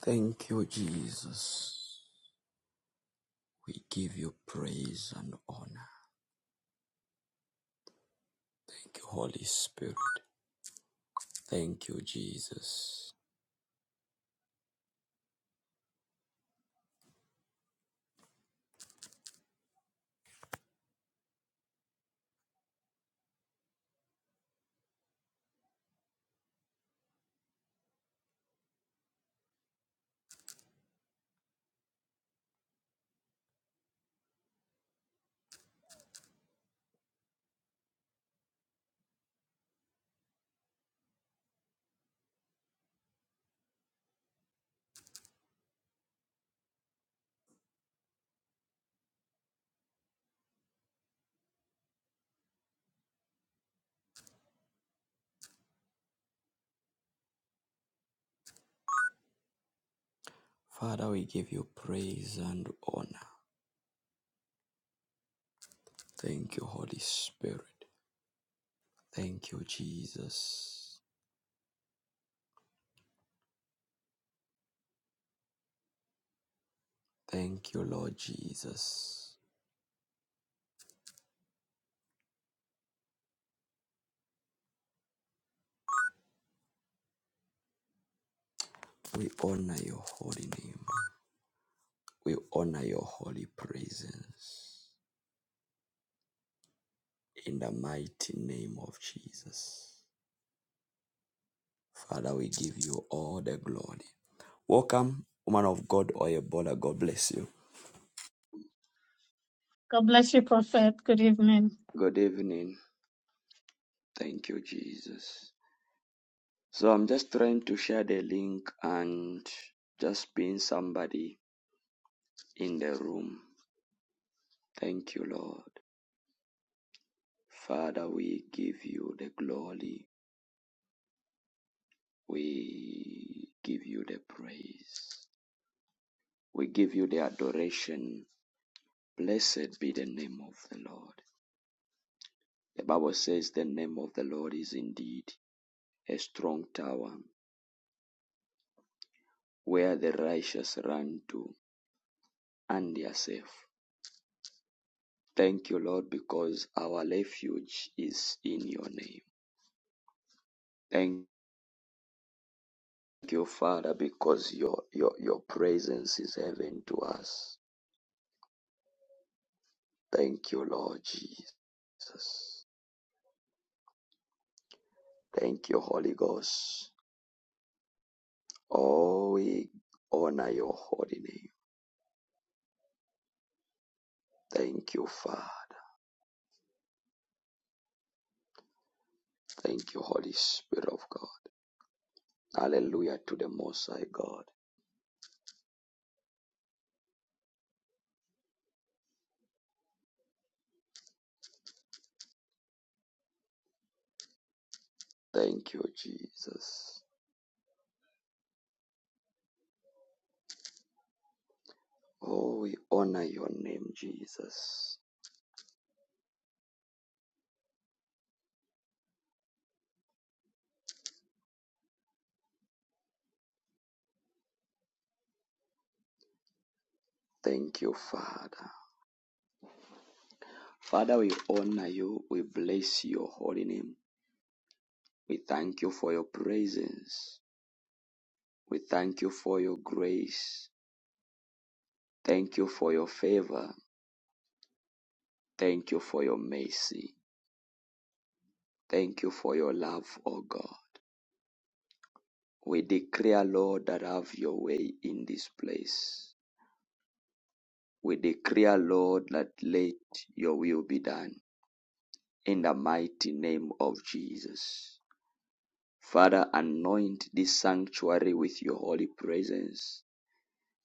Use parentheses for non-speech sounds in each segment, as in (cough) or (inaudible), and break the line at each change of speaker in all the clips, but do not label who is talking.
Thank you, Jesus. We give you praise and honor. Thank you, Holy Spirit. Thank you, Jesus. Father, we give you praise and honor. Thank you, Holy Spirit. Thank you, Jesus. Thank you, Lord Jesus. We honor your holy name. We honor your holy presence. In the mighty name of Jesus. Father, we give you all the glory. Welcome, woman of God Oyebola. God bless you.
God bless you, Prophet. Good evening.
Good evening. Thank you, Jesus. So I'm just trying to share the link and just being somebody in the room. Thank you, Lord. Father, we give you the glory. We give you the praise. We give you the adoration. Blessed be the name of the Lord. The Bible says the name of the Lord is indeed a strong tower, where the righteous run to, and they are safe. Thank you, Lord, because our refuge is in your name. Thank you, Father, because your, your, your presence is heaven to us. Thank you, Lord Jesus. Thank you, Holy Ghost. Oh, we honor your holy name. Thank you, Father. Thank you, Holy Spirit of God. Hallelujah to the Most High God. Thank you, Jesus. Oh, we honor your name, Jesus. Thank you, Father. Father, we honor you. We bless your holy name. We thank you for your presence. We thank you for your grace. Thank you for your favor. Thank you for your mercy. Thank you for your love, O God. We declare, Lord, that have your way in this place. We declare, Lord, that let your will be done in the mighty name of Jesus. Father, anoint this sanctuary with your holy presence.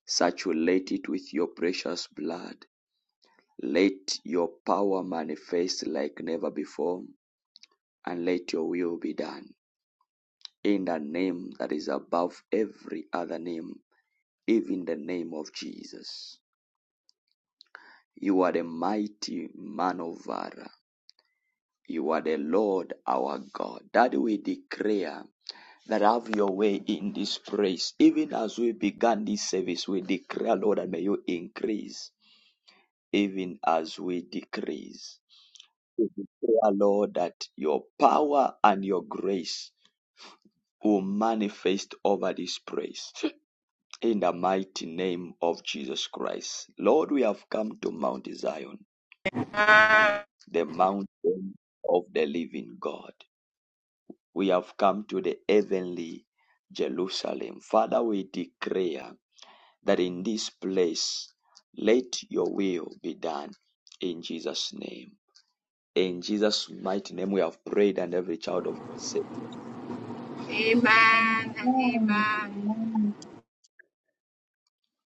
Saturate it with your precious blood. Let your power manifest like never before, and let your will be done. In the name that is above every other name, even the name of Jesus. You are the mighty man of valor. You are the Lord our God. That we declare that have your way in this place. Even as we began this service, we declare, Lord, that may you increase, even as we decrease. We declare, Lord, that your power and your grace will manifest over this place in the mighty name of Jesus Christ. Lord, we have come to Mount Zion, the mountain of the living God. We have come to the heavenly Jerusalem. Father, we declare that in this place let your will be done in Jesus' name. In Jesus' mighty name, we have prayed, and every child of God said,
Amen and amen.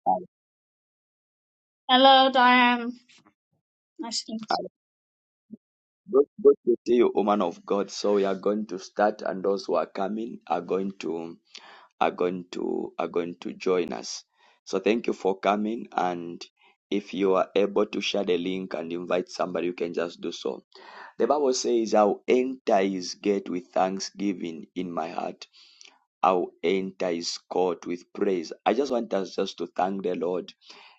God
Hello, Diane. Nice to
God bless you, woman of God. So we are going to start, and those who are coming are going to are going to are going to join us. So thank you for coming, and if you are able to share the link and invite somebody, you can just do so. The Bible says, "I'll enter His gate with thanksgiving in my heart." I'll enter his court with praise. I just want us just to thank the Lord,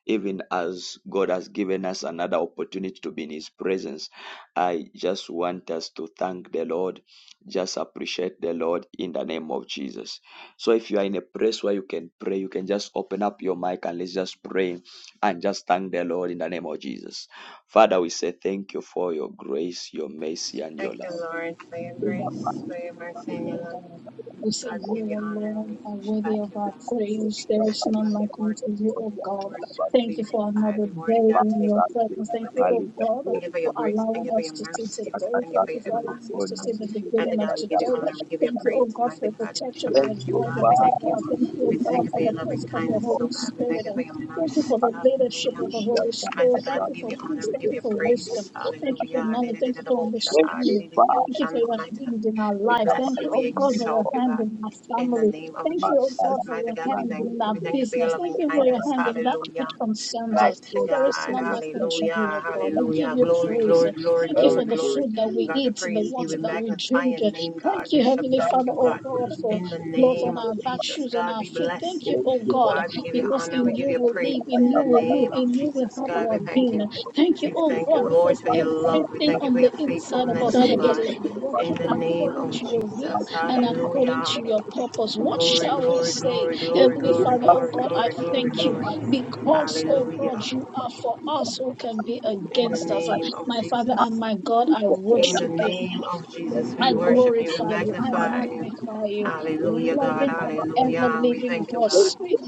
even as God has given us another opportunity to be in his presence. I just want us to thank the Lord, just appreciate the Lord in the name of Jesus. So if you are in a place where you can pray, you can just open up your mic and let's just pray and just thank the Lord in the name of Jesus. Father, we say thank you for your grace, your mercy, and your
Thank you,
love.
Lord, for your grace, for your mercy and your
Lord
love.
God. We say
God, we
you,
give
O
you honor and
Lord, are
we should
worthy
back
of
you,
our
God.
Thank
praise. There
I
is
just
none
love
like
your word.
unto you, O
Your
God.
word, God, to
Thank
be
you for another
magnified. Your word,
day
God, to
in
be
your presence. Thank you,
Thank
O
you.
God,
Thank you for your
for
grace. Thank
allowing
you for
us
your
to see
mercy. God.
today.
Thank you for
Thank you
your
for allowing us
everlasting
to
love.
see the
Mighty
beginning of
God, we give you
today.
honor. We give you
Thank you, O
praise.
God,
Mighty
for the
God, we
protection, for your
shabak you,
you,
God. We
guidance, O
thank you.
Father.
God. Thank you, O
In
We
the
God,
thank you for
for
mighty
the
your
name
loving
presence
of
of the
kindness,
Holy
so God. We thank
Spirit.
you for your
Thank you for
mercy.
the leadership
Hallelujah.
of the
Jesus,
Holy
I
and the
Spirit.
said,
Thank
God,
blood
you
we give
for
you
of
honor,
peace.
we
Thank
give
Jesus,
you
you
for
one more
wisdom.
praise.
for the
Thank you for
Hallelujah.
Lord.
knowledge.
Mighty
Thank you for
Thank you,
understanding.
Father.
Thank you for
God,
your hand in our
In
we
lives.
the
bless
Thank
you,
you,
we
oh
mighty
God, for
name
your
exalt
of
you,
hand
God.
in our
In the
family.
name of
Thank you, oh
Jesus.
God,
Masala,
for
Mighty
your
God, we
hand
thank
Grande,
in
you.
our
We thank
the
you for your
business. Thank
loving
you for your
kindness.
hand in that which
Hallelujah.
concerns us.
Mighty
Pastor,
There
for
is
the
God,
none
Lord,
like
like
unto
hallelujah,
you, oh God.
that,
We give
hallelujah.
you
Glory,
praise.
glory, glory,
Thank you
Thank
glory,
for the
you,
glory.
food that we
God, we
eat, the
praise you.
water
We
that
Jesus.
we
magnify
drink.
your name,
Thank
God. We
you,
shall
Heavenly
back
Father,
you,
oh
God.
God, for
In the
clothes on
name of
our back,
Jesus,
shoes on
God,
our
we
feet.
bless
Thank
you.
you,
Thank
oh
you,
God,
God,
Holy
we give you
because
Spirit.
honor,
in
we give
you
you
we
praise
live, in
in
you
the
we move,
name of
in you we
Jesus.
have
God,
our
we thank
being.
you.
Thank you,
We
oh
thank you,
God,
Lord,
because
for your love. We
everything
thank you for
on the
your
inside of us.
faithfulness, oh
It
God,
is
in
working
the name
according to
of
your will
Jesus.
and according
Hallelujah.
to your purpose. What
Glory,
shall we
glory,
say?
glory, glory,
Thank
Heavenly
you,
glory,
Father, oh
glory,
God, I
glory, glory,
thank you
glory.
because, oh God,
Hallelujah.
you are for us who can be
In the
against us. Uh,
name of
My Father and
Jesus.
my God, I
In the
worship you
name of Jesus, we
I
worship you, we
glorify you. I
magnify you.
magnify you.
Hallelujah, God.
Loving and ever
Hallelujah. We
living
thank you,
God,
God.
sweet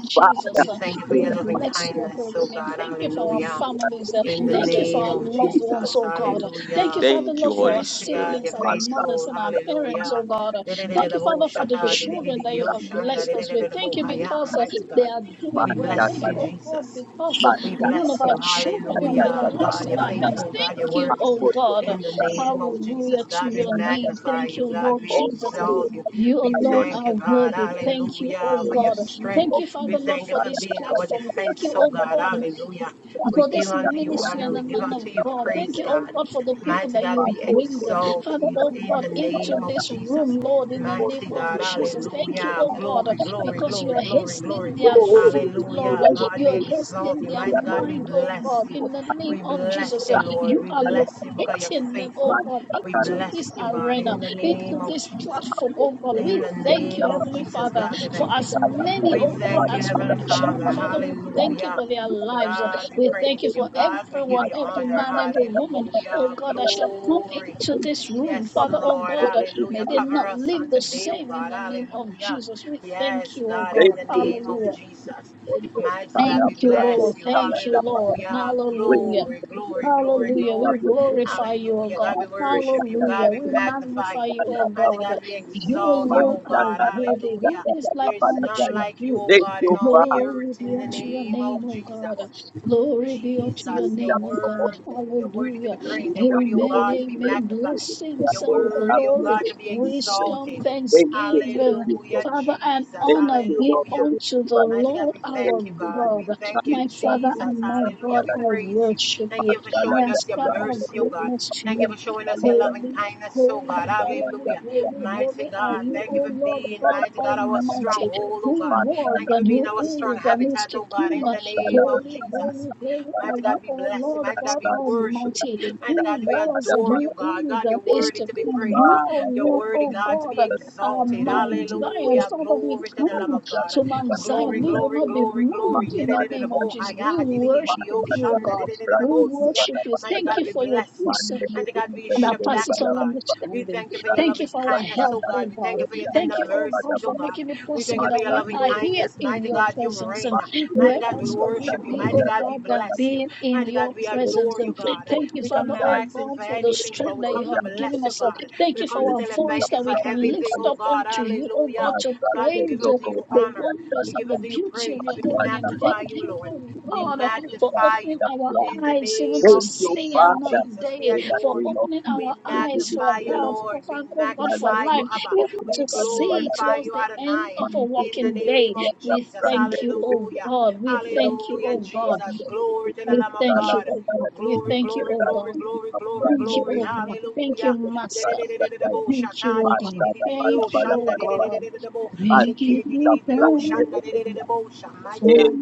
We
Jesus. uh,
thank you for
we
your loving
bless your
kindness,
holy
oh
name.
God,
Thank you for our
hallelujah.
families. uh,
In the
thank you for
name
our
of
loved ones,
Jesus,
oh God. uh, thank you,
hallelujah.
Father Lord, for our
Holy
Mighty
Spirit,
God,
siblings,
you're
our mothers,
faithful,
and our parents, oh
hallelujah.
God. uh, thank you, Father, for the
Dededededeboshata,
children that you have
dededededioshanda,
blessed us with. Thank you because
dededededebohaya.
uh,
Mighty
they
God,
are doing
we
well.
bless
Thank you,
you,
oh God,
Jesus.
because uh,
We
none of
bless
our
you.
children have been
Hallelujah.
lost
God,
in
you're
our hands.
faithful. God, your
Thank you,
words.
oh God.
In the name of Jesus,
Hallelujah to
God, we
your name.
Master,
magnify
Thank
you.
you,
God,
Lord
we
Jesus.
exalt you.
You
We
alone
thank
are
you, God.
worthy. Thank you, oh
Hallelujah. For your
God. Thank
strength.
you,
We
Father Lord,
thank you
for
for
this
being our
platform. Thank
defense,
you,
oh
oh
God.
God
Hallelujah. We
for
give
this
unto you
ministry
honor.
and
We
the
give
man of
unto you
God. Thank
praise,
you, oh
God.
God, for the people
Mighty
that
God,
you
we
bring,
exalt
Father,
you
oh
in
God,
the
into
name of
this
Jesus.
room, Lord, in the name
Mighty
of
God,
Jesus. Thank you,
hallelujah.
oh God,
Glory, glory,
because you
glory,
are
glory, glory.
hastening their foot, Lord.
Hallelujah. God,
You
we
are
exalt
hastening
you.
their
Mighty God, we
mind, oh
bless
God,
you.
in the name
We
of
bless
Jesus.
you, Lord.
You
We
are
bless you because you're
locating them, oh
faithful.
God,
We
into this
bless you, God,
arena,
in the
into
name of
this platform,
Jesus.
oh God.
In
We
the
thank you,
name of
Heavenly
Jesus,
Father,
God, we
for
thank you.
as many,
We
oh God,
thank you,
as will
Heavenly Father.
join, Father, we thank you
Hallelujah.
for their lives.
God, we
We thank
praise
you
you.
for
God, we give
everyone,
you
every
honor.
man, every woman, oh
Hallelujah.
God, that shall come
Glory.
into this room.
Yes,
Father, oh
Lord.
God, may
Hallelujah.
Thank
they
you.
Cover
not
us
live
on
the
today, oh
same in
God.
the name of
Hallelujah.
Jesus. We thank
Yes,
you, oh
God,
Thank
in
God.
the
you,
name of
Hallelujah.
Jesus,
Jesus.
for your
Mighty God,
Tala
we
Thank you,
Brate,
bless
Lord.
you.
Thank
Tala
you,
Tapala,
Lord.
Hallelujah.
when
Hallelujah.
you
Glory,
your
glory, glory,
when you
Hallelujah.
have
We
glory.
your
glorify you, O
Hallelujah. God, we
God.
grace,
worship you.
Master
Hallelujah.
Tala
God, we
We
Brate,
magnify you.
magnify you,
Tala
O
Mighty
God.
God,
Tapala,
we
You
exalt you,
alone
Man
oh
are
God.
Tala
worthy.
Tala
Who
Hallelujah.
is
Tala
like
There is
Tapala
none
unto
Gaya.
like you,
you?
oh
Thank
God, in
you,
all the
Father,
Glory
earth.
be
In the
unto your
name
name,
of
O
Jesus.
God. Glory be unto your
lift
Jesus, your
up
name, O
your
God.
word,
holy name,
your worthy to be
Hallelujah.
we
praised, your
lift up
worthy, oh
your
Amen.
holy
God, to be
grace,
Amen.
we
magnified,
lift up
Blessings
your
your holy
and
worthy, oh
glory,
God, to be
grace.
wisdom,
exalted.
Thank you for the
thanksgiving.
gift of
Hallelujah,
it.
Father, and
Jesus,
Thank
honor
you,
be
Lord, for
hallelujah.
the
unto the
privilege.
Mighty God,
Lord
we
our
Thank
thank you,
you,
God.
God.
We
Jesus. Now
thank you,
My Father
Jesus.
and my
Hallelujah.
God,
you
We
I
praise you.
worship you.
Thank you for
Masala
I
showing
ya
us your
ascribe all
rangi ya
mercy, oh
pepe
God.
greatness to
Thank
ya
you
you.
for showing us
kipala
your
ya
loving
Holy,
kindness, oh God.
holy,
masala ya
holy,
Hallelujah.
holy,
rangi ya
Mighty
holy are
God,
you,
thank you
O
kipipipiti
for
Lord
being,
God
masala ya
mighty God,
rangi ya
our
panada
Almighty,
stronghold, oh
who
God.
was
Thank
masala
you for
and
ya
being
who
our
pepe
strong
is
ya
and is
habitat,
to
oh God,
come.
in the
masala
name
ya
of
rangi
Holy,
Jesus.
holy,
ya
holy are
Mighty
masala
you,
God, be
O
ya
blessed.
Lord
Mighty God,
God
rasta
be
ya pepe
worshiped.
ya
Almighty,
Mighty
who
God, we
masala
was
ya
and
adore
who
panada masala
you, God.
is
God, you're
and
ya
is
pepe
worthy
to
to be
come.
praised.
You,
Uh,
O
You're
Lord,
worthy,
O
God, to
God,
be
are
exalted.
Mount Zion.
Hallelujah.
Father, we
Glory to the
come
Lamb of God.
to Mount
ya
Zion.
Glory,
We will
glory,
masala
not be
glory, glory.
moved in the name of
ya
Jesus. We
Mighty
worship
Manda
you, O
ya
God.
kwa
We
brati ipa
worship
na
you. Thank
God,
you
makadari.
we
for your
bless you.
peace.
Mande
Mighty God,
mutumi
we
And
pende
that
pende
shabak
passes
you,
bala
all
God.
bapa.
We
understanding.
thank you for your
Kirai
Thank you
loving
for
ya
our
kindness,
health,
oh
kanda
oh
God. We thank
God.
you for
kiseri
your tender
Thank
anda
you, oh
tapada
God,
mercies, oh
for
bambe.
God.
making it
We thank
possible
you for
that
your
we
loving
Matando
are
robo
here
kindness.
in
Mighty
your
kiti
God, you
presence.
reign.
And
pati
Mighty
where
ele
God, we
else
kutia
will we
worship you.
kati
be,
Mighty
na
oh
God, we
God, than
rapata.
bless you.
being in
Mighty
your
God, we
presence?
adore
Reki
you,
And
God.
zoko
thank
ni
you,
We come
Father,
not
oh
katai.
asking
God,
for
for the
anything,
Reko
but
strength
we
that you
come
zori
to
have
ando
given
bless you,
us.
robo.
And
God.
Thank
We
you
come to
for our
tell you
Reki
voice
thank you
that
for
we
kapula
can
kupa
everything,
lift
oh
na.
up unto
God.
you, oh God,
Hallelujah.
to
Masa
God, we give
praise you,
unto
zoko
you
na
the
kia
honor.
wonders
We
kanda.
and
give
the
unto you
beauty of your
praise. We
holy name.
magnify
Thank
Masa
you,
you,
Lord.
oh
We
God, uh, for
magnify
opening
you.
our
In the
eyes even
name
to
of
Thank you,
see
Jesus,
another
Father.
Jesus, we
day
In the
for
adore
name
you.
of
opening
Jesus,
We
our
let me
eyes
be
for
magnify you,
praised.
health, for
Lord. We
Father, oh God,
God,
for
I
magnify
give
you,
life,
you
Abba.
even
glory.
We
to
God, I bow down
see
to
glorify
towards
you.
you,
the end
Adonai.
of a
Man, you are
In
the
the
working day.
name
King
of
of the
We
Jesus,
strong, the
thank you,
great I
oh
am.
hallelujah.
God. We
You are
thank you,
the
Hallelujah,
oh God.
strong,
Jesus.
the great
Glory to
I
the
am.
We
Lamb of
God, I
thank you,
God.
bow
oh God.
down
We
Glory,
thank you,
glory,
oh
glory,
to
God.
you.
glory,
God, you are the strong,
glory,
Thank
the
you,
glory.
oh God. Thank you,
Hallelujah.
great I
Master.
am. God, I bow down to you.
Dedededededebo,
Thank you,
shata,
oh God.
didididididideo,
Thank you, oh
shanda,
God.
dedededededebo,
We give
sheke,
you
didididio, shanda,
thanks
dedededebo, sha. Mighty God,
for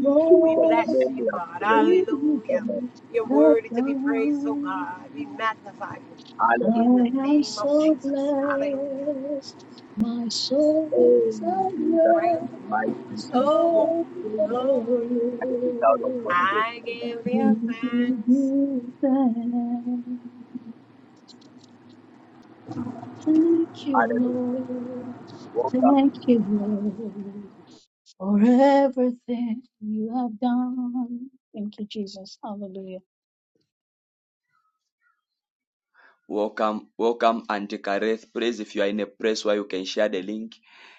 we bless
all
you, God. Hallelujah.
Amen.
you
You're
have
worthy to be praised, oh God. We
done.
magnify you
I
Hallelujah.
in the
am
name of
so
Jesus. Hallelujah.
blessed, my soul
Oh,
is at
Jesus,
Grant,
mighty
rest.
name, we
oh
Oh,
Lord,
child of God be
I give
we
you
give
thanks.
you thanks. Thank you,
Hallelujah.
Lord.
Welcome,
Thank you, Lord, for everything you have done. Thank you, Jesus. Hallelujah.
welcome, welcome, Auntie Kareth. Please, if you are in a place where you can share the link,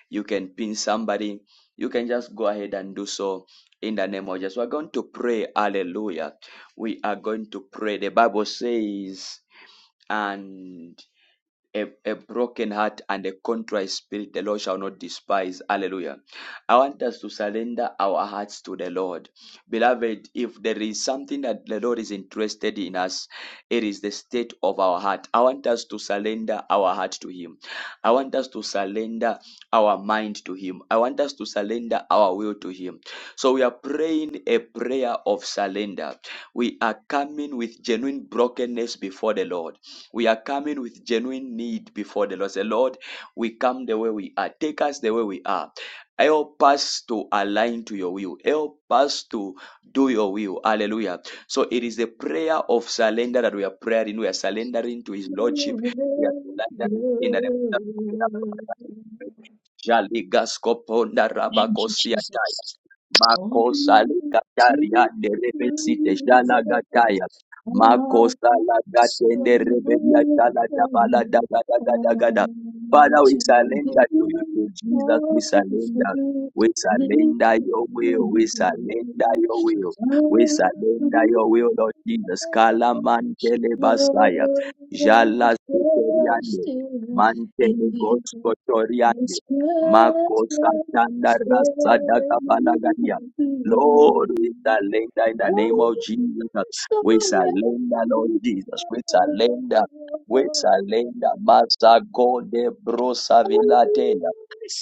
you can pin somebody. You can just go ahead and do so in the name of Jesus. We're going to pray. Hallelujah. We are going to pray. The Bible says, and a, a broken heart and a contrite spirit the Lord shall not despise. Hallelujah. I want us to surrender our hearts to the Lord. Beloved, if there is something that the Lord is interested in us, it is the state of our heart. I want us to surrender our heart to Him. I want us to surrender our mind to Him. I want us to surrender our will to Him. So we are praying a prayer of surrender. We are coming with genuine brokenness before the Lord. We are coming with genuine need before the Lord. Say, Lord, we come the way we are. Take us the way we are. Help us to align to your will. Help us to do your will. Hallelujah. So it is the prayer of surrender that we are praying. We are surrendering to his
Lord,
lordship. We are surrendering in the name of
Lord.
the Lord.
Thank you, Jesus. Oh,
Makosa
Jesus, I
Gataria
surrender
de nerebesite
All
jala
to Thee.
gataya.
I
Makosa la gatende rebelia
freely
jala dabala dagada dagada. Father, we surrender to you, to Jesus, we surrender. We surrender your will. We surrender your will. We surrender your will, Lord Jesus. Kala mantele basaya.
Lord,
Jala
I trust
soteriane.
in
Mantele
Thee.
goskotoriane.
His presence
Makosa Tanda
there
Rasa Daka
will
Balagadia.
be.
Lord, we surrender in the
I
name of Jesus. We
surrender.
surrender, Lord Jesus. We surrender. We surrender. Master God, de Brosa Vilatela.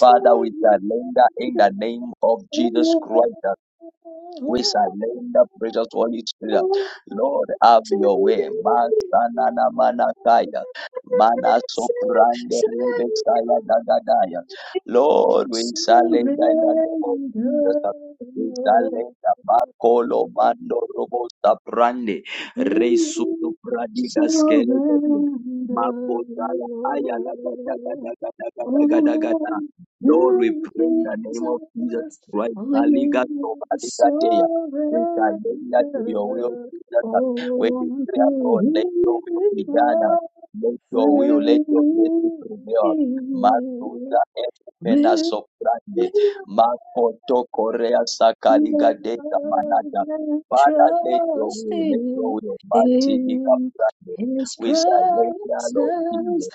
Father, we surrender in the name of Jesus Christ. We surrender, precious Holy Spirit. Lord, have your way. Masanana manakaya. Mana soprande rebekaya dagadaya. Lord, we surrender in the name of Jesus. We surrender. Makolo mando robo saprande. Resuto pradiga skele gabi.
Surrender.
Makota la aya la gada
surrender,
gada gada gada gada gada.
Oh,
Lord, we
you
pray in the name of Jesus.
Jesus,
Right,
we
Baliga to Baliga Teya. We shall
surrender.
lay that to your will, Jesus. We
Oh, to
declare, Lord, let
you
your will be done. Let your will, let your mercy
freely.
prevail. Matuza Emena
give. We
Soprande,
will
Makoto Korea
Love
Sakariga Deka Manaja.
and
Father, let your will, let your
trusting
will, Matsidi
in
Kaprande.
his
We surrender, Lord Jesus.
presence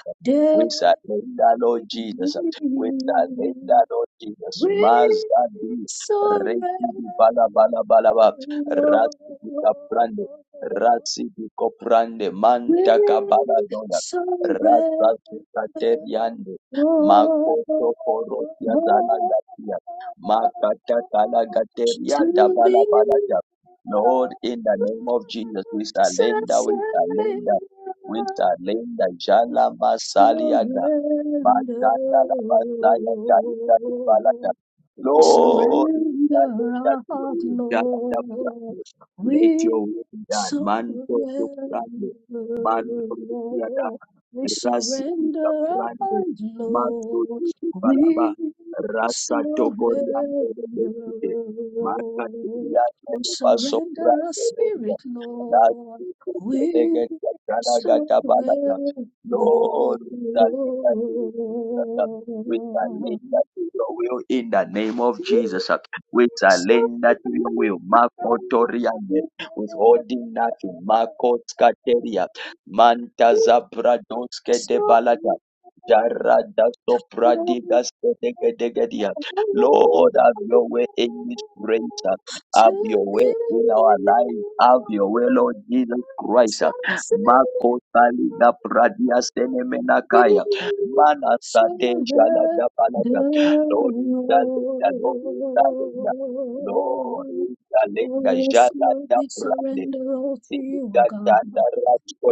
We
daily.
surrender, Lord Jesus. Wezalenda Lord Jesus,
We
Mazadi,
surrender.
Rekidi Bala Bala Balaba, Rasidi Kaprande,
Lord.
Rasidi Koprande,
We
Manta Kabala Dona,
surrender.
Rasa Sukateriande,
all
Makoto Korotia Zala Gatia, Makata Kala Gateria
to
Dabala
the
Balata. Lord, in the name of Jesus, we surrender, we surrender, we surrender. Jala Masaliada. Maganda la Basaya Kali Kali
surrender.
Balata.
We
Lord, we
surrender
thank you that
our
your
heart,
will done at the
Lord.
front. let your
We
will be done. Manto to
surrender,
Prande, Manto to Yada,
Lord. We
Rasi to
surrender our
Prande,
mind,
Mato
Lord.
to Palaba,
We
Rasa to
surrender,
Coriande, Besite, Maka to
Lord. We
Yada, Baso
surrender our
Prande,
spirit, Lord.
Rasi to
We
Legat, Gata Balata.
surrender,
Lord, we thank you. that Jesus. We
Lord.
surrender to your will in the name of Jesus. We surrender to your will. Marco Toriane, withholding nothing. Marco Scateria, Manta Zabradoske de Balada. Jarada Sopradigas Kedegedegedia. Lord, have your way in this praise. Have your way in our lives. Have your way, Lord Jesus Christ. Marco Saliga Pradia
Surrender.
Senemenakaya. Manasa deja Manasatejalajabalata. Lord, we hallelujah. Lord, we hallelujah. Lord, we
Oh,
hallelujah.
yes, Lord,
Jalata
we
brande.
surrender all to you, O God.
Nigatanda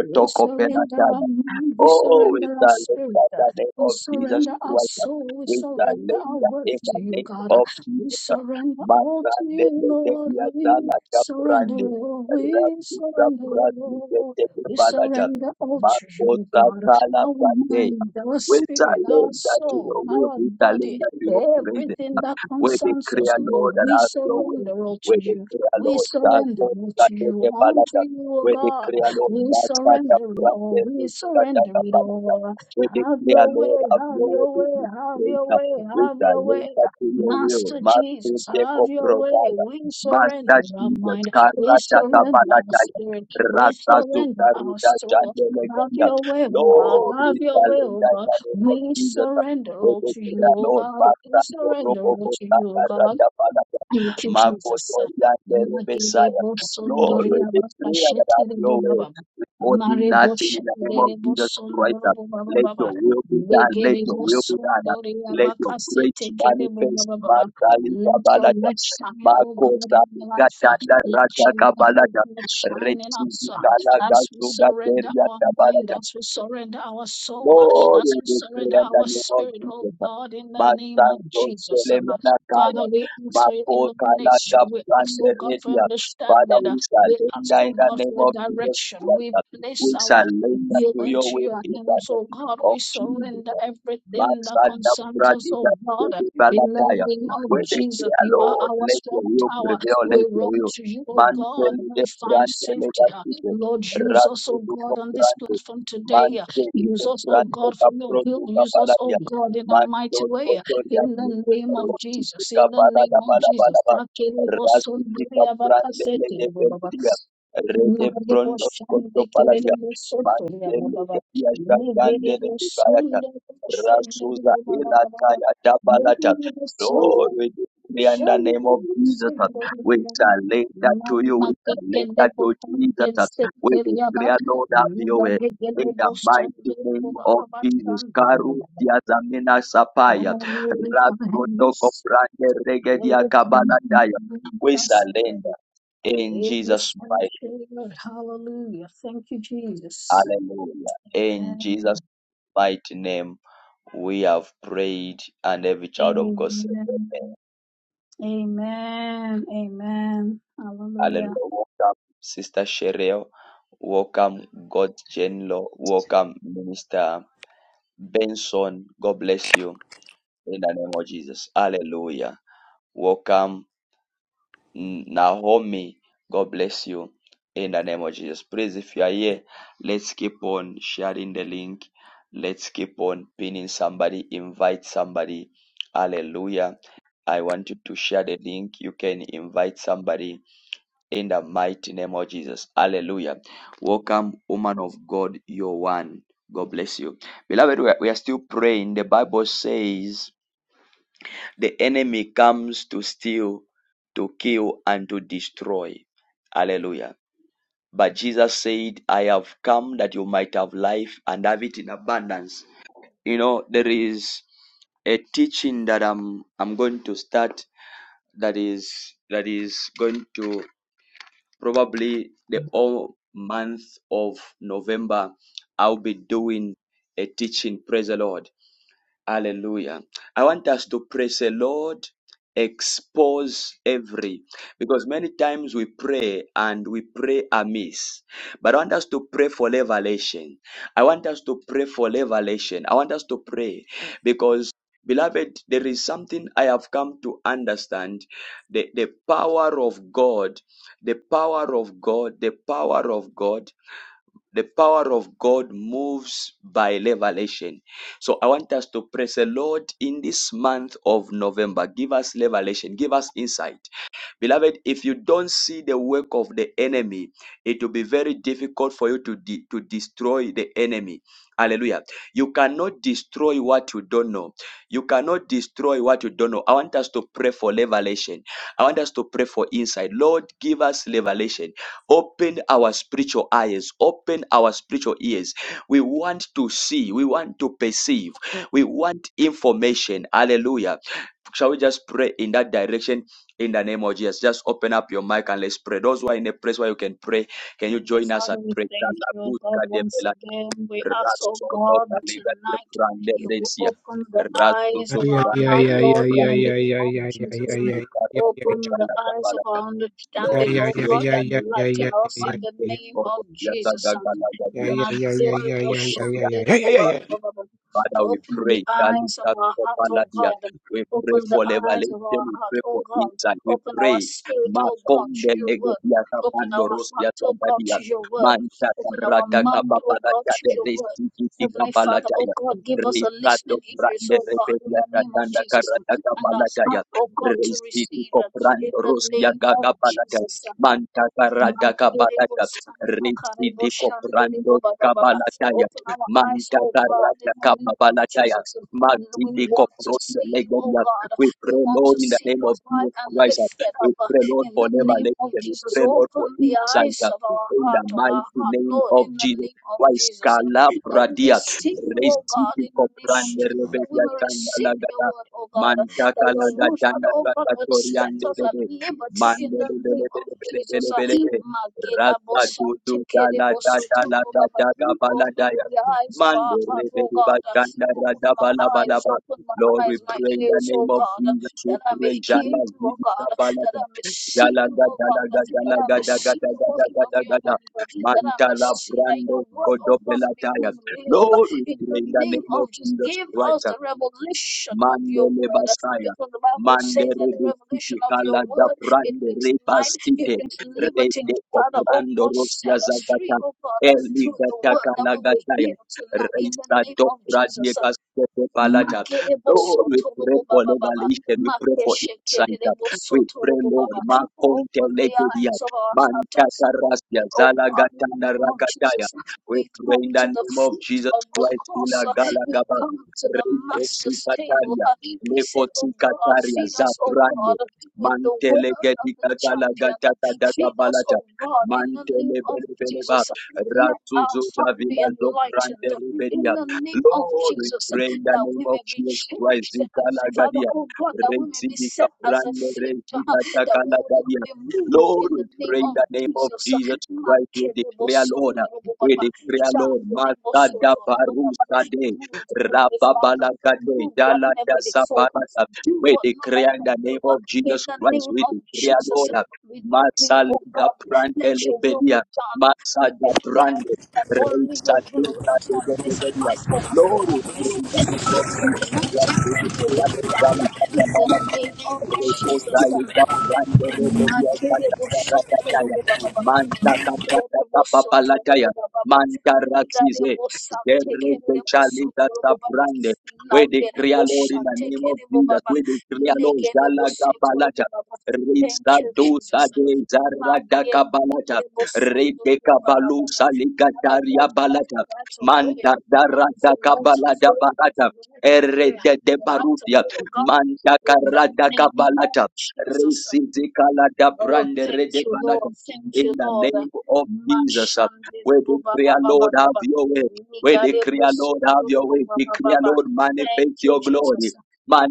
We surrender our
penatana.
mind, we
Oh, we
surrender our
hallelujah in
spirit, uh,
the name
we
of Jesus
surrender our
Christ.
soul, we
We
surrender our
hallelujah in
worth to
the
you,
name
God. uh,
of
We
Jesus.
surrender all to you, Lord. We
Masandelejeliazalata
surrender
brande.
all, we
Rasuta
surrender
brande.
all.
Linda
We
Palada.
surrender all to you,
Makosa
God.
kala
Our
Sade.
mind, our
We
spirit, our
surrender to
soul,
your will.
our
We
body,
surrender to your
everything
presence.
that
We
concerns us,
declare, Lord,
Lord,
that
we
have your way.
surrender all to
We
you.
declare,
We
Lord, that
surrender
God,
all
that
to
you
you,
the
unto
balada.
you, O
We
God.
declare, Lord,
We
that God, that
surrender it all. We
brand that
surrender
the
it
balada.
all.
We
Have
declare,
your way,
Lord, have
have
your way
your
in
way,
this
have your
place.
way,
We
have your way.
surrender to your will.
Master
Master
Jesus, have
Jacob
your way.
Rodaya.
We surrender
Master
our
Jesus,
mind. We
Karata
surrender our
Tabalaya.
spirit. We
Rasta
surrender our
Zukaruda
soul. Have
Chandelaya.
your way,
Lord,
oh God.
oh,
Have
we
your way,
challenge
oh God.
in the name of
We
Jesus.
surrender all to you,
Rebekah,
oh
Lord,
God. We
Master, Lord,
surrender all
Roboko,
to you, oh
Saka,
God.
Raja, Palaka,
Thank you, Jesus.
Makoto, Yande,
Magere
Rebesaya. Lord, we
bosondoria baba
declare that have
shetere
your way.
baba.
We do
Mare
nothing in the name of
boshendere
Jesus Christ.
bosondoro baba
Let
baba.
your will be done. Let
Legere
your will be done.
bosondoria
Let your
baka
great
sete kere
manifest.
baba baba.
Master, Lika,
Let your
Balaka,
light shine, O God,
Makosa,
in our life.
Gatanda,
Let
Raja,
your light,
Kabalaka,
O God, shine in
Rechi,
us uh,
Vitala,
as we
Gazuga,
surrender
Teria,
our mind, as we surrender our soul, uh,
Lord,
as
we
we
will pray
surrender
in the
our
name of
spirit, O
Jesus.
God, in the name of
Basanto
Jesus. Father,
Selemonakaya,
we ask for your
Bako
illumination.
Kanaga
We ask, oh God, for
Planderedia. Father,
understanding.
we
We
surrender in
ask, oh
the
God,
name
for
of
your
Jesus
direction.
Christ.
We place
We
our
surrender
will
to your
into
will
your
in the
hands, oh
name
God.
of
We
Jesus.
surrender everything that
Basada
concerns us,
Pradida
oh God. In the
Balataya.
name of
When they say,
Jesus, you are
Lord,
our
let your
strong
will
tower.
prevail, let
We
your
run
will.
to you, oh God, and
Mantele
we
de
find
Brantele
safety. Lord, use us, oh God, on this platform today.
Mante
Use us, oh
Grande
God, for your will.
Cabroso
Use us, oh
Capalaria,
God, in a mighty
Manto
way. In
Cotoriani,
the name of
Rossi
Jesus, in the name
Capalada
of Jesus,
Palabalaba,
Rakelebo
Rasti
Sondria
Caprande Lede
Bakasete Baba.
Belvia, Rede
Narebo
Prondo Coto
Shande
Palaria,
Kerebo Sotoria
Mante
Baba.
Media Shagande
Negerebo
Leviata,
Sonda Shande
Rasuza
Baba
Ila
Baba.
Kaya Dabalata,
Negerebo Sonda
Lord, we declare in the name of Jesus,
Shande
uh, we
Baba.
shall lay that to you,
Mama
we shall lay
Kegende
that to
Botan
Jesus, uh,
Genset
we
Keriaba.
declare, Lord, have your
Nuga
way
Gende
in the
Boston
mighty name
Baba
of
Baba
Jesus.
Shande
Karu
Baba
Diazamina Sapaya.
the
Rakotoko Prande Regedia Kabala Daya. We
that's ready.
surrender in
In the
Jesus' mighty name.
sanctuary, Hallelujah. Thank you, Jesus.
Hallelujah. In
Amen.
Jesus' mighty name, we have prayed, and every child of God said,
Amen.
Amen.
Amen. Amen. Hallelujah.
Hallelujah. Welcome, Sister Shereo. Welcome, God Genlo. Welcome, Minister Benson. God bless you in the name of Jesus. Hallelujah. Welcome, Naomi. God bless you in the name of Jesus. Please, if you are here, let's keep on sharing the link. Let's keep on pinning somebody, invite somebody. Hallelujah. I want you to share the link. You can invite somebody in the mighty name of Jesus. Hallelujah. Welcome, woman of God, you're one. God bless you. Beloved, we are, we are still praying. The Bible says, the enemy comes to steal, to kill, and to destroy. Hallelujah. But Jesus said, I have come that you might have life and have it in abundance. You know, there is a teaching that I'm I'm going to start that is that is going to probably the whole month of November I'll be doing a teaching, praise the Lord Hallelujah. I want us to praise the Lord, expose every, because many times we pray and we pray amiss. But I want us to pray for revelation. I want us to pray for revelation. I want us to pray because, beloved, there is something I have come to understand the, the power of God, the power of God, the power of God. The power of God moves by revelation. So I want us to praise the Lord in this month of November. Give us revelation, give us insight. Beloved, if you don't see the work of the enemy, it will be very difficult for you to, de- to destroy the enemy. Hallelujah. You cannot destroy what you don't know. You cannot destroy what you don't know. I want us to pray for revelation. I want us to pray for insight. Lord, give us revelation. Open our spiritual eyes. Open our spiritual ears. We want to see. We want to perceive. We want information. Hallelujah. Shall we just pray in that direction in the name of Jesus? Just open up your mic and let's pray. Those who are in a place where you can pray, can you
Heavenly
join us
Father,
and
we
pray?
thank you, God, once again. We ask, oh God, that tonight you will open the eyes of
Yeah,
our
yeah,
heart,
yeah, yeah, yeah,
Lord, in
yeah, yeah, yeah,
the name of
yeah,
Jesus.
yeah, yeah,
And
yeah, yeah, yeah.
open the eyes of our
Yeah,
Lord,
understanding,
we
yeah,
oh
yeah,
pray
Believers
God,
yeah,
that
and
the
yeah,
Lord
yeah, yeah,
enlighten
will
yeah,
us
yeah,
in the
manifest
yeah.
name
for
of
us. Yata
Jesus. And
gaga laga
Yeah, yeah, yeah, yeah, yeah,
Magerebo
yeah, yeah, yeah,
dia.
yeah, yeah, yeah,
Shanderebo
yeah, yeah.
Babababa.
Father,
are
we
as
Open the
pray.
eyes of our heart, oh
Kalikatopaladia.
God.
We pray
Open the
for
eyes of
revelation.
our
We
heart,
pray
oh
for
God.
insight. We
Open our
pray.
spirit, oh
seekers of
God, to
Makonde
your word.
legediata
Open our
pandoros
heart, oh God,
yatadadia.
to your word.
Manta
seekers
Open
for
our
battle
radaka
mind, oh God,
papaladia
to
de
your word.
resti
and
kiti
Heavenly
spirit,
Father, oh
kapalataya.
God, give us a
evil
Risato
listening ears,
brande
oh
influence,
God, in
rebedia
the
evil
name of
tatanda
Jesus,
conscience,
and
karataka
a heart,
palataya.
oh
evil
God, to
Resti
receive
tiko
uh, in
brando
the
ros
name of
yagaga palataya.
Jesus.
Manta karadaka
Magerebo
palataya. Resti
Santakarebo
tiko
Shanderebo
brando
Baba Baba.
kabalataya.
Open our eyes,
Manda
oh God, in
Karata
the name of
Kapabalataya.
Jesus. We
Mazidi
want to
Koprotia
see you, oh
Legoria.
God.
We
We
pray,
want
Lord,
to
in the
see
name
you
of
high
Jesus
and
Christ.
lifted
We
up
pray, Lord,
in
for
the name
revelation.
of
We
Jesus.
pray, Lord,
Open
for
the
insight.
eyes of our
In the
heart, of
mighty
our heart,
name
Lord,
of
in the
Jesus
name of
Christ.
Jesus. That we may
Kalabradia.
see you, oh
Receive
God, in the name of
Koprande
Jesus. That we
Rebelia
may receive your
Kangalagata.
word, oh God
Manta
that your word, Father,
Kalagatana
oh God, would set
Ratoriande
us at
Lebe.
liberty in the
Mandele Bele
name of
Bele Bele
Jesus. Uh,
Bele Bele.
Magela
Rasta
Bosante
Dudu Dala
Kerebo
Dada
Sotoro
Dada
Baba.
Dada
Open
Dada
the eyes of
Mando
our heart, oh
rebeli
God. Uh,
bashanda
Open my
radabala
eyes,
balaba.
open my
Lord, we
eyes, my
the
pray in the
ears, oh
name of
God, uh,
Jesus. We
that I may
pray
hear
jala
you, oh
zidi
God, uh, that
kabalata.
I may see
Jala
you, oh
gada
God,
gada
uh, that
gada
I may
gada gada
see the
gada
working of
gada
your
gada.
hand, uh, that I may
Mantala
see that
brando
your
people of the
word, oh God,
kodobela
will
spirit,
taya.
become real,
Lord, we
in
pray
the
in the
name
name of
of Jesus,
Jesus
give us
Christ.
the revelation of your
Mandele
word
Basaya.
because the Bible says that
Mandere
the revelation
Bistike
of your
Kala da
word it
Prande
brings light, it
Rebastite
brings liberty.
Rete
Father, oh
Coprando
God,
Rosia
set us free,
Zagata
oh God,
Eli
through the word
Gataka
that we will
Lagataya
hear tonight in the
Reisa
name of
Docra
Jesus.
Diegas Pepe Palata.
Makerebo
Lord, we pray
sotorobo
for
baba baba.
revelation, we pray for insight,
Makeshekerebo
we pray,
sotorobo
Lord,
baba.
Makonte
Open the
Legedia,
eyes of our heart.
Mantata Rasia,
Open, oh God, in the
Zalagatanda
name of
Rakataya.
Jesus.
We
We
pray
come
in the
to the
name of
foot
Jesus
of the
Christ,
cross.
Ila
We
Gala
come to the master's table.
Rekosikataria,
We say, oh God,
Lekosikataria,
feed us, oh
Zabrande,
God, with the
Mantele
word of the
Getikatala
champion.
Gataka Daka
Feed us,
Balata,
oh God, in the name
Mantele
of
bele bele ba. Belebeleba,
Jesus. Let our
Rasuzu
heart be
Davila Zobrande
enlightened in
Ribedia.
the name of
Lord, we
Jesus
pray in the
that
name
we
of
may be
Jesus Christ,
changed.
Zikala
Father,
Gadia,
oh God, that we may be
Resibika
set as a
Brande,
filter,
Resika
that we
Takala
will not
Gadia.
be moved
Lord,
in
we
the name
pray in
of
the name of
Jesus.
Jesus Christ, we declare, Lord,
Makelebosotoroboba,
we declare, Lord, Master
Shangelebosotoroboba.
Dabarus
Move, Heavenly Father,
Rababalakate,
move like
Yala
never before.
Yasabalata.
Do
We
what no man
declare in
can
the name
do.
of
In
Jesus
the
Christ,
name
we
of
declare, Lord,
Jesus, we decree, oh
Masaliga
God, let
Prande
your will be
Lebedia,
done. We
Masada
declare
Prande,
that only
Reisa
your will
Dita
on this
Lebedia.
platform
Lord, we
on
pray
this
in the name
ministry
of Jesus
tonight
Christ, we
will
declare,
be
Yala
done in the
Yasabalata.
name of Jesus. Makere bosho torobo baba baba. Ngere bosho torobo baba baba. Ngare
Manta
bosha tekere bosho
Derechaliga
torobo baba.
Sabrande. We
Nagere
declare, Lord,
bosha
in the name of
tekere bo
Jesus.
baba.
We declare, Lord,
Negere
Jala
bosho torobo
Kapalata.
baba. Thank
Risa
you, Jesus.
Duta de Zarada
Magere
Kabalata.
negere bosho
Rete
torobo baba baba.
Kabalusa
Father Lord,
Ligataria
have your
Balata.
right of way.
Manta
Have
Darada
your right of
Kabalada
way. Have
Barata.
your right of way.
Erede de
Your right of
Barutia.
way, oh God.
Manta
In the
Karada
name of
Kabalata.
Jesus.
Risizi Kalada
Oh,
Brande
thank
Rede
you,
Balata.
Lord. Thank
In
you,
the
Lord.
name of Jesus, uh,
Mashande
we
Baba
declare, Lord,
Baba
have
Baba.
your way. We
Nigare
declare, Lord, have
Busoturu
your way.
Baba
Declare,
Baba.
Lord,
Thank
manifest
you,
your glory.
Jesus.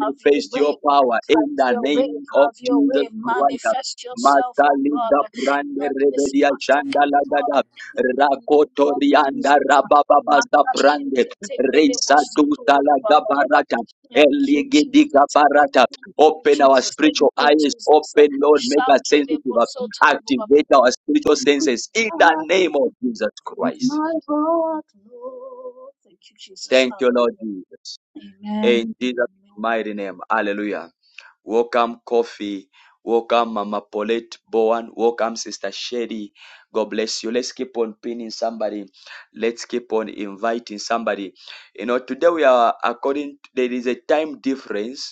Have your
your
way.
power
Have
in the
your way.
name of
Have your
Jesus
way.
Christ.
Manifest yourself, oh God,
Masalida brande
on this
rebedia
platform,
shanda
oh
lagada
God, in the name
rakoto
of
rianda
Jesus.
rabababasa brande
Makashiketekere
reisa dusa
Busoturu Baba Baba.
lagabarata
Thank you, Jesus.
eligidiga barata
Thank you,
open our
Jesus. Thank
spiritual
you,
eyes
Jesus.
open lord make us
Shankere
sensitive
Botso Torobabu.
activate our spiritual senses in
I
the name of Jesus
approve
Christ
my heart, Lord. Thank you, Jesus.
Thank you, Lord
Hallelujah.
Jesus.
Amen.
In Jesus' mighty name. Hallelujah. Welcome, Coffee. Welcome, Mama Paulette Bowen. Welcome, Sister Sherry. God bless you. Let's keep on pinning somebody. Let's keep on inviting somebody. You know, today we are according, there is a time difference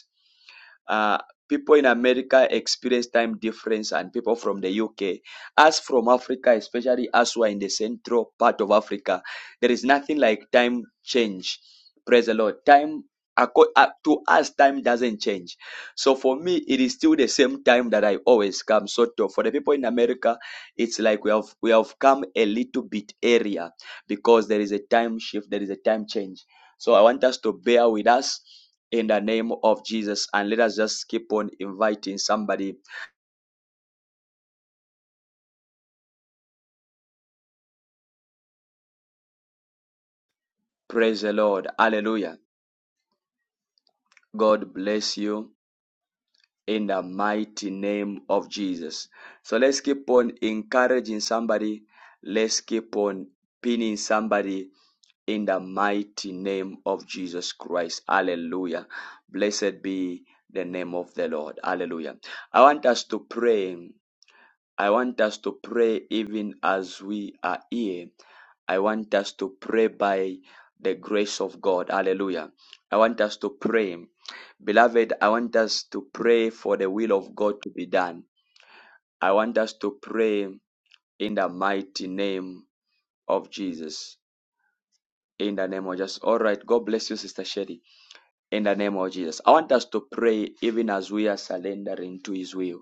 uh, people in America experience time difference and people from the UK. Us from Africa, especially us who are in the central part of Africa, there is nothing like time change. Praise the Lord. Time uh, to us, time doesn't change. So for me, it is still the same time that I always come. So for the people in America, it's like we have we have come a little bit earlier because there is a time shift, there is a time change. So I want us to bear with us in the name of Jesus. And let us just keep on inviting somebody. Praise the Lord. Hallelujah. God bless you in the mighty name of Jesus. So let's keep on encouraging somebody. Let's keep on pinning somebody in the mighty name of Jesus Christ. Hallelujah. Blessed be the name of the Lord. Hallelujah. I want us to pray I want us to pray even as we are here. I want us to pray by the grace of God. Hallelujah. I want us to pray. Beloved, I want us to pray for the will of God to be done. I want us to pray in the mighty name of Jesus. In the name of Jesus. All right. God bless you, Sister Sherry. In the name of Jesus. I want us to pray even as we are surrendering to His will.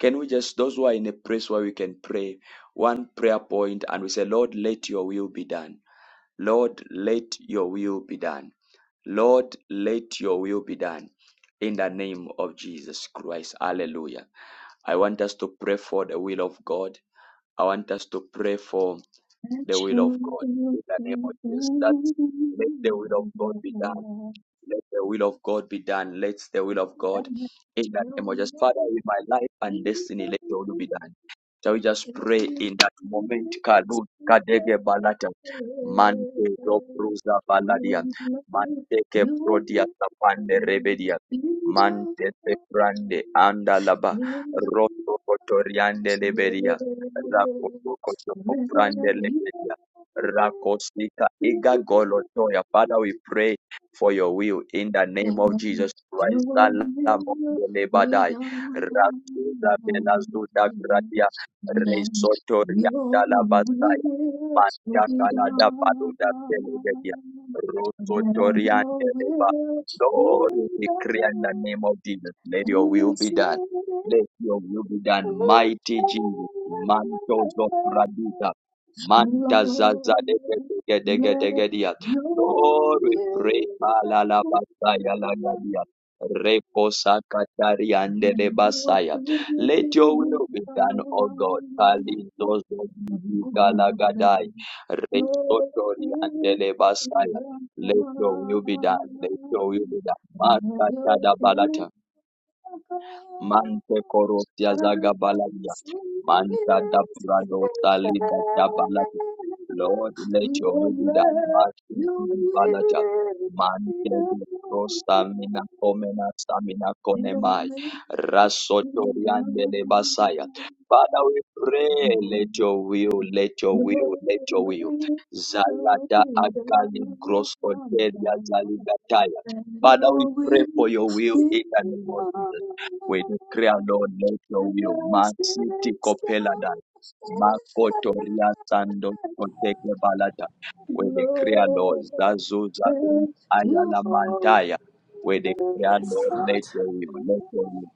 Can we just, those who are in a place where we can pray one prayer point and we say, Lord, let your will be done. Lord, let your will be done. Lord, let your will be done. In the name of Jesus Christ. Hallelujah. I want us to pray for the will of God. I want us to pray for the will of God. In the name of Jesus. That let the will of God be done let the will of God be done. Let the will of God in the name of Jesus. Father, in my life and destiny, let your will be done. Shall we just pray in that moment? Kalu kadege balata. Mante robruza baladia. Mante ke prodia
Amen.
tapande
We
rebedia. Mante te prande andalaba. Roto kotoriande lebedia. Rakoto koto lebedia. Rakosika iga golotoya. Father, we pray for your will in the name of Jesus Christ. Salam
Speed
Lebadai,
of
Resotoria Dalabasaya, Pantakalada Paluda Belegadia, Rosotorian Lord, we decree in the
love
name of Jesus, let your
and I
will be done. Let your will be done, mighty Jesus,
said
Mantos of
it.
Radida,
Lord,
Mantazaza de
let
Gedegedegedia,
your will
Lord, we pray.
be
Kalalabasaya
done
lagadia. Reposa katari ande de
and your kingdom come. Lord, let your
basaya.
kingdom
Let your will be done, O God. Kali dozo gidi galagadai. Resotori ande de basaya. Let your will be done. Let your will be done.
come. Let
Masa
your
tada
kingdom
balata. Mante
come. Your will
korosia zaga baladia. Manta da prado saliga da baladi. Lord, let your will be done. Mante di balaja. Mante de prostamina comena stamina
be
conemai. Rasotoriande de basaya. Father, we pray, let your will, let your will, let your will. Zalada agali grosso delia
done.
zaligataya.
Let
Father, we
your will be
pray for your will
done.
in the name of Jesus. We declare, Lord, let your will.
Just
Masiti
as done
kopeladai.
in
Makotoria
heaven,
sando koteke balata. We declare, Lord,
Lord,
zazuza
let your will
ayalamantaya. We
be done.
declare,
Yes,
Lord, let
Lord.
your will, let your will,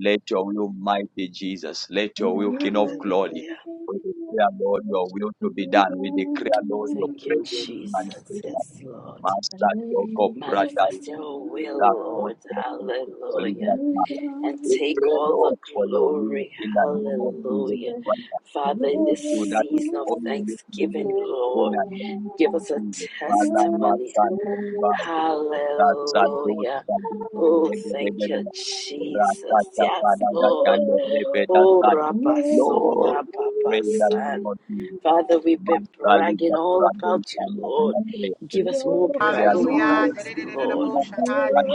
let your will, mighty Jesus, let your
Let
will, King of glory.
your
Hallelujah.
We declare, Lord, your will to be done. We declare, Lord, your
Thank you,
presence
Jesus.
manifest.
Yes, Lord.
Master Doko Pradai
Manifest your
that
will,
all
Lord.
person to solve
Hallelujah.
that
will be
matter.
And
We
take
pray,
all
done.
Lord,
the
for your will
glory.
in the
Thank
name of Jesus
Hallelujah.
Christ.
Father,
And
in
we
this
do that with
season of
all the listening
thanksgiving,
in
Lord,
the name of
give us a
Jesus. Father,
testimony.
Master, and by that Sadio,
Hallelujah.
Sadio,
Oh, thank you, Jesus.
Ratacha,
Yes,
Father, that
Lord.
can repeat that
Oh,
side.
Rabba, so
Lord,
Rabba,
pray in the
San.
name of Jesus.
Father, we've been
Master, lead
bragging
the
all about you,
foundation,
Lord.
Master, pray.
Give us more
Create,
bragging
Lord,
Hallelujah.
your
rights, Lord.
standard.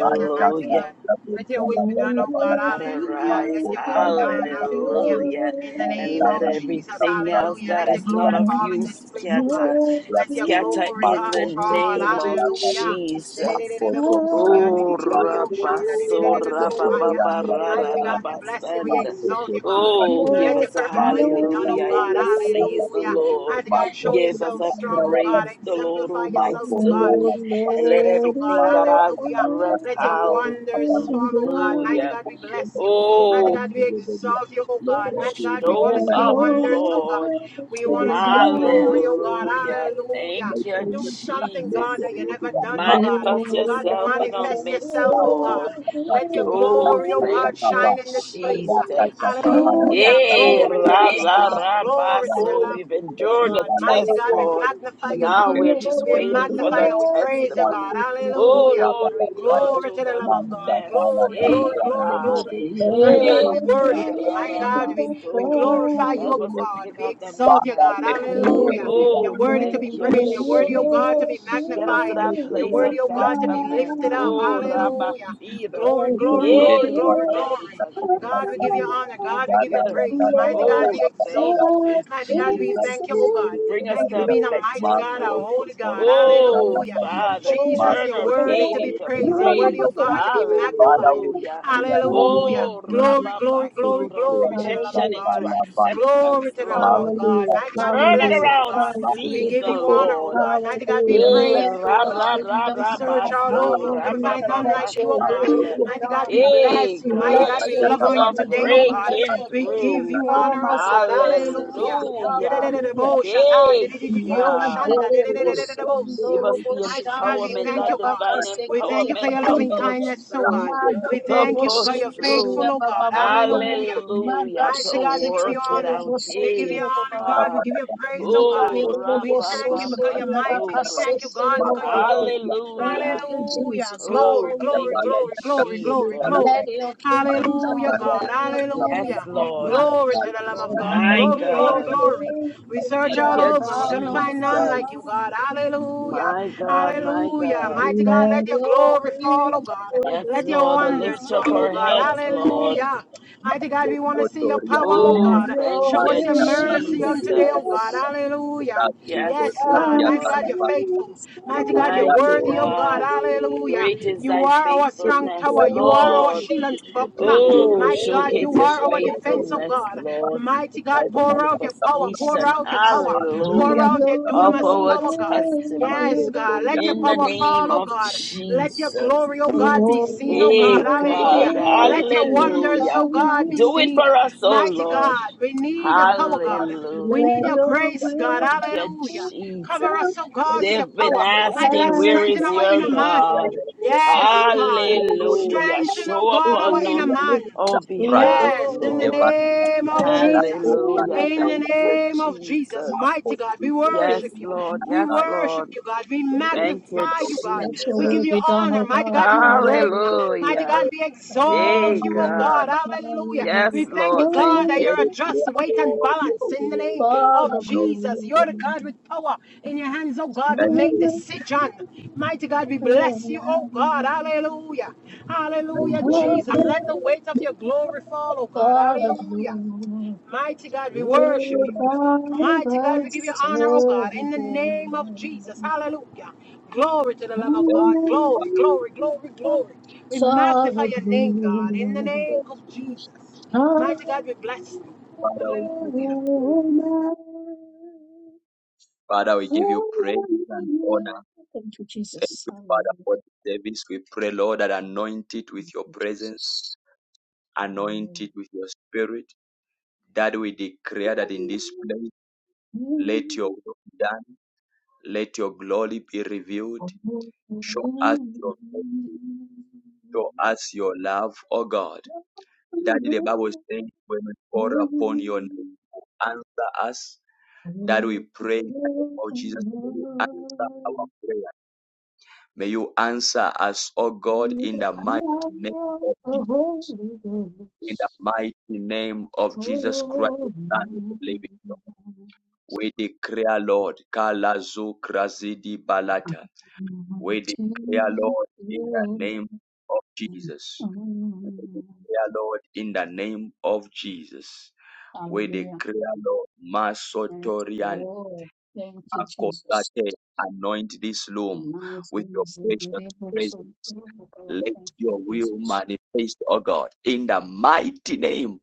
Manja
Mighty God.
katia
Let
kuta
your will be
landa
done, oh
gabala
God.
God
Hallelujah.
arise,
Let your will
makota
be
landa
done. Hallelujah.
katiani
hallelujah,
In the
and
name
manja
let
of
na
you.
Jesus.
kuta
everything else
praji
Hallelujah.
that
Let your
is
katia
not
glory
of
fall
you
in
When
this place, oh God.
scatter,
your
kuta
Let your
scatter
feet
glory,
in
God,
the
makoto
fall.
name
come
of
teria kate
Hallelujah.
Jesus.
makoto ndani
Oh,
to
ya
rabaso,
Lord,
this
rabababa,
Mighty
mountain,
God, we bless you. We
rararabasanda.
exalt you, God.
Oh, give
Let your
Lord,
us a
perfect will be
let
done, oh
hallelujah in
God.
this season,
Hallelujah.
Lord.
Mighty God,
it
show
Give us
yourself
a
strong, oh God.
praise, the Lord,
Exemplify
oh my
Oh
yourself, oh God,
soul,
Lord,
in
and
this
let
place,
let
oh God.
everything that
your
has
Hallelujah.
breath,
Let your
will
wonders
be
form, oh God. Mighty
hallelujah.
done.
God, we bless you. Mighty
Oh,
God, we exalt you, oh God. Mighty God, we want
show
to see
Let
your
up,
your
wonders, oh God.
Lord.
will
We want to
be
see your glory,
done.
oh God.
Hallelujah.
Hallelujah.
Thank you,
Do something,
Jesus.
God, that you never done, oh
Lord,
God.
Manifest
God,
yourself in our
manifest
let
midst,
yourself, oh
Father,
your
Lord.
God. Let your
Oh,
glory, oh
will
thank
God,
be
you,
shine in this place.
done.
Jesus.
Let
Hallelujah.
Eh,
Glory to the
ra,
love of
ra,
God.
ra, ba,
Glory to the
so
love
We've
of
endured the
God. Mighty
test,
God, we
Lord.
magnify you,
Now
God.
we're just
We
waiting for
magnify
the
you. We praise you,
testimony.
God.
Oh,
Hallelujah.
Lord, we've gone
Glory to
through
the
the
Lamb of God.
mess.
Glory, glory,
Hey,
glory,
God.
glory. Mighty God,
Hey,
your
we worship
God.
you.
ra,
Mighty
ra, ba,
God, we,
kingdom
we
so ra.
glorify you, O
come.
Help us to
God.
pick
We
up the
exalt you, God.
let
message.
your
Hallelujah.
will be
You're
Oh,
Lord,
done.
worthy to
let
thank
be
you,
praised. You're worthy, O God,
Jesus.
to
your
be
Get us
Father,
to
magnified.
we
that
You're
place of
worthy,
kingdom
O
pray
God, to be
betterment.
lifted up.
come.
Oh,
Hallelujah.
Rabbi
Glory,
Let
glory,
him
glory,
Hey,
glory,
hear
God, it
glory.
has
the
been a
God, we give you
season of
honor.
being
God, we give you
voice,
better.
praise. Mighty
Lord,
God, we
Oh,
exalt.
thank you,
just
Mighty God, we
Jesus.
thank
exceed
you, oh God.
Bring us
Thank you
the
for
to
being a mighty God, a
betterment.
holy God.
Oh,
Hallelujah.
Father,
Jesus,
turn
you're
our
worthy to
pain
be
into
praised. You're worthy, oh
praise.
God, to be magnified.
Hallelujah.
in the
Lord,
name
Hallelujah.
of
Oh,
Jesus,
Glory,
Rabba
glory,
for
glory,
the
Basura,
prayer
glory to the
of
Lamb
God,
of
rejection
Hallelujah,
God.
into
Father, by
acceptance,
Glory to the Lamb
Lord.
of
Marco,
God.
hallelujah,
Mighty
Pastor,
God, we
Turn it
bless
hallelujah,
you, oh
around,
God. We
hallelujah.
season,
give you
Marco,
honor, oh
Lord.
God. Mighty God, we
Hallelujah.
Eh,
praise
Let
you, oh
ra
your
Pastor,
ra
God.
ra
We
kingdom
ra
search
come.
all
baso,
over. We're
ra
going to
ba
find
Hallelujah.
ba
none like
Let
you you,
your
oh
will
basanda.
God.
be
Mighty God,
done.
we
Hey
bless you. Mighty
God,
Let
God,
a
we
your
love
season
on
will
you
be
of
today, oh
done.
God.
Let
breaking
your
We give
kingdom
through.
you
come
honor, oh
as it
God.
is in
Hallelujah.
heaven.
Hallelujah.
Hallelujah.
Dededededebo, shata,
Hey
dedidididio,
God,
shanda,
Magere
if,
dedededededebo,
bosondo
yeah.
give us the
Mighty God, we
boshandere
empowerment,
thank
that
you, God.
divine
We
abakaseke
thank you for
empowerment
your
tekere
to
loving
baba.
push
kindness, oh God.
through,
We
Magere
to
thank you because
push
you're
bosundere
faithful,
through.
oh God.
baba baba.
Hallelujah.
Hallelujah,
Mighty
to
God,
Magaseke
we give you
work it
tekere
honor.
Thank
out.
you.
We give you
Hey
bosokere
honor,
baba
God. We
baba.
God.
give you
Gracias.
praise, oh God.
Oh,
Nigarere
ra
We
ba
thank you
ba
because
bosondere
you're mighty. We
baso,
thank you,
abakaseke
God, because
baba
you're
baba.
holy.
Thank
Hallelujah.
you,
Hallelujah.
Jesus.
Glory,
Oh,
Hallelujah.
glory,
thank you,
glory, glory, glory,
Jesus.
Let
glory.
your kingdom
Hallelujah,
come,
God.
let your
Yes,
kingdom
Hallelujah.
come,
Lord.
not
Glory to the Lamb of
Lord,
God.
My
let
Glory,
your
glory,
God.
glory. We search
Thank
all
kingdom
you,
over. We're going to
come.
find none
Jesus.
like you, God. Hallelujah.
My God, my
Hallelujah.
God.
Mighty God,
Let
let your
your
glory fall, oh God.
will
Yes,
be
Let your
Lord. I
wonders
Lift
fall,
up
oh
done.
our
God.
heads, Lord.
Hallelujah. God. Mighty God, we want to see your power, oh
Oh,
Let
God.
thank
your
Show us
you,
your
will be
mercy on today,
Jesus.
oh God.
done.
Hallelujah.
Yes,
Yes, God. Mighty
As
God,
Lord.
you're
in
faithful. Mighty
still.
God, you're
Mighty
worthy, oh God.
God.
Hallelujah.
Great is
You
thy
are our
Rado, Eva, Rado, Rado,
strong
faithfulness,
tower. You are our
Lord,
Lord.
shield
let
and buckler.
your
Oh,
Mighty
will
God, you
showcase
be
your
are our defense, oh
done.
faithfulness,
God.
Lord,
Mighty God,
by the
pour out your power. Pour
manifestation,
out your power power.
Oh, let
Pour
hallelujah,
out
your
your
of
dunamis
our
power, God.
testimony
Yes, God. Let your
in the
power fall,
name
oh
of
God. Let your
Jesus.
glory, oh God, be seen, oh God.
Hey,
Hallelujah.
God,
Let your
kingdom
wonders,
hallelujah.
oh God, be
Do
come.
it
seen.
for us, oh
Mighty
Lord.
God, we need your power, God.
Hallelujah,
We need
Let
your
your
grace, God.
Thank you,
Hallelujah.
Jesus.
Cover us,
will
oh God, with your
They've been
power.
be done
Mighty God,
asking, Where
strengthen
is
our
as
your
inner man.
God?
Yes,
it is
God.
in
Hallelujah.
Strengthen, oh
heaven.
Show up
God, our
on
inner
our
man.
our behalf,
Yes, in the
Lord.
Lord,
name of
let
Jesus.
your
Rado,
Hallelujah.
will
In the
Thank you,
name of
Rado,
Jesus,
Jesus.
mighty
Rado,
God, we
Yes,
worship you.
Lord.
Rado,
We
Yes,
Rado,
worship
Lord.
you, God. We
Thank you,
Thank
thank
you,
magnify you, God.
let your
We
will
Jesus.
give you
be done,
honor.
O
Mighty
God.
God, you reign.
Hallelujah.
Mighty
Hallelujah.
God, we
Hey,
exalt you, oh
Hallelujah.
God.
God.
Hallelujah.
Yes,
We we thank you,
Lord.
God,
Hallelujah.
Thank
that you're
you.
a just weight and balance in the name
for
of
the glory.
Jesus. You're the God with power in your hands, oh God, to make decision. Mighty God, we bless you, oh God. Hallelujah. Hallelujah,
you, Holy
Jesus.
Ghost.
Let the weight of your glory fall, oh God.
For the
Hallelujah.
glory,
Mighty God, we
Thank you,
worship you.
Almighty.
revive
Mighty God, we give you
us
honor, oh God, in the name of Jesus.
again.
Hallelujah. Glory to the Lamb of
Thank
God.
you,
Glory, glory, glory,
Hallelujah.
glory. We
For
magnify
the
your name, God, in the
glory,
Father.
name of Jesus. Mighty God, we
hallelujah.
bless you.
Father, we give you
Hallelujah.
praise. Father, we give you praise and
Hallelujah.
honor.
Thank you,
Thank
Jesus.
you, Father,
Hallelujah.
for the service. We pray, Lord, that anoint it
Thank
with your
you,
presence,
Jesus.
anoint it with your spirit, that we declare that in this place,
The Holy
let your will be done, let your glory be revealed
Ghost.
Show us your mercy. Show us your love, O God. Daddy, the Bible is saying, when we call upon your name, you answer us. That we pray in the name of Jesus. May you answer our prayer. May you answer us, O God, in the mighty name of Jesus. In the mighty name of Jesus Christ, the Son of the living God. We declare, Lord, Kalazu Krazidi Balata. We declare, Lord, in the
Oh,
name of Jesus. declare, Lord, in the name of Jesus. We
Hallelujah.
declare, Lord,
Yes,
Masotorian,
Lord. Thank you, Jesus.
Makotate, anoint this loom
Nós
with your
vamos
precious
viver por sobre
presence.
tudo pela
Let
fé em
your will
Jesus.
manifest, O God, in the mighty name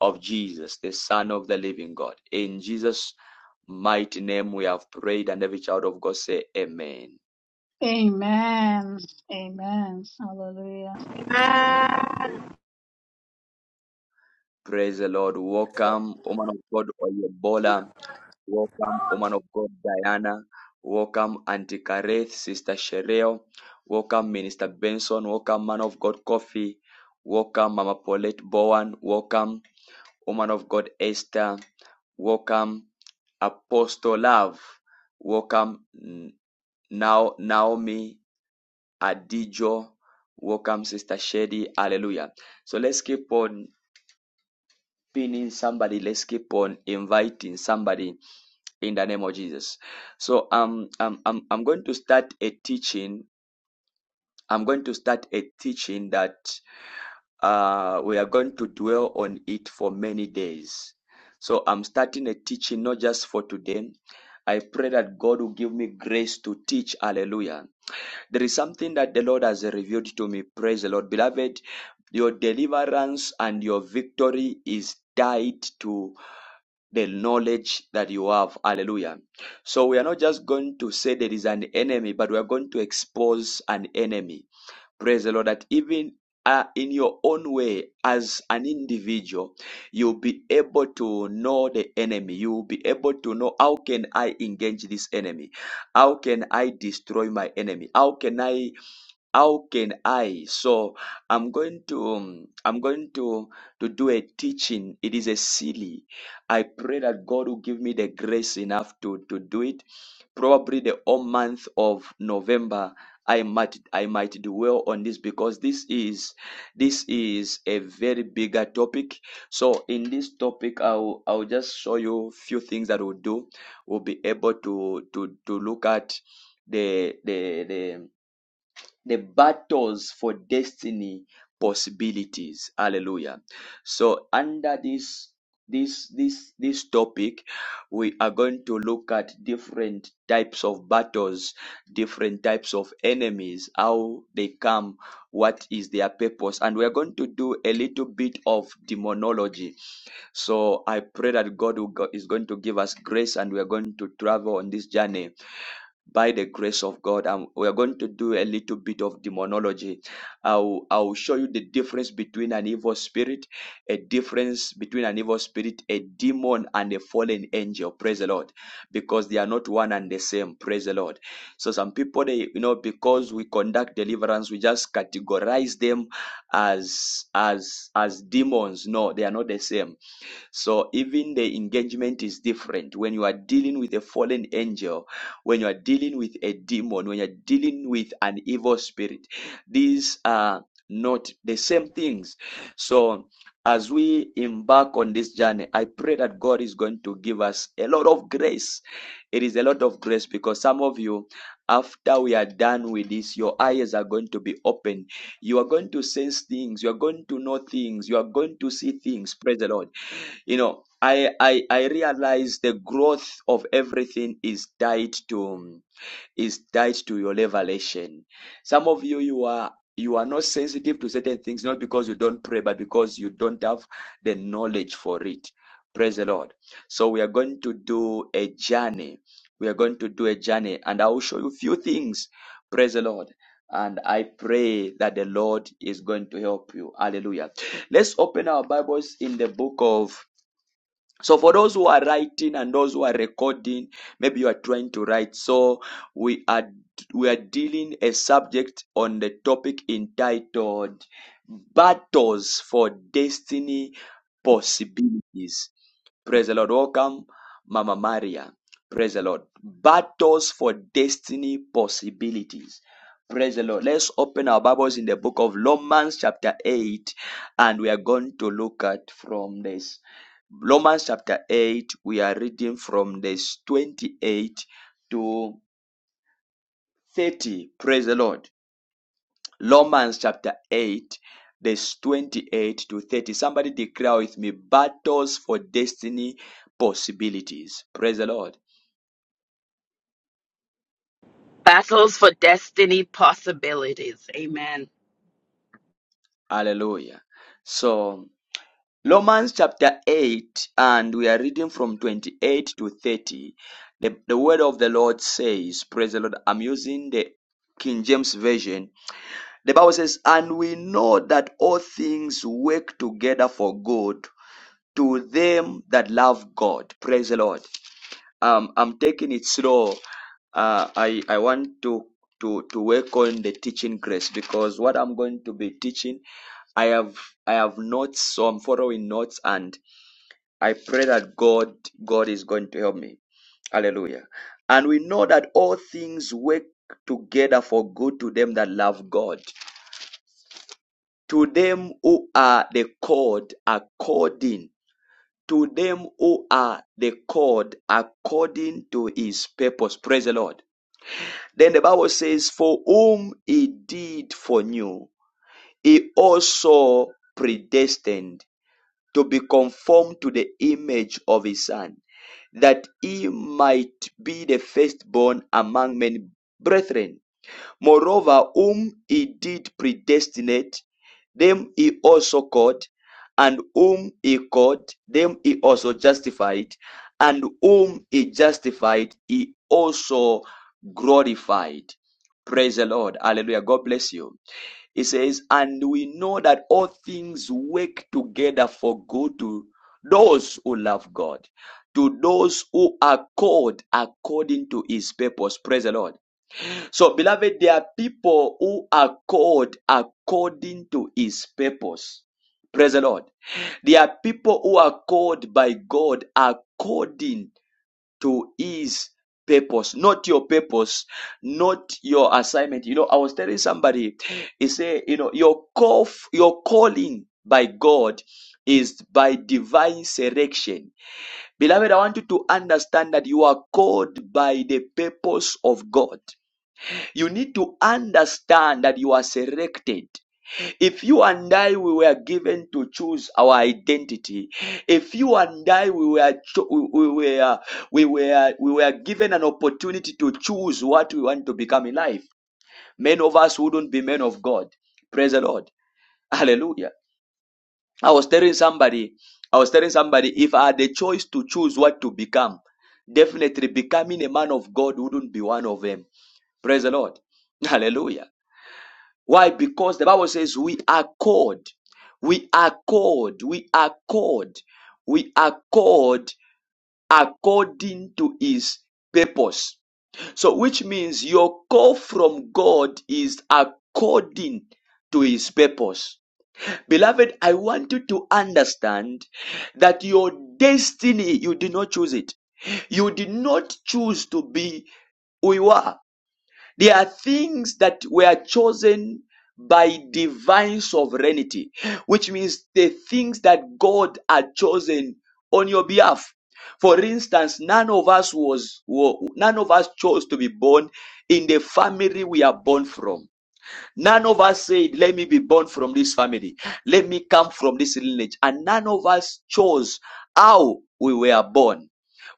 of Jesus, the Son of the living God. In Jesus' mighty name we have prayed, and every child of God say, Amen.
Hallelujah.
Praise the Lord. Welcome, woman of God, Oyebola. Welcome, woman of God, Diana. Welcome, Auntie Kareth, Sister Shereo. Welcome, Minister Benson. Welcome, man of God, Coffee. Welcome, Mama Paulette Bowen. Welcome, woman of God, Esther. Welcome, Apostle Love. Welcome, N- now Naomi Adijo. Welcome, Sister Shady. Hallelujah. So let's keep on pinning somebody. Let's keep on inviting somebody in the name of Jesus. So um, I'm, I'm, I'm going to start a teaching. I'm going to start a teaching that uh, we are going to dwell on it for many days. So I'm starting a teaching not just for today. I pray that God will give me grace to teach. Hallelujah. There is something that the Lord has revealed to me. Praise the Lord. Beloved, your deliverance and your victory is tied to the knowledge that you have. Hallelujah. So we are not just going to say there is an enemy, but we are going to expose an enemy. Praise the Lord that even uh, in your own way, as an individual, you'll be able to know the enemy. You'll be able to know how can I engage this enemy? How can I destroy my enemy? How can I how can i so i'm going to um, i'm going to to do a teaching it is a silly i pray that god will give me the grace enough to to do it probably the whole month of november i might i might do well on this because this is this is a very bigger topic so in this topic i'll i'll just show you few things that we'll do we'll be able to to to look at the the the the battles for destiny possibilities hallelujah so under this this this this topic we are going to look at different types of battles different types of enemies how they come what is their purpose and we are going to do a little bit of demonology so i pray that god will go, is going to give us grace and we are going to travel on this journey by the grace of God. Um, we are going to do a little bit of demonology. I'll, I'll show you the difference between an evil spirit, a difference between an evil spirit, a demon, and a fallen angel. Praise the Lord. Because they are not one and the same. Praise the Lord. So some people, they, you know, because we conduct deliverance, we just categorize them as, as, as demons. No, they are not the same so even the engagement is different. When you are dealing with a fallen angel, when you are dealing with a demon, when you're dealing with an evil spirit, these are not the same things. So as we embark on this journey, I pray that God is going to give us a lot of grace. It is a lot of grace because some of you, after we are done with this, your eyes are going to be open. You are going to sense things. You are going to know things. You are going to see things. Praise the Lord you know i i i realize the growth of everything is tied to um, is tied to your revelation some of you you are you are not sensitive to certain things not because you don't pray but because you don't have the knowledge for it praise the lord so we are going to do a journey we are going to do a journey and i will show you a few things praise the lord and i pray that the lord is going to help you hallelujah Let's open our Bibles in the book of so for those who are writing and those who are recording, maybe you are trying to write. So we are we are dealing a subject on the topic entitled Battles for Destiny Possibilities. Praise the Lord. Welcome, Mama Maria. Praise the Lord. Battles for destiny possibilities. Praise the Lord. Let's open our Bibles in the book of Romans, chapter 8, and we are going to look at from this. Romans chapter 8, we are reading from verse 28 to 30. Praise the Lord. Romans chapter 8, verse 28 to 30. Somebody declare with me battles for destiny possibilities. Praise the Lord.
Battles for destiny possibilities. Amen.
Hallelujah. So, Romans chapter 8, and we are reading from 28 to 30. The, the word of the Lord says, Praise the Lord. I'm using the King James Version The Bible says, And we know that all things work together for good to them that love God. Praise the Lord. Um, I'm taking it slow. Uh, I, I want to, to, to work on the teaching grace because what I'm going to be teaching, I have, I have notes, so I'm following notes and I pray that God, God is going to help me. Hallelujah. And we know that all things work together for good to them that love God to them who are the called according to them who are the called according to his purpose praise the lord then the bible says for whom he did foreknew he also predestined to be conformed to the image of his son that he might be the firstborn among many brethren Moreover, whom he did predestinate, them he also called, and whom he called, them he also justified, and whom he justified, he also glorified. Praise the Lord. Hallelujah. God bless you. He says, And we know that all things work together for good to those who love God, to those who are called according to his purpose. Praise the Lord. So, beloved, there are people who are called according to his purpose. Praise the Lord. There are people who are called by God according to his purpose, not your purpose, not your assignment. You know, I was telling somebody, he said, you know, your call, your calling by God is by divine selection. Beloved, I want you to understand that you are called by the purpose of God. You need to understand that you are selected. If you and I we were given to choose our identity, if you and I we were cho- we, we were we were we were given an opportunity to choose what we want to become in life, many of us wouldn't be men of God. Praise the Lord. Hallelujah. I was telling somebody, I was telling somebody, if I had the choice to choose what to become, definitely becoming a man of God wouldn't be one of them. Praise the Lord. Hallelujah. Why? Because the Bible says we are called. We are called. We are called. We are called according to his purpose. So, which means your call from God is according to his purpose. Beloved, I want you to understand that your destiny, you did not choose it. You did not choose to be who you are there are things that were chosen by divine sovereignty, which means the things that God had chosen on your behalf. For instance, none of us was, wa- none of us chose to be born in the family we are born from None of us said, Let me be born from this family. Let me come from this lineage. And none of us chose how we were born.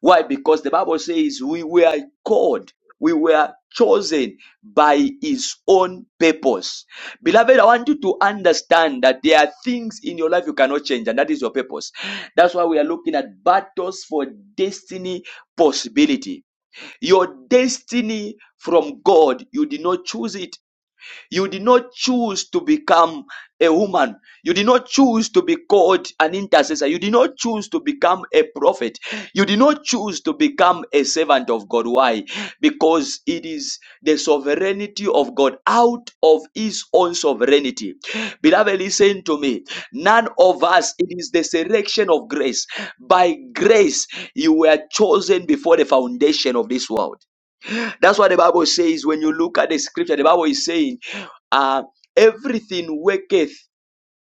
Why? Because the Bible says we were called, we were chosen by His own purpose. Beloved, I want you to understand that there are things in your life you cannot change, and that is your purpose. That's why we are looking at battles for destiny possibility. Your destiny from God, you did not choose it you did not choose to become a woman. You did not choose to be called an intercessor. You did not choose to become a prophet. You did not choose to become a servant of God. Why? Because it is the sovereignty of God out of his own sovereignty. Beloved, listen to me. None of us, it is the selection of grace. By grace, you were chosen before the foundation of this world. That's what the Bible says when you look at the scripture. The Bible is saying, uh, everything worketh,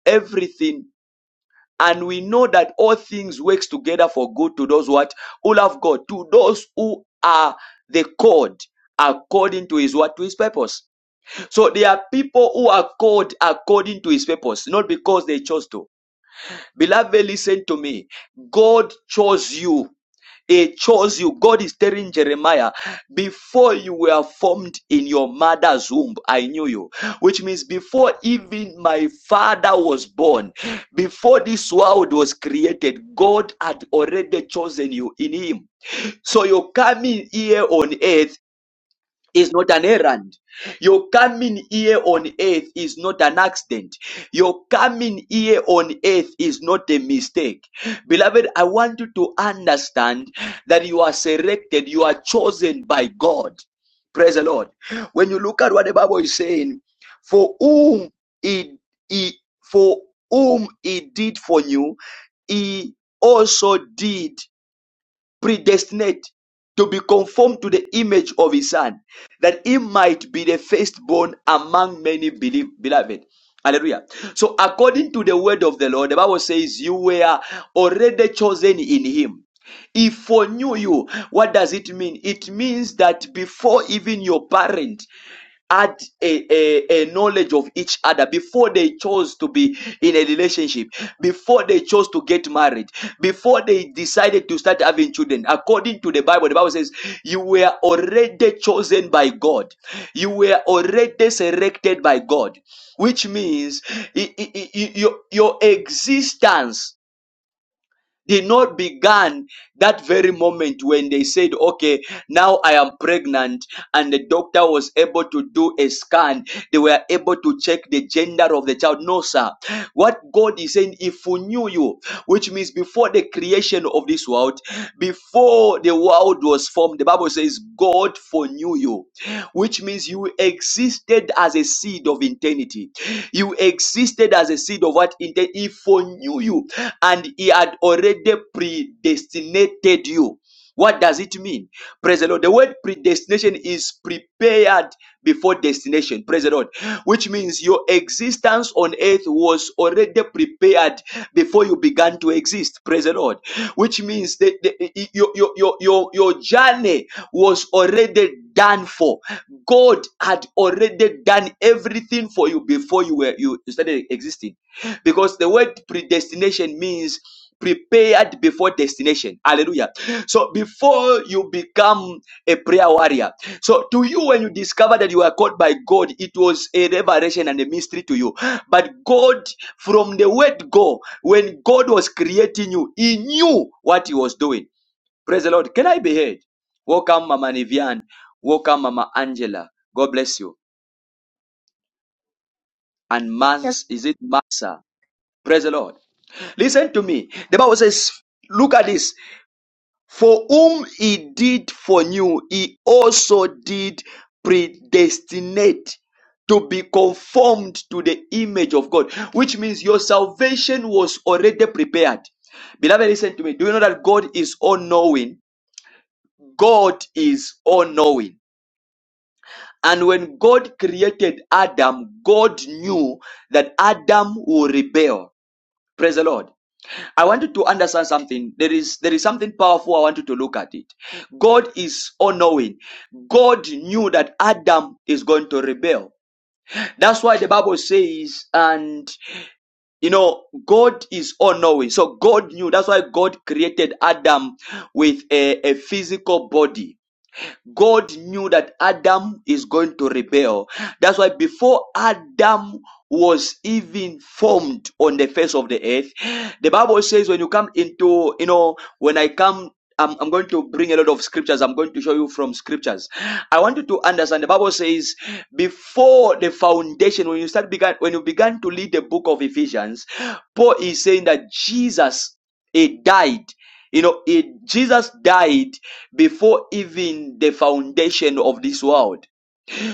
everything. And we know that all things works together for good to those what who love God, to those who are the called according to his what to his purpose. So there are people who are called according to his purpose, not because they chose to. Beloved, listen to me. God chose you he chose you. God is telling Jeremiah, before you were formed in your mother's womb, I knew you. Which means before even my father was born, before this world was created, God had already chosen you in him. So you're coming here on earth is not an errand. Your coming here on earth is not an accident. Your coming here on earth is not a mistake. Beloved, I want you to understand that you are selected, you are chosen by God. Praise the Lord. When you look at what the Bible is saying, for whom he, he for whom he did for you, he also did predestinate to be conformed to the image of his son, that he might be the firstborn among many belie- beloved. Hallelujah. So, according to the word of the Lord, the Bible says, You were already chosen in him. He foreknew you. What does it mean? It means that before even your parent had a, a, a knowledge of each other before they chose to be in a relationship, before they chose to get married, before they decided to start having children. According to the Bible, the Bible says, You were already chosen by God, you were already selected by God, which means i- i- i- your, your existence did not began that very moment when they said, okay, now I am pregnant and the doctor was able to do a scan. They were able to check the gender of the child. No, sir. What God is saying, if we knew you, which means before the creation of this world, before the world was formed, the Bible says God foreknew you which means you existed as a seed of eternity. You existed as a seed of what? Inte- He foreknew you and he had already predestinated you. What does it mean? Praise the Lord. The word predestination is prepared before destination. Praise the Lord. Which means your existence on earth was already prepared before you began to exist. Praise the Lord. Which means that the, your, your, your, your, your journey was already done for. God had already done everything for you before you were you started existing. Because the word predestination means prepared before destination. Hallelujah. So before you become a prayer warrior. So to you when you discover that you are called by God, it was a revelation and a mystery to you. But God from the word go, when God was creating you, he knew what he was doing. Praise the Lord. Can I be heard? Welcome, Mama Nivian. Welcome, Mama Angela. God bless you. And
Yes,
Mans, is it Massa? Praise the Lord. Listen to me. The Bible says, look at this. For whom he did foreknew, he also did predestinate to be conformed to the image of God, which means your salvation was already prepared. Beloved, listen to me. Do you know that God is all knowing? God is all knowing. And when God created Adam, God knew that Adam would rebel. Praise the Lord. I want you to understand something. There is there is something powerful. I want you to look at it. God is all knowing. God knew that Adam is going to rebel. That's why the Bible says, and you know, God is all knowing. So God knew. That's why God created Adam with a, a physical body God knew that Adam is going to rebel. That's why before Adam was even formed on the face of the earth, the Bible says when you come into, you know, when I come, I'm, I'm going to bring a lot of scriptures. I'm going to show you from scriptures. I want you to understand the Bible says before the foundation, when you start began, when you began to read the book of Ephesians, Paul is saying that Jesus he died. You know, he, Jesus died before even the foundation of this world.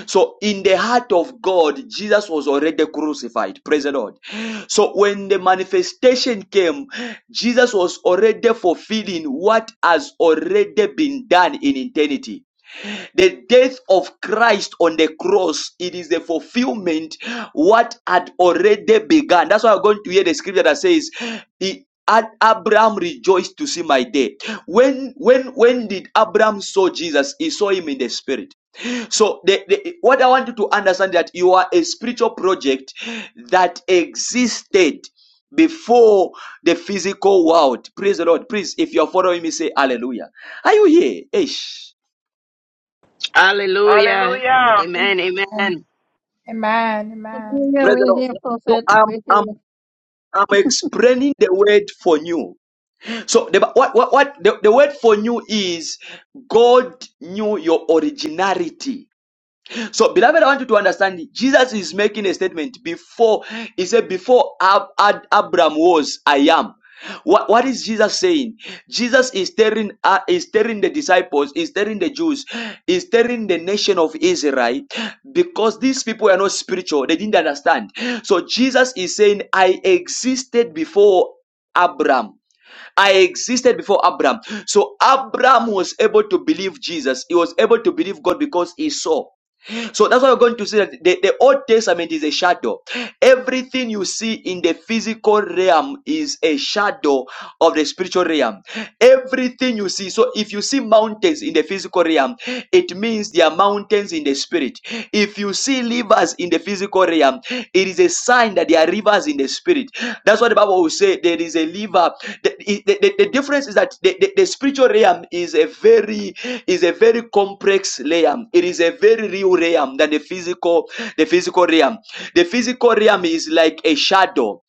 So, in the heart of God, Jesus was already crucified. Praise the Lord. So, when the manifestation came, Jesus was already fulfilling what has already been done in eternity. The death of Christ on the cross, it is the fulfillment what had already begun. That's why I'm going to hear the scripture that says, "He- Ad- Abraham rejoiced to see my day. When when when did Abraham saw Jesus? He saw him in the spirit. So the, the, what I want you to understand that you are a spiritual project that existed before the physical world. Praise the Lord. Please, if you're following me, say hallelujah. Are you here? Ish.
Hallelujah.
Hallelujah.
Amen.
amen.
Amen.
Amen. Amen.
Hallelujah.
Praise the
We're
Lord.
here,
So
prophet.
I'm
We're
I'm
here.
I'm explaining the word for new. So the what what, what the, the word for new is God knew your originality. So, beloved, I want you to understand Jesus is making a statement before he said, Before Ab- Ad- Abraham was, I am. What, what is Jesus saying? Jesus is telling uh, is telling the disciples, is telling the Jews, is telling the nation of Israel, because these people are not spiritual, they didn't understand. So Jesus is saying, I existed before Abraham. I existed before Abraham. So Abraham was able to believe Jesus. He was able to believe God because he saw. So that's why we're going to see that the, the Old Testament is a shadow. Everything you see in the physical realm is a shadow of the spiritual realm. Everything you see. So if you see mountains in the physical realm, it means there are mountains in the spirit. If you see rivers in the physical realm, it is a sign that there are rivers in the spirit. That's what the Bible will say. There is a river. The, the, the- the difference is is that the, the, the spiritual realm is a very is a very complex realm. It is a very real realm than the physical the physical realm. The physical realm is like a shadow.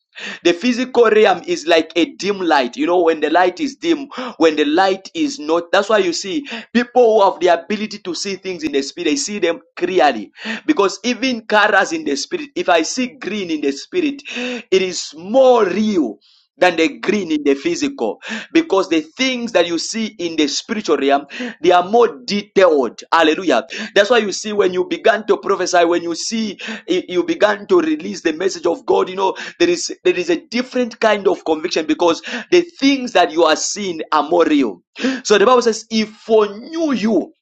The physical realm is like a dim light. You know, when the light is dim, when the light is not, that's why you see people who have the ability to see things in the spirit, they see them clearly. Because even colors in the spirit, if I see green in the spirit, it is more real than the green in the physical because the things that you see in the spiritual realm they are more detailed hallelujah that's why you see when you began to prophesy when you see eh, you began to release the message of god you know there is there is a different kind of conviction because the things that you are seeing are more real so the bible says if foreknew you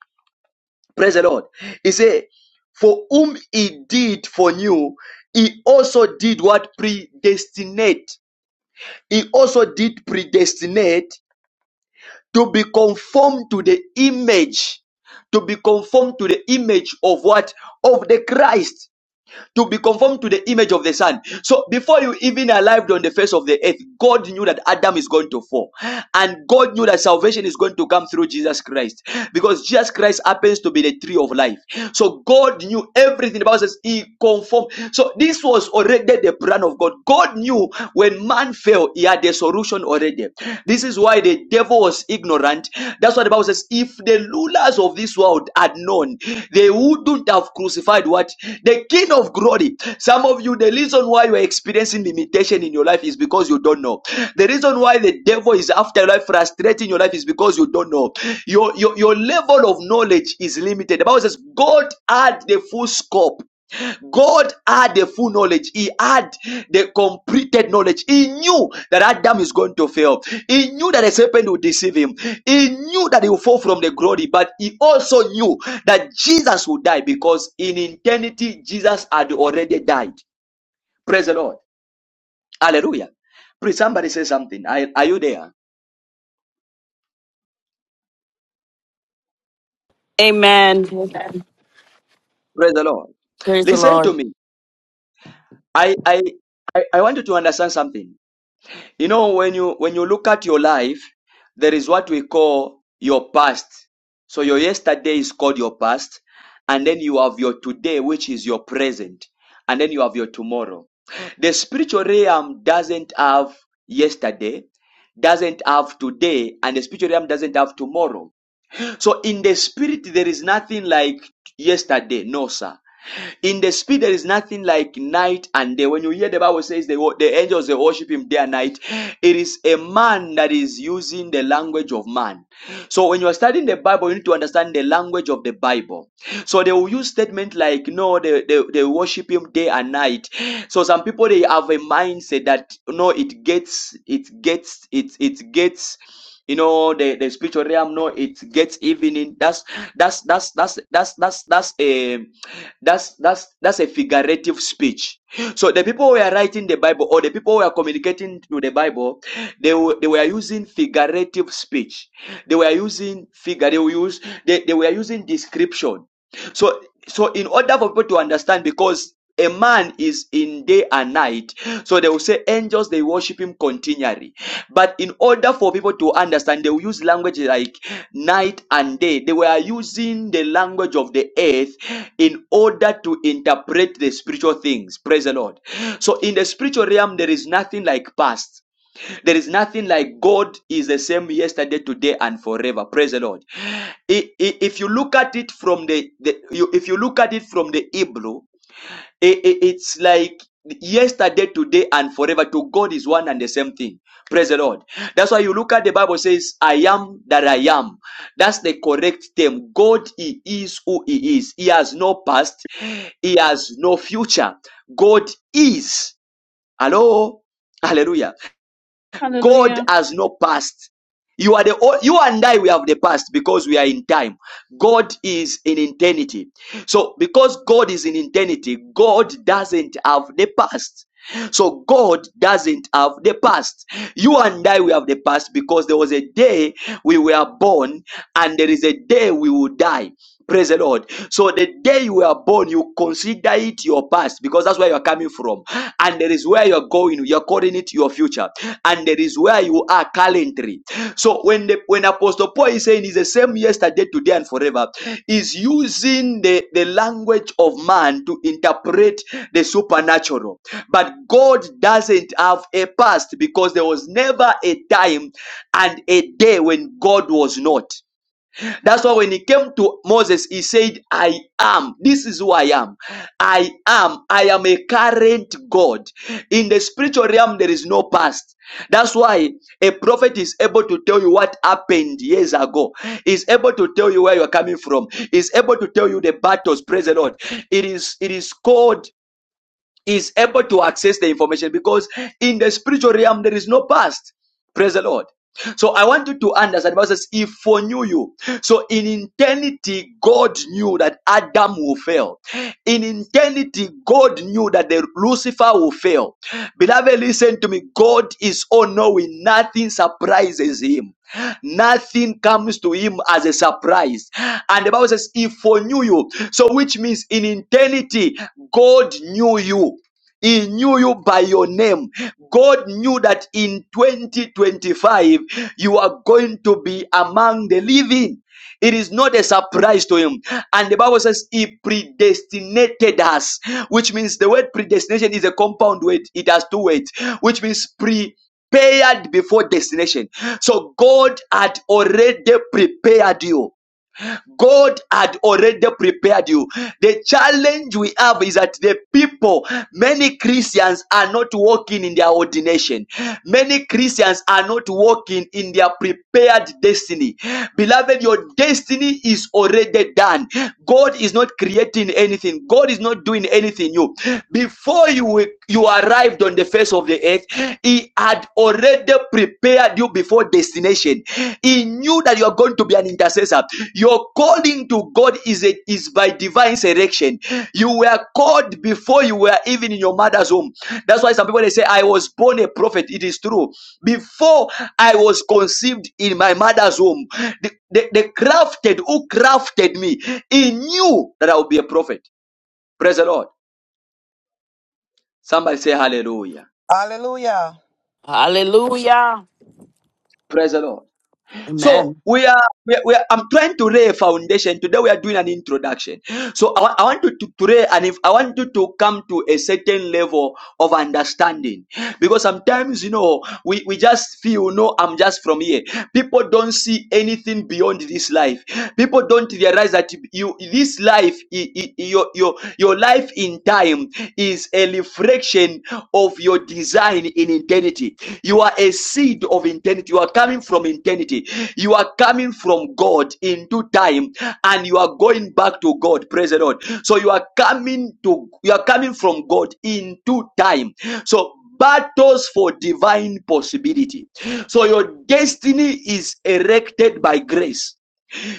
praise the lord he said for whom he did foreknew he also did what predestinate he also did predestinate to be conformed to the image to be conformed to the image of what of the christ to be conformed to the image of the Son. So before you even arrived on the face of the earth, God knew that Adam is going to fall. And God knew that salvation is going to come through Jesus Christ. Because Jesus Christ happens to be the tree of life. So God knew everything. The Bible says he conformed. So this was already the plan of God. God knew when man fell, he had a solution already. This is why the the devil was ignorant. That's what the Bible says. If the rulers of this world had known, they wouldn't have crucified what? The King of glory. Some of you, the reason why you are experiencing limitation in your life is because you don't know. The reason why the devil is after your life, frustrating your life, is because you don't know. Your, your, your level of knowledge is limited. The Bible says God had the full scope God had the full knowledge. He had the completed knowledge. He knew that Adam is going to fail. He knew that the serpent would deceive him. He knew that he would fall from the glory, but he also knew that Jesus would die because in eternity, Jesus had already died. Praise the Lord. Hallelujah. Please, somebody say something. Are, are you there?
Amen.
Praise the Lord.
Praise the
Listen
Lord.
to me. I, I, I I want you to understand something. You know, when you when you look at your life, there is what we call your past. So your yesterday is called your past, and then you have your today, which is your present, and then you have your tomorrow. The spiritual realm doesn't have yesterday, doesn't have today, and the spiritual realm doesn't have tomorrow. So in the spirit, there is nothing like yesterday. No, sir. In the spirit, there is nothing like night and day. When you hear the Bible says the, the angels they worship him day and night, it is a man that is using the language of man. So when you are studying the Bible, you need to understand the language of the Bible. So they will use statement like no, they, they, they worship him day and night. So some people they have a mindset that no, it gets it gets it it gets you know the, the spiritual realm no it gets evening that's that's that's that's that's that's that's a that's that's that's a figurative speech. So the people who were writing the Bible or the people who were communicating through the Bible, they were, they were using figurative speech. They were using figure. They were use they, they were using description. So so in order for people to understand because a man is in day and night so they will say angels they worship him continually but in order for people to understand they will use language like night and day they were using the language of the earth in order to interpret the spiritual things praise the lord so in the spiritual realm there is nothing like past there is nothing like God is the same yesterday, today, and forever. Praise the Lord. I- i- If you look at it from the, the you, if you look at it from the Hebrew, i- i- it's like yesterday, today, and forever. To God is one and the same thing. Praise the Lord. That's why you look at the Bible says, "I am that I am." That's the correct term. God, He is who He is. He has no past. He has no future. God is. Hello. Hallelujah. God
Hallelujah.
has no past. You are the you and I we have the past because we are in time. God is in eternity. So because God is in eternity, God doesn't have the past. So God doesn't have the past. You and I, we have the past because there was a day we were born and there is a day we will die. Praise the Lord. So the day you were born, you consider it your past because that's where you're coming from. And there is where you're going. You're calling it your future. And there is where you you are currently. So when the when Apostle Paul is saying is the same yesterday, today, and forever, is using the, the language of man to interpret the supernatural. But God doesn't have a past because there was never a time and a day when God was not. That's why when he came to Moses, he said, I am. This is who I am. I am. I am a current God. In the spiritual realm, there is no past. That's why a prophet is able to tell you what happened years ago, is able to tell you where you are coming from, is able to tell you the battles. Praise the Lord. It is it is called is able to access the information because in the spiritual realm there is no past. Praise the Lord. So I want you to understand. The Bible says, "If foreknew you." So in eternity, God knew that Adam will fail. In eternity, God knew that the Lucifer will fail. Beloved, listen to me. God is all knowing. Nothing surprises him. Nothing comes to him as a surprise. And the Bible says, He foreknew you. So, which means in eternity, God knew you. He knew you by your name. God knew that in 2025, you are going to be among the living. It is not a surprise to him. And the Bible says he predestinated us, which means the word predestination is a compound word. It has two words, which means pre prepared before destination. So God had already prepared you. God had already prepared you. The challenge we have is that the people, many Christians are not walking in their ordination. Many Christians are not walking in their prepared destiny. Beloved, your destiny is already done. God is not creating anything. God is not doing anything new. Before you, you arrived on the face of the earth, He had already prepared you before destination. He knew that you are going to be an intercessor. Your calling to God is a, is by divine selection. You were called before you were even in your mother's womb. That's why some people they say, "I was born a prophet." It is true. Before I was conceived in my mother's womb, the, the, the crafted who crafted me, he knew that I would be a prophet. Praise the Lord. Somebody say Hallelujah.
Hallelujah.
Hallelujah.
Praise the Lord. So
Amen.
we are, we are, we are I'm trying to lay a foundation. Today we are doing an introduction. So I, wa- I want you to, to lay, and if I want you to come to a certain level of understanding, because sometimes you know we, we just feel no, I'm just from here. People don't see anything beyond this life. People don't realize that you this life, i- i- your your your life in time is a reflection reflection of your design in eternity. You are a seed of eternity. You are coming from eternity. You are coming from God into time and you are going back to God. Praise the Lord. So you are coming to, you are coming from God into time. So battles for divine possibility. So your destiny is erected by grace.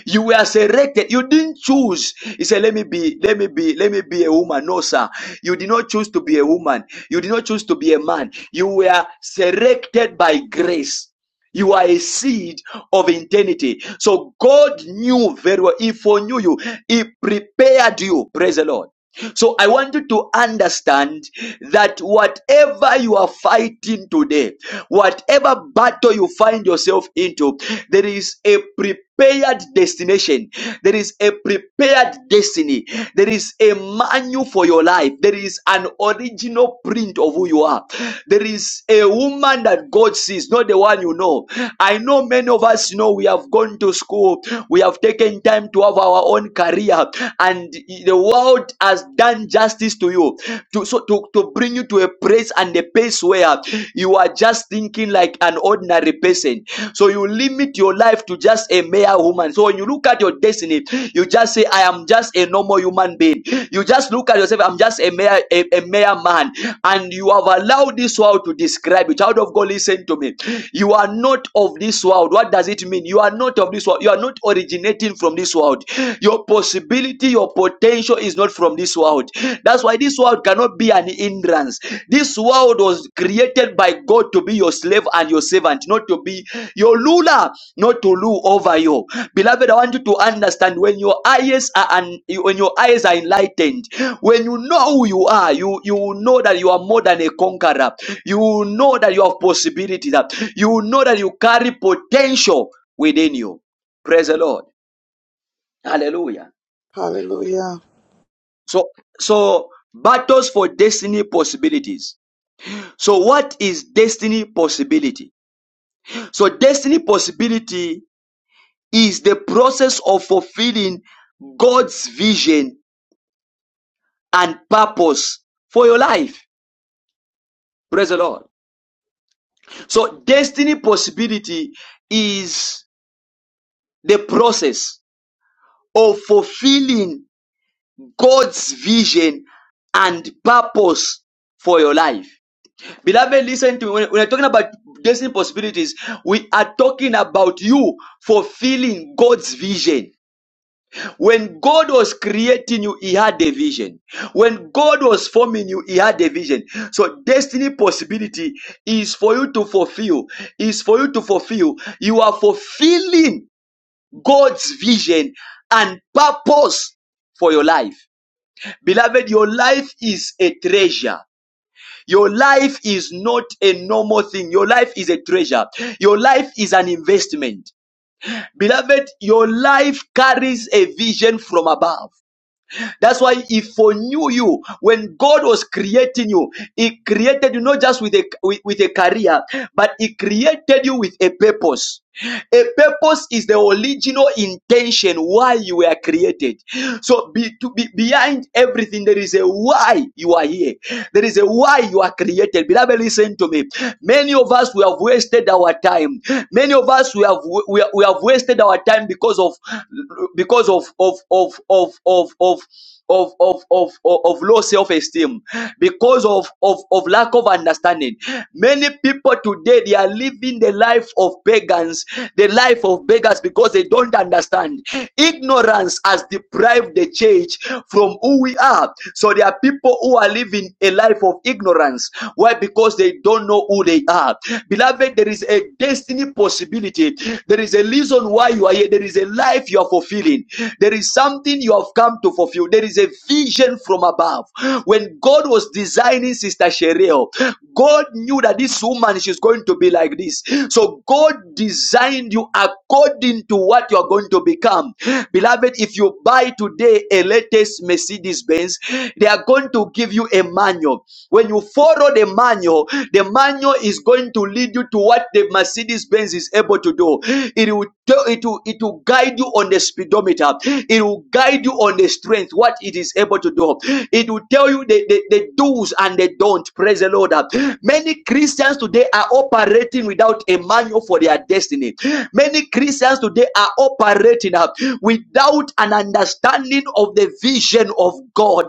You were selected. You didn't choose. He said, Let me be, let me be, let me be a woman. No, sir. You did not choose to be a woman. You did not choose to be a man. You were selected by grace. You are a seed of eternity. So God knew very well. He foreknew you. He prepared you. Praise the Lord. So I want you to understand that whatever you are fighting today, whatever battle you find yourself into, there is a prepared destination. There is a prepared destiny. There is a manual for your life. There is an original print of who you are. There is a woman that God sees is not the one you know. I know many of us you know we have gone to school, we have taken time to have our own career, and the world has done justice to you to so to, to bring you to a place and a place where you are just thinking like an ordinary person. So you limit your life to just a mere woman. So when you look at your destiny, you just say, I am just a normal human being. You just look at yourself, I'm just a mere a, a mere man, and you have allowed this world to describe you Child of God, listen to me. You are not of this world. What does it mean? You are not of this world. You are not originating from this world. Your possibility, your potential is not from this world. That's why this world cannot be an hindrance. This world was created by God to be your slave and your servant, not to be your ruler, not to rule over you. Beloved, I want you to understand when your eyes are un- when your eyes are enlightened, when you know who you are, you you know that you are more than a conqueror. You will know that you have possibility, that you will know that you carry potential within you. Praise the Lord. Hallelujah. So, so battles for destiny possibilities. So, what is destiny possibility? So, destiny possibility is the process of fulfilling God's vision and purpose for your life. Praise the Lord. So, destiny possibility is the process of fulfilling God's vision and purpose for your life. Beloved, listen to me. When, we're talking about destiny possibilities, we are talking about you fulfilling God's vision. When God was creating you, He had a vision. When God was forming you, He had a vision. So, destiny possibility is for you to fulfill, is for you to fulfill. You are fulfilling God's vision and purpose for your life. Beloved, your life is a treasure. Your life is not a normal thing. Your life is a treasure. Your life is an investment. Beloved, your life carries a vision from above. That's why he foreknew you. When God was creating you, he created you not just with a, with, with a career, but he created you with a purpose. A purpose is the original intention why you were created. So be, to be behind everything, there is a why you are here. There is a why you are created. Beloved, listen to me. Many of us we have wasted our time. Many of us we have we, have- we have wasted wasted our time because of because of of of of of of of of of, of, of low self-esteem because of, of of lack of understanding many people today they are living the life of pagans the life of beggars because they don't understand ignorance has deprived the church from who we are so there are people who are living a life of ignorance why because they don't know who they they are. Beloved, there is a destiny possibility. There is a reason why you are here. There is a life you are fulfilling. There is something you have come to fulfill. There is a vision from above. When God was designing Sister Cheryl, God knew that this woman she's going to be like this. So God designed you according to what you are going to become. Beloved, if you buy today a latest Mercedes Benz, they are are going to give you a manual. When you follow the manual, the manual is going to lead you to what the Mercedes Benz is able to do. It will, it will, it will guide you on the speedometer. It will guide you on the strength, what it is able to do. It will tell you the, the, the do's and the don't. Praise the Lord. Many Christians today are operating without a manual for their destiny. Many Christians today are operating up without an understanding of the vision of God.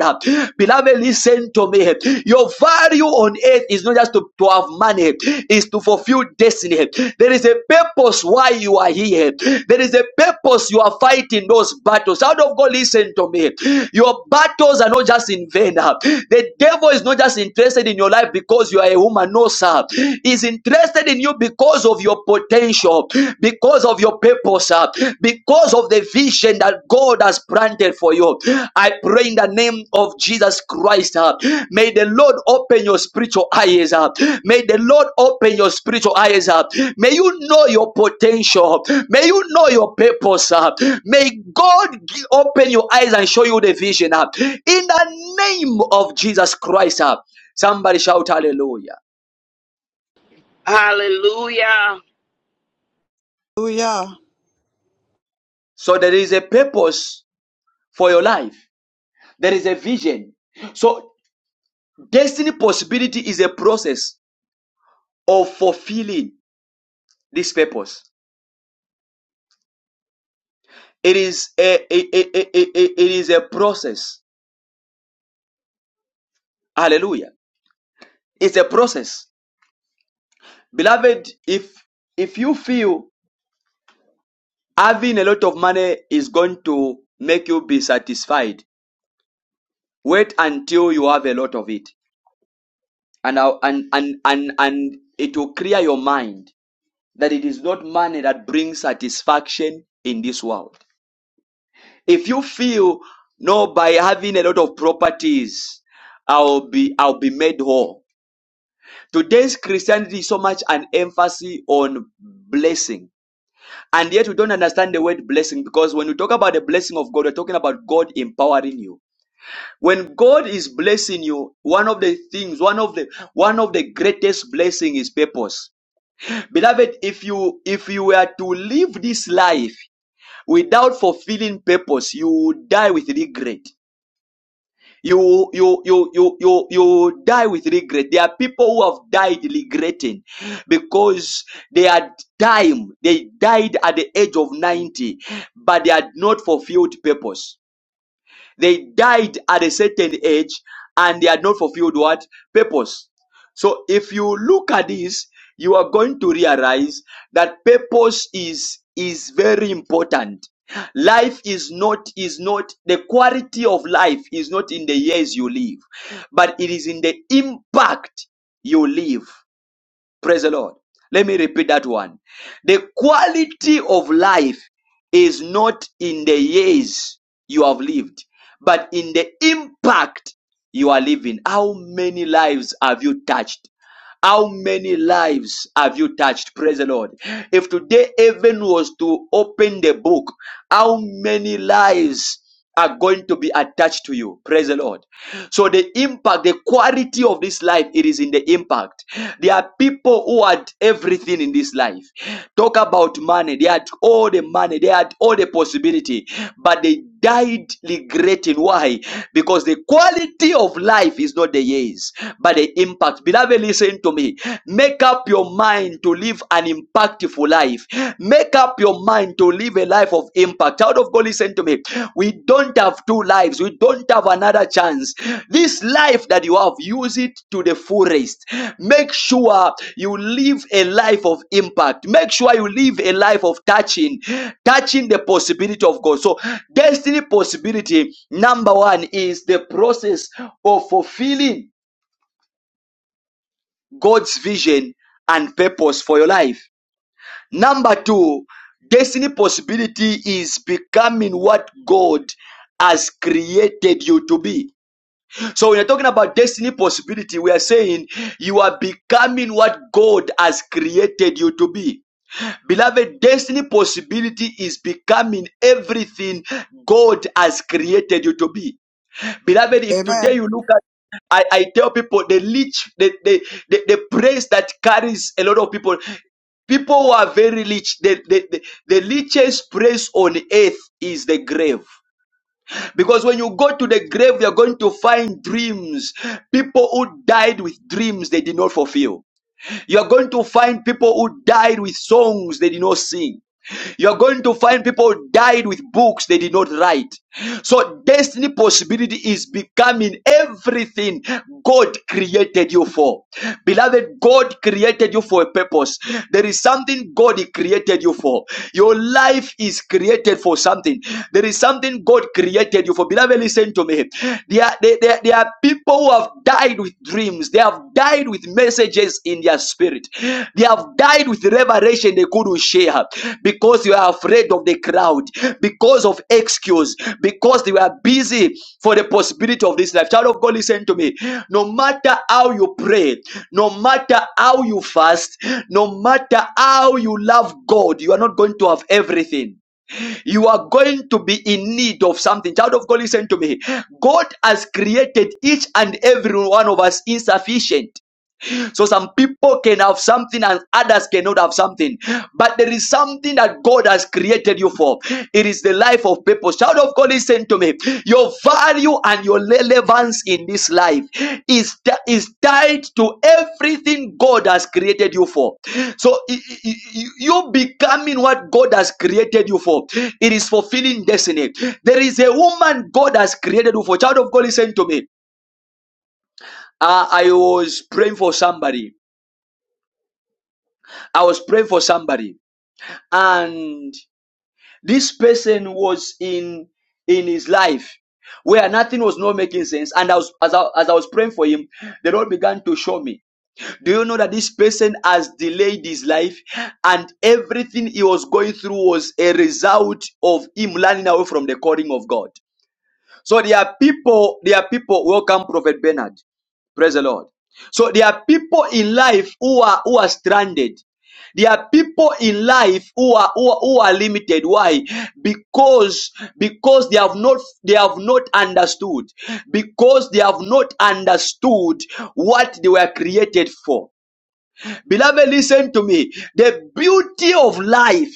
Beloved, listen to me. Your value on earth is not just to, to have money, is to fulfill destiny. There is a purpose why you are here. There is a purpose you are fighting those battles. Out of God, listen to me. Your battles are not just in vain. The devil is not just interested in your life because you are a woman. No, sir. He's interested in you because because of your potential, because of your purpose, uh, because of the vision that God has planted for you. I pray in the name of Jesus Christ. uh, May the Lord open your spiritual eyes. uh, May the Lord open your spiritual eyes. uh, May you know your potential. May you know your purpose. uh, May God gi- open your eyes and show you the vision. uh, In the name of Jesus Christ. uh, Somebody shout hallelujah.
Hallelujah.
Hallelujah.
So there is a purpose for your life. There is a vision. So, destiny possibility is a process of fulfilling this purpose. It is a, a, a, a, a, a- it is a process. Hallelujah. It's a process. Beloved, if if you feel having a lot of money is going to make you be satisfied, wait until you have a lot of it. And I'll- and and and, and it will clear your mind that it is not money that brings satisfaction in this world. If you feel no, by having a lot of properties, I'll be I'll be made whole. Today's Christianity is so much an emphasis on blessing. And yet we don't understand the word blessing because when we talk about the blessing of God, we're talking about God empowering you. When God is blessing you, one of the things, one of the one of the greatest blessing is purpose. Beloved, if you if you were to live this life without fulfilling purpose, you would die with regret. You, you, you, you, you, you die with regret. There are people who have died regretting because they had time. They died at the age of 90, but they had not fulfilled purpose. They died at a certain age and they had not fulfilled what? Purpose. So if you look at this, you are going to realize that purpose is is very important. Life is not is not the quality of life is not in the years you live, but it is in the impact you live. Praise the Lord. Let me repeat that one. The quality of life is not in the years you have lived, but in the impact you are living. How many lives have you touched? How many lives have you touched? Praise the Lord. If today heaven was to open the book, how many lives are going to be attached to you? Praise the Lord. So the impact, the quality of this life, it is in the impact. There are people who had everything in this life. Talk about money. They had all the money. They had all the possibility, but they died regretting. Why? Because the quality of life is not the years, but the impact impact. Beloved, listen to me. Make up your mind to live an impactful life. Make up your mind to live a life of impact. Child of God, listen to me. We don't have two lives. We don't have another chance. This life that you have, use it to the fullest. Make sure you live a life of impact. Make sure you live a life of touching, touching the possibility of God. So, destiny possibility number one is the process of fulfilling God's vision and purpose for your life. Number two, destiny possibility is becoming what God has created you to be. So when you're talking about destiny possibility, we are saying you are becoming what God has created you to be. Beloved, destiny possibility is becoming everything God has created you to be. Beloved, if today
Amen.
you look at I, I tell people the leech, the, the, the, the praise that carries a lot of people, people who are very rich, the, the, the, the richest place on earth is the grave. Because when you go to the grave, you're going to find dreams. People who died with dreams they did not fulfill. You are going to find people who died with songs they did not sing. You are going to find people who died with books they did not write. So, destiny possibility is becoming everything God created you for. Beloved, God created you for a purpose. There is something God created you for. Your life is created for something. There is something God created you for. Beloved, listen to me. There, are- there, there, there are people who have died died with dreams. They have died with messages in their spirit. They have died with revelation they couldn't share because you are afraid of the crowd, because of excuse, because they were busy for the possibility of this life. Child of God, listen to me. No matter how you pray, no matter how you fast, no matter how you love God, you are not going to have everything you are going to be in need of something. Child of God, listen to me. God has created each and every one of us insufficient. So some people can have something and others cannot have something. But there is something that God has created you for. It is the life of people. Child of God, listen to me. Your value and your relevance in this life is, is tied to everything God has created you for. So you becoming what God has created you for. It is fulfilling destiny. There is a woman God has created you for. Child of God, listen to me. Uh, I was praying for somebody I was praying for somebody, and this person was in in his life where nothing was not making sense. And I was, as I, as I was praying for him, the Lord began to show me. Do you know that this person has delayed his life, and everything he was going through was a result of him running away from the calling of God? So there are people, there are people, welcome Prophet Bernard. Praise the Lord. So there are people in life who are who are stranded. There are people in life who are who are, who are limited. Why? Because because they have not they have not understood. Because they have not understood what they were created for. Beloved, listen to me. The beauty of life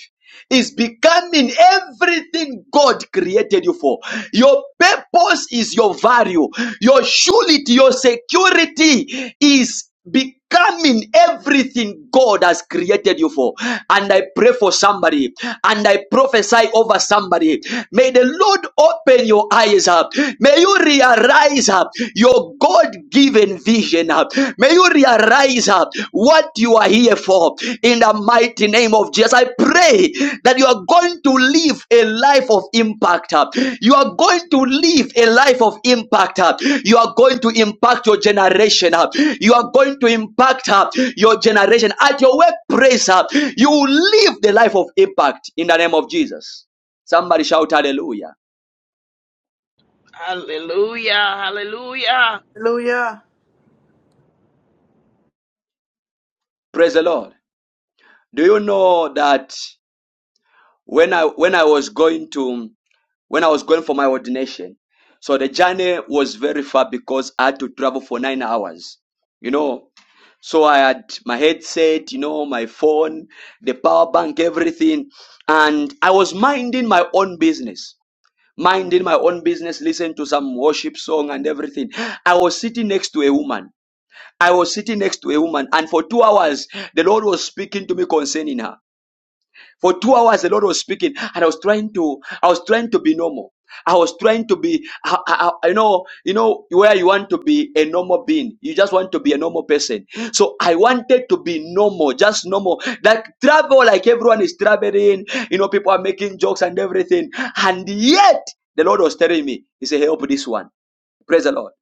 is becoming everything God created you for. Your purpose is your value. Your surety, your security is becoming everything God has created you for. And I pray for somebody and I prophesy over somebody. May the Lord open your eyes up. May you realize uh, your God given vision. uh, May you realize uh, what you are here for in the mighty name of Jesus. I pray that you are going to live a life of impact. uh, You are going to live a life of impact. uh, You are going to impact your generation. uh, You are going to impact uh, your generation. At your workplace, uh, you will live the life of impact in the name of Jesus. Somebody shout hallelujah.
Hallelujah. Hallelujah.
Hallelujah.
Praise the Lord. Do you know that? when I when I was going to when I was going for my ordination. So the journey was very far because I had to travel for nine hours. You know, so I had my headset, you know, my phone, the power bank, everything, and I was minding my own business, minding my own business, listening to some worship song and everything. I was sitting next to a woman. I was sitting next to a woman, and for two hours, the Lord was speaking to me concerning her. For two hours, the Lord was speaking, and I was trying to, I was trying to be normal. I was trying to be, I, I, I- know, you know where you want to be a normal being. You just want to be a normal person. So I wanted to be normal, just normal. Like travel, like everyone is traveling. You know, people are making jokes and everything. And yet, the Lord was telling me, He said, "Help this one." Praise the Lord.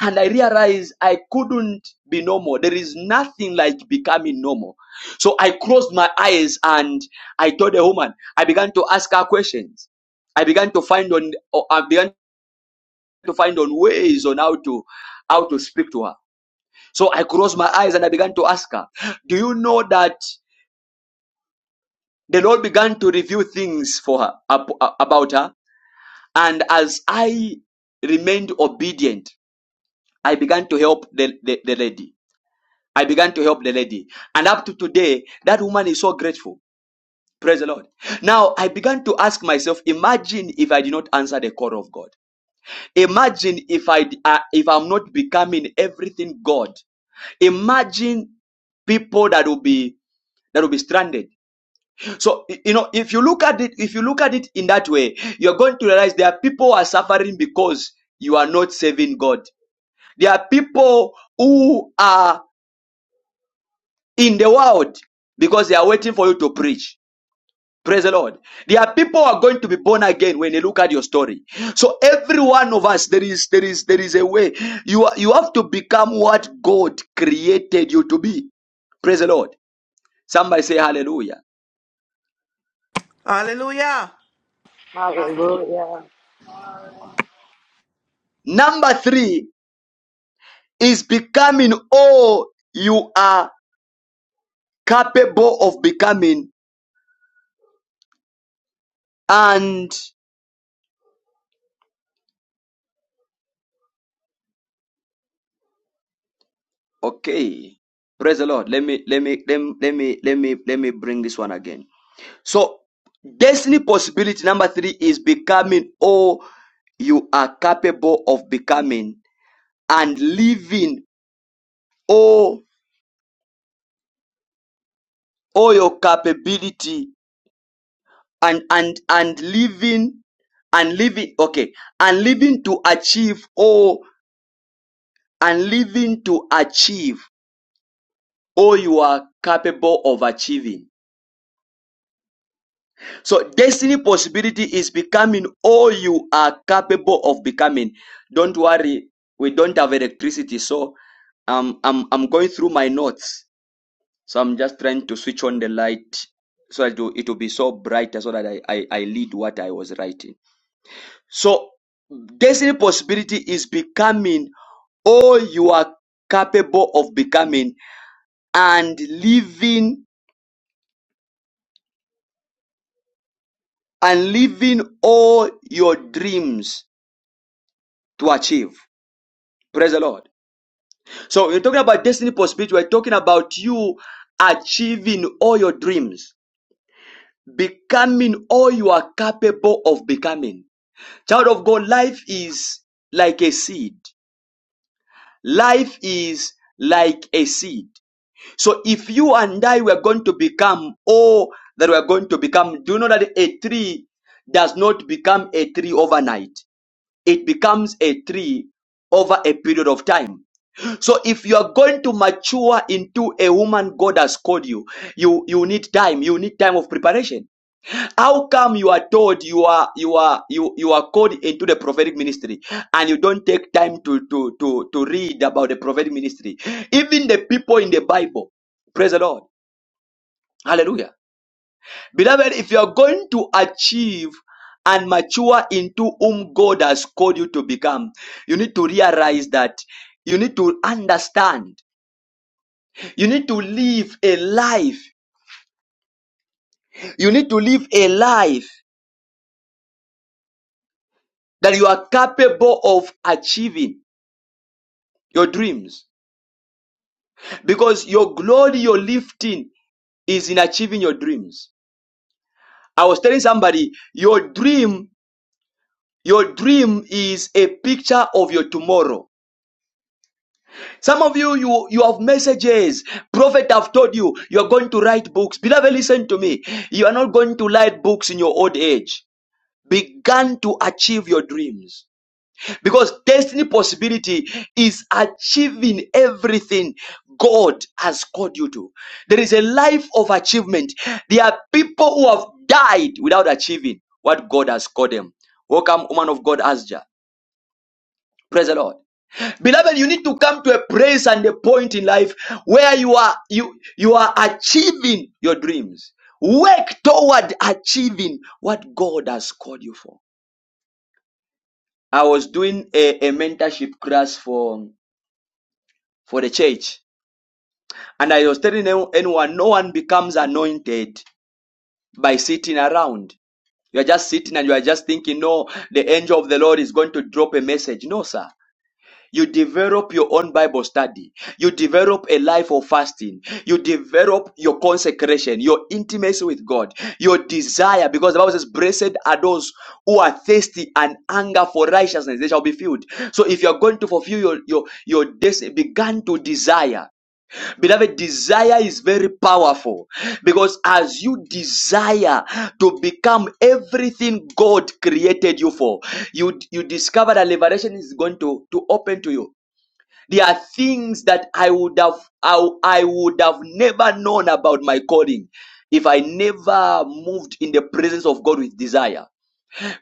And I realized I couldn't be normal. There is nothing like becoming normal. So I closed my eyes and I told the woman, I began to ask her questions. I began to find on oh, I began to find on ways on how to how to speak to her. So I closed my eyes and I began to ask her, Do you know that the Lord began to review things for her ab- about her? And as I remained obedient, I began to help the, the, the lady. I began to help the lady. And up to today, that woman is so grateful. Praise the Lord. Now, I began to ask myself, imagine if I did not answer the call of God. Imagine if I uh, if I'm not becoming everything God. Imagine people that will be that will be stranded. So you know, if you look at it, if you look at it in that way, you're going to realize there are people who are suffering because you are not serving God. There are people who are in the world because they are waiting for you to preach. Praise the Lord. There are people who are going to be born again when they look at your story. So every one of us, there is there is there is a way. You are, you have to become what God created you to be. Praise the Lord. Somebody say hallelujah.
Hallelujah.
Hallelujah.
Number three is becoming all you are capable of becoming. And okay. Praise the Lord. Let me let me let me let me let me let me bring this one again. So destiny possibility number three is becoming all you are capable of becoming and living all all your capability and and and living and living okay and living to achieve all and living to achieve all you are capable of achieving So destiny possibility is becoming all you are capable of becoming. Don't worry, we don't have electricity, so um, I'm I'm going through my notes. So I'm just trying to switch on the light so that it will, it will be so bright so that I, I, I lead what I was writing. So destiny possibility is becoming all you are capable of becoming and living and living all your dreams to achieve. Praise the Lord. So we're talking about destiny possibility. We're talking about you achieving all your dreams, becoming all you are capable of becoming. Child of God, life is like a seed. Life is like a seed. So if you and I were going to become all that we're going to become, do you know that a tree does not become a tree overnight? It becomes a tree over a period of time. So if you are going to mature into a woman God has called you, you you need time. You need time of preparation. How come you are told you are you are you you are called into the prophetic ministry and you don't take time to to to to read about the prophetic ministry? Even the people in the Bible, praise the Lord, Hallelujah, beloved. If you are going to achieve and mature into whom God has called you to become, you need to realize that you need to understand You need to live a life. You need to live a life that you are capable of achieving your dreams. Because your glory, your lifting is in achieving your dreams. I was telling somebody, your dream, your dream is a picture of your tomorrow. Some of you, you, you have messages. Prophet, I've told you, you are going to write books. Beloved, listen to me. You are not going to write books in your old age. Begin to achieve your dreams Because destiny possibility is achieving everything God has called you to. There is a life of achievement. There are people who have died without achieving what God has called them. Welcome, woman of God, Asja. Praise the Lord. Beloved, you need to come to a place and a point in life where you are you you are achieving your dreams. Work toward achieving what God has called you for. I was doing a, a mentorship class for for the church. And I was telling anyone, no one becomes anointed by sitting around. You are just sitting and you are just thinking, no, the angel of the Lord is going to drop a message. No, sir. You develop your own Bible study. You develop a life of fasting. You develop your consecration, your intimacy with God, your desire, because the Bible says, Blessed are those who are thirsty and hunger for righteousness, they shall be filled. So if you're going to fulfill your your, your destiny, begin to desire. Beloved, desire is very powerful because as you desire to become everything God created you for, you, you discover that liberation is going to, to open to you. There are things that I would have I, I would have never known about my calling if I never moved in the presence of God with desire.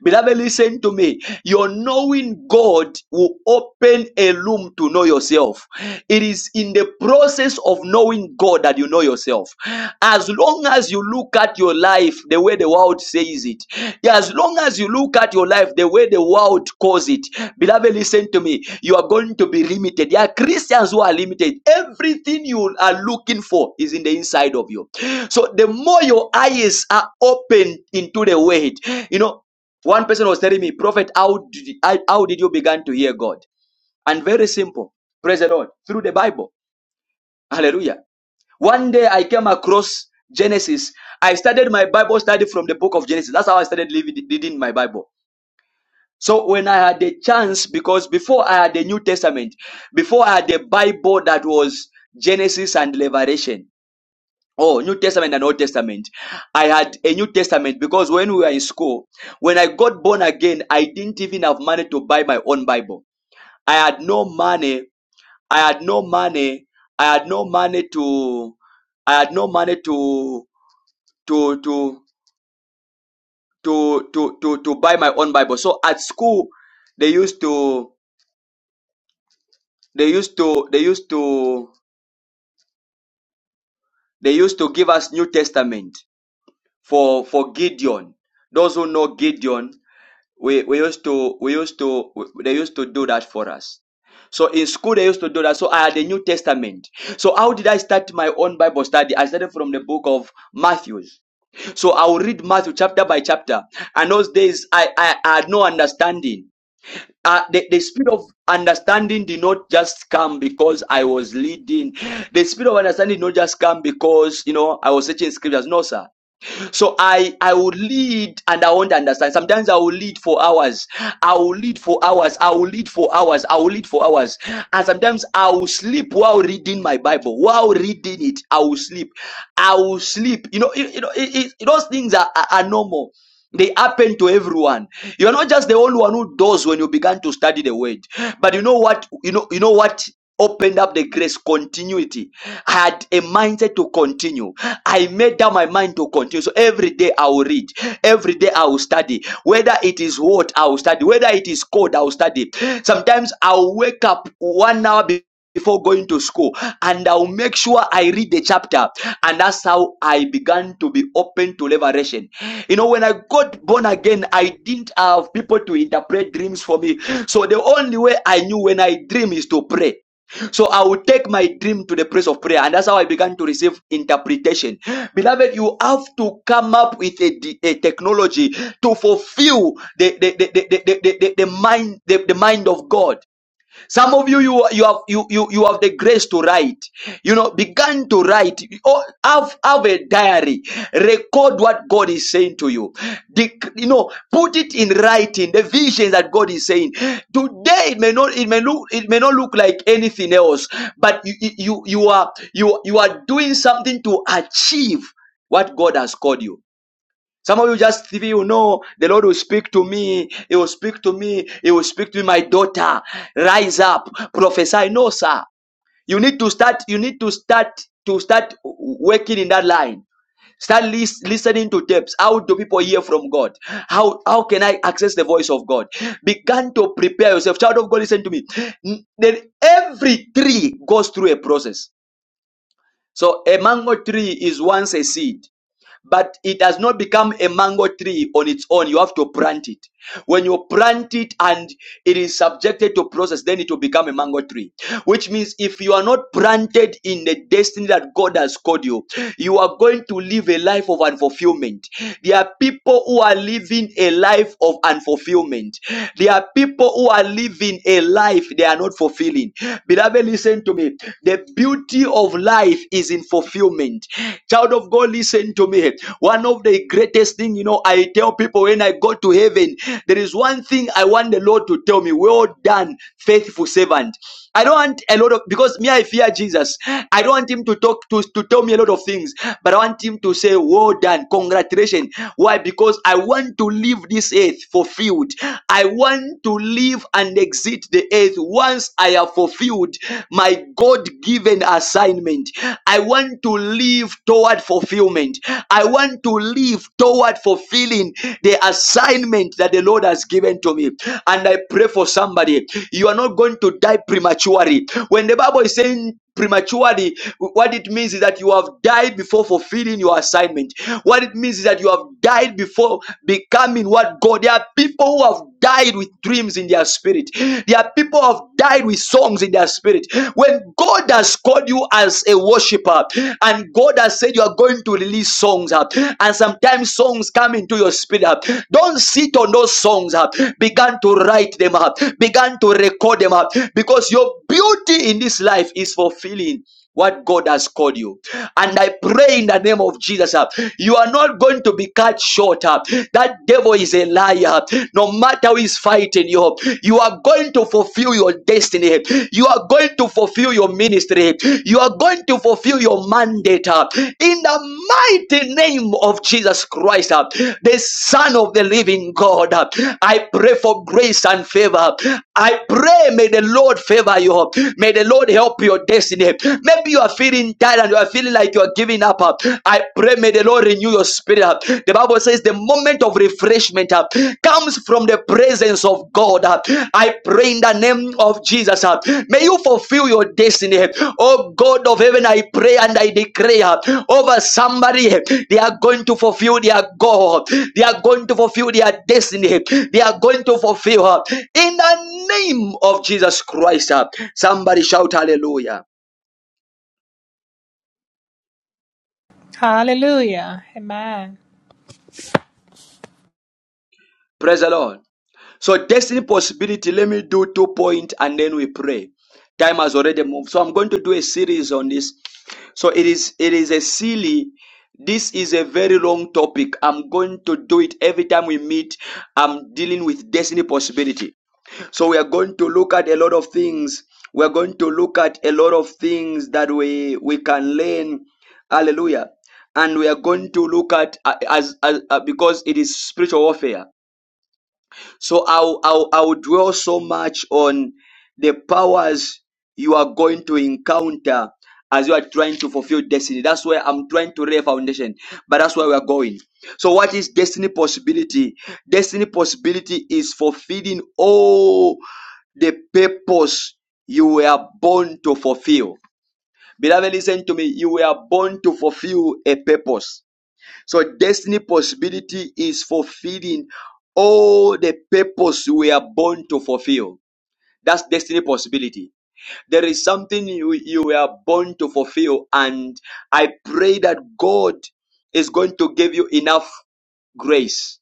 Beloved, listen to me. Your knowing God will open a room to know yourself. It is in the process of knowing God that you know yourself. As long as you look at your life the way the world says it, as long as you look at your life the way the world calls it, beloved, listen to me. You are going to be limited. There are Christians who are limited. Everything you are looking for is in the inside of you. So the more your eyes are open into the word, you know, one person was telling me, Prophet, how did, I- how did you begin to hear God? And very simple. Praise the Lord. Through the Bible. Hallelujah. One day I came across Genesis. I started my Bible study from the book of Genesis. That's how I started reading my Bible. So when I had the chance, because before I had the New Testament, before I had the Bible that was Genesis and Revelation, Oh, New Testament and Old Testament. I had a New Testament because when we were in school, when I got born again, I didn't even have money to buy my own Bible. I had no money. I had no money. I had no money to. I had no money to to to to to to to buy my own Bible. So at school, they used to they used to they used to they used to give us New Testament for for Gideon. Those who know Gideon, we we used to we used to they used to do that for us so in school they used to do that so i had the new testament so how did i start my own bible study i started from the book of Matthew. so i will read matthew chapter by chapter and those days i i, I had no understanding uh, the, the spirit of understanding did not just come because I was leading. The spirit of understanding did not just come because, you know, I was searching scriptures. No, sir. So I I will lead and I won't understand. Sometimes I will lead for hours. I will lead for hours. I will lead for hours. I will lead for hours. And sometimes I will sleep while reading my Bible. While reading it, I will sleep. I will sleep. You know, you, you know, it, it, those things are, are are normal. They happen to everyone. You are not just the only one who does when you began to study the word. But you know what? You know, you know what opened up the grace continuity. I had a mindset to continue. I made up my mind to continue. So every day I will read. Every day I will study. Whether it is what I will study, whether it is code, I will study. Sometimes I'll wake up one hour before going to school and I'll make sure I read the chapter. And that's how I began to be open to revelation. You know, when I got born again, I didn't have people to interpret dreams for me. So the only way I knew when I dream is to pray. So I will take my dream to the place of prayer, and that's how I began to receive interpretation. Beloved, you have to come up with a a technology to fulfill the the the, the, the, the, the, the mind the, the mind of God. Some of you, you you have you you you have the grace to write. You know, begin to write. Oh, have have a diary. Record what God is saying to you. Dec- you know, put it in writing. The visions that God is saying today. It may not it may look it may not look like anything else, but you you you you are you you are doing something to achieve what God has called you. Some of you just if you know the Lord will speak to me, He will speak to me, He will speak to me, my daughter. Rise up, prophesy. No, sir. You need to start, you need to start to start working in that line. Start lis- listening to tapes. How do people hear from God? How how can I access the voice of God? Begin to prepare yourself. Child of God, listen to me. N- Then every tree goes through a process. So a mango tree is once a seed but it has not become a mango tree on its own. You have to plant it. When you plant it and it is subjected to process, then it will become a mango tree. Which means if you are not planted in the destiny that God has called you, you are going to live a life of unfulfillment. There are people who are living a life of unfulfillment. There are people who are living a life they are not fulfilling. Beloved, listen to me. The beauty of life life is in fulfillment. Child of God, listen to me. One of the greatest thing, you know, I tell people when I go to heaven, there is one thing I want the Lord to tell me. Well done, faithful servant. I don't want a lot of because me I fear Jesus. I don't want him to talk to, to tell me a lot of things, but I want him to say, Well done, congratulations. Why? Because I want to leave this earth fulfilled. I want to live and exit the earth once I have have fulfilled my God given assignment. I want to live toward fulfillment. I want to live toward fulfilling the assignment that the Lord has given to me. And I pray for somebody. You are not going to die prematurely. When the Bible is saying prematurely what it means is that you have died before fulfilling your assignment what it means is that you have died before becoming what god there are people who have died with dreams in their spirit there are people who have died with songs in their spirit when god has called you as a worshiper and god has said you are going to release songs up and sometimes songs come into your spirit up don't sit on those songs up began to write them up Begin to record them up because your beauty in this life is for fulfilling what God has called you. And I pray in the name of Jesus, uh, you are not going to be cut short. uh. That devil is a liar. No matter who is fighting you, you are going to fulfill your destiny. You are going to fulfill your ministry. You are going to fulfill your mandate. uh, In the mighty name of Jesus Christ, uh, the Son of the Living God, uh. I pray for grace and favor. I pray, may the Lord favor you. May the Lord help your next day. Maybe you are feeling tired and you are feeling like you are giving up. uh, I pray, may the Lord renew your spirit. uh. The Bible says the moment of refreshment uh, comes from the presence of God. uh. I pray in the name of Jesus. uh, May you fulfill your destiny. Oh God of heaven, I pray and I declare uh, over somebody, uh, they are going to fulfill their goal. They are going to fulfill their destiny. They are going to fulfill uh, in the name of Jesus Christ. uh. Somebody shout hallelujah.
Hallelujah. Amen.
Praise the Lord. So destiny possibility, let me do two point points, and then we pray. Time has already moved. So I'm going to do a series on this. So it is it is a silly this is a very long topic. I'm going to do it every time we meet. I'm dealing with destiny possibility. So we are going to look at a lot of things. We're going to look at a lot of things that we we can learn. Hallelujah. And we are going to look at uh, as, as uh, because it is spiritual warfare so I'll, I'll, I'll dwell so much on the powers you are going to encounter as you are trying to fulfill destiny. That's where I'm trying to lay a foundation, but that's where we are going. So what is destiny possibility? Destiny possibility is fulfilling all the purpose you were born to fulfill. Beloved, listen to me. You were born to fulfill a purpose. So destiny possibility is fulfilling all the purpose we are born to fulfill. That's destiny possibility. There is something you, you were born to fulfill, and I pray that God is going to give you enough grace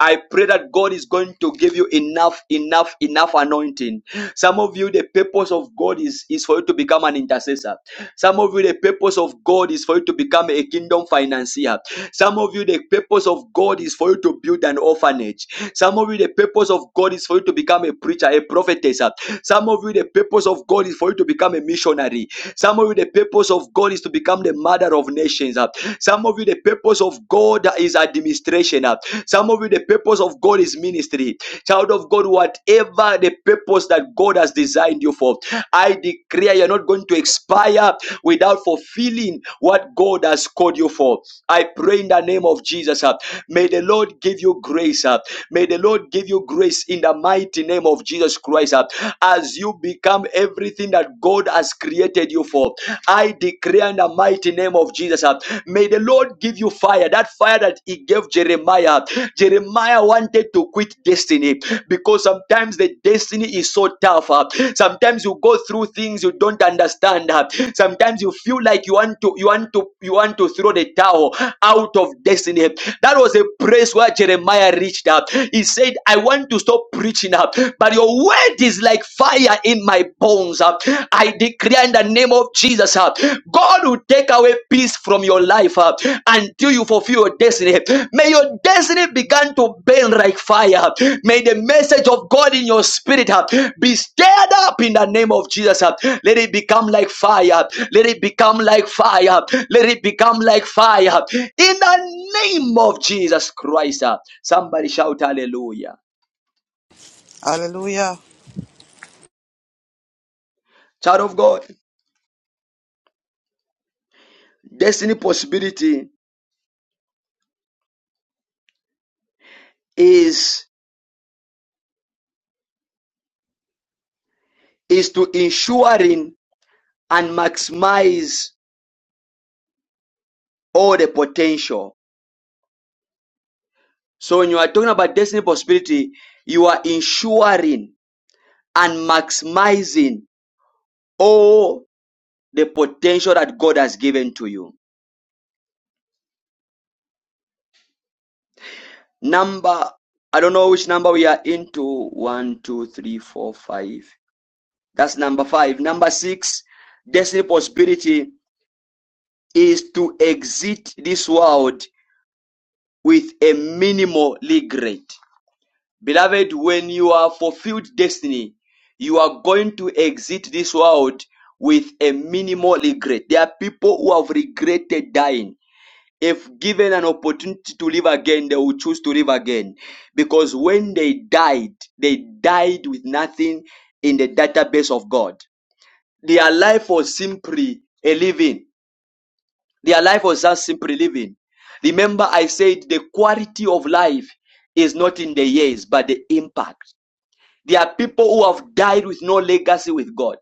I pray that God is going to give you enough, enough, enough anointing. Some of you, the purpose of God is, is for you to become an intercessor. Some of you, the purpose of God is for you to become a kingdom financier. Some of you, the purpose of God is for you to build an orphanage. Some of you, the purpose of God is for you to become a preacher, a prophetess. Some of you, the purpose of God is for you to become a missionary. Some of you, the purpose of God is to become the mother of nations. Some of you, of you, the purpose of God is administration. uh. Some of you, the purpose of God is ministry. Child of God, whatever the purpose that God has designed you for, I declare you're not going to expire without fulfilling what God has called you for. I pray in the name of Jesus. uh, May the Lord give you grace. uh, May the Lord give you grace in the mighty name of Jesus Christ. uh, As you become everything that God has created you for. I declare in the mighty name of Jesus. uh, May the Lord give you fire, that fire that He gave Jeremiah. Jeremiah wanted to quit destiny because sometimes the destiny is so tough. uh, Sometimes you go through things you don't understand. uh, Sometimes you feel like you want to, you want to, you want to throw the towel out of destiny. That was a place where Jeremiah reached up. He said, "I want to stop preaching up, but your word is like fire." in my bones. uh. I declare in the name of Jesus, uh, God will take away peace from your life uh, until you fulfill your destiny. May your destiny begin to burn like fire. May the message of God in your spirit uh, be stirred up in the name of Jesus. uh. Let it become like fire. Let it become like fire. Let it become like fire. In the name of Jesus Christ. uh. Somebody shout hallelujah.
Hallelujah.
Child of God, destiny possibility is is to ensuring and maximize all the potential. So when you are talking about destiny possibility, you are ensuring and maximizing all the potential that God has given to you. Number, I don't know which number we are into. One, two, three, four, five. That's number five. Number six, destiny possibility is to exit this world with a minimal regret Beloved, when you are fulfilled destiny, you are going to exit this world with a minimal regret. There are people who have regretted dying. If given an opportunity to live again, they will choose to live again. Because when they died, they died with nothing in the database of God. Their life was simply a living. Their life was just simply living. Remember, I said the quality of life is not in the years, but the impact. There are people who have died with no legacy with God.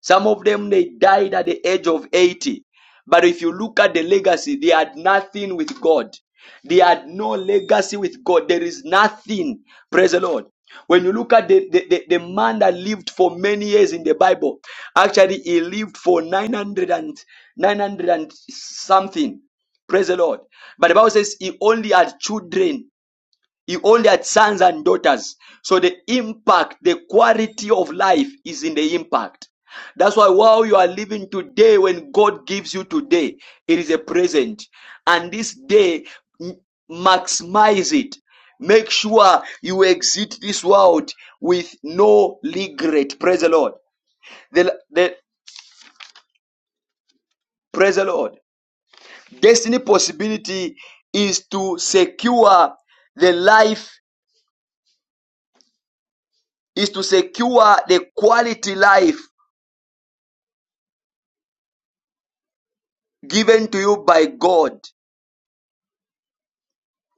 Some of them, they died at the age of 80. But if you look at the legacy, they had nothing with God. They had no legacy with God. There is nothing. Praise the Lord. When you look at the, the, the, the man that lived for many years in the Bible, actually, he lived for 900 and 900 and something. Praise the Lord. But the Bible says he only had children he only had sons and daughters. So the impact, the quality of life is in the impact. That's why while you are living today, when God gives you today, it is a present. And this day, maximize it. Make sure you exit this world with no regret. Praise the Lord. The, the, praise the Lord. Destiny possibility is to secure the life, is to secure the quality life given to you by God.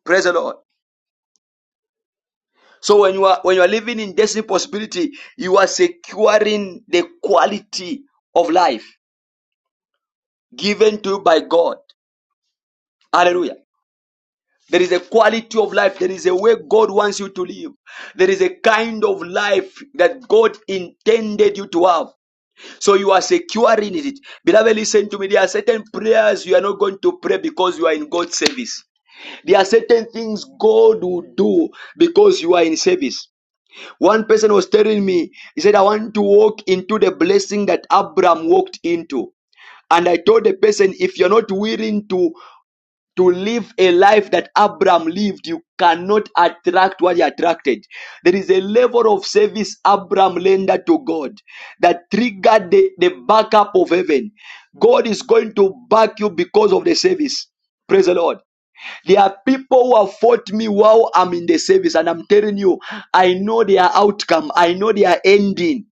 Praise the Lord. So when you are when you are living in destiny possibility, you are securing the quality of life given to you by God. Hallelujah. There is a quality of life. There is a way God wants you to live. There is a kind of life that God intended you to have. So you are securing it. Beloved, listen to me. There are certain prayers you are not going to pray because you are in God's service. There are certain things God will do because you are in service. One person was telling me, he said, I want to walk into the blessing that Abraham walked into. And I told the person, if you're not willing to, to live a life that Abraham lived, you cannot attract what he attracted. There is a level of service Abraham rendered to God that triggered the, the backup of heaven. God is going to back you because of the service. Praise the Lord. There are people who have fought me while I'm in the service, and I'm telling you, I know their outcome, I know their ending.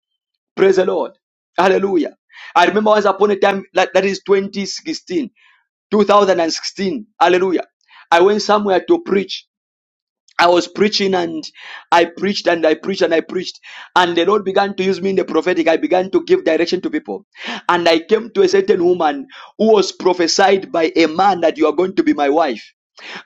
Praise the Lord. Hallelujah. I remember once upon a time, that, that is twenty sixteen, two thousand and sixteen. Hallelujah. I went somewhere to preach I was preaching and I preached and I preached and I preached. And the Lord began to use me in the prophetic. I began to give direction to people. And I came to a certain woman who was prophesied by a man that you are going to be my wife.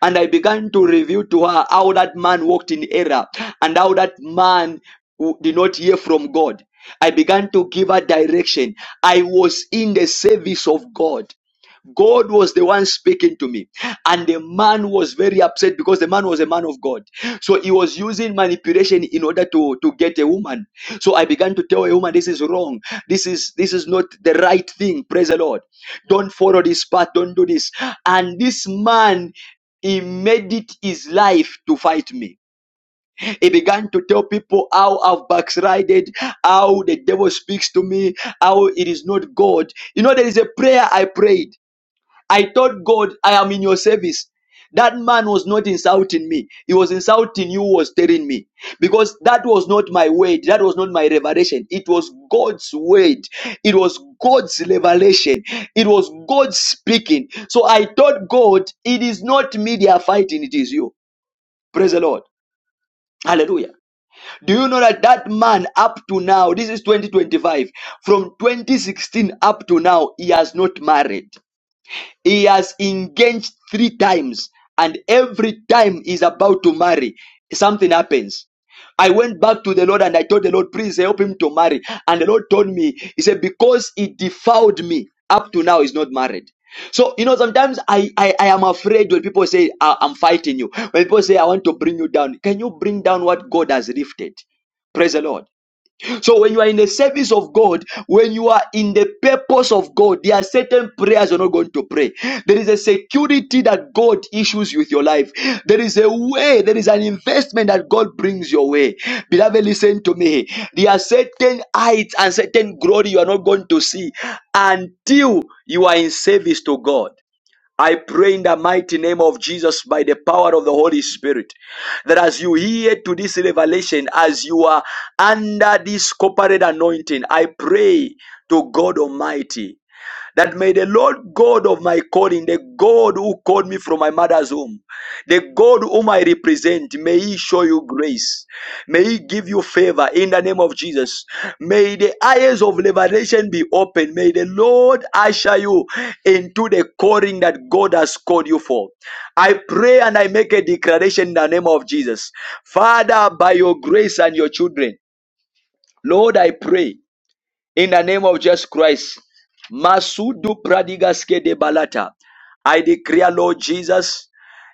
And I began to reveal to her how that man walked in error and how that man w- did not hear from God. I began to give her direction. I was in the service of God. God was the one speaking to me. And the man was very upset because the man was a man of God. So he was using manipulation in order to, to get a woman. So I began to tell a woman, this is wrong. This is this is not the right thing. Praise the Lord. Don't follow this path. Don't do this. And this man he made it his life to fight me. He began to tell people how I've backslided, how the devil speaks to me, how it is not God. You know, there is a prayer I prayed. I told God, I am in your service. That man was not insulting me. He was insulting you, was telling me. Because that was not my word. That was not my revelation. It was God's word. It was God's revelation. It was God speaking. So I told God, it is not me they are fighting. It is you. Praise the Lord. Hallelujah. Do you know that that man up to now, this is 2025, from 2016 up to now, he has not married. He has engaged three times, and every time he's about to marry, something happens. I went back to the Lord and I told the Lord, please help him to marry. And the Lord told me, He said, because he defiled me up to now, he's not married. So, you know, sometimes I, I, I am afraid when people say, I, I'm fighting you. When people say, I want to bring you down. Can you bring down what God has lifted? Praise the Lord. So when you are in the service of God, when you are in the purpose of God, there are certain prayers you're not going to pray. There is a security that God issues with your life. There is a way, there is an investment that God brings your way. Beloved, listen to me. There are certain heights and certain glory you are not going to see until you are in service to God. I pray in the mighty name of Jesus by the power of the Holy Spirit that as you hear to this revelation, as you are under this corporate anointing, I pray to God Almighty that may the Lord God of my calling, the God who called me from my mother's womb, the God whom I represent, may He show you grace. May He give you favor in the name of Jesus. May the eyes of revelation be open. May the Lord usher you into the calling that God has called you for. I pray and I make a declaration in the name of Jesus. Father, by your grace and your children, Lord, I pray in the name of Jesus Christ. Masudu pradigaske de balata. I declare, Lord Jesus,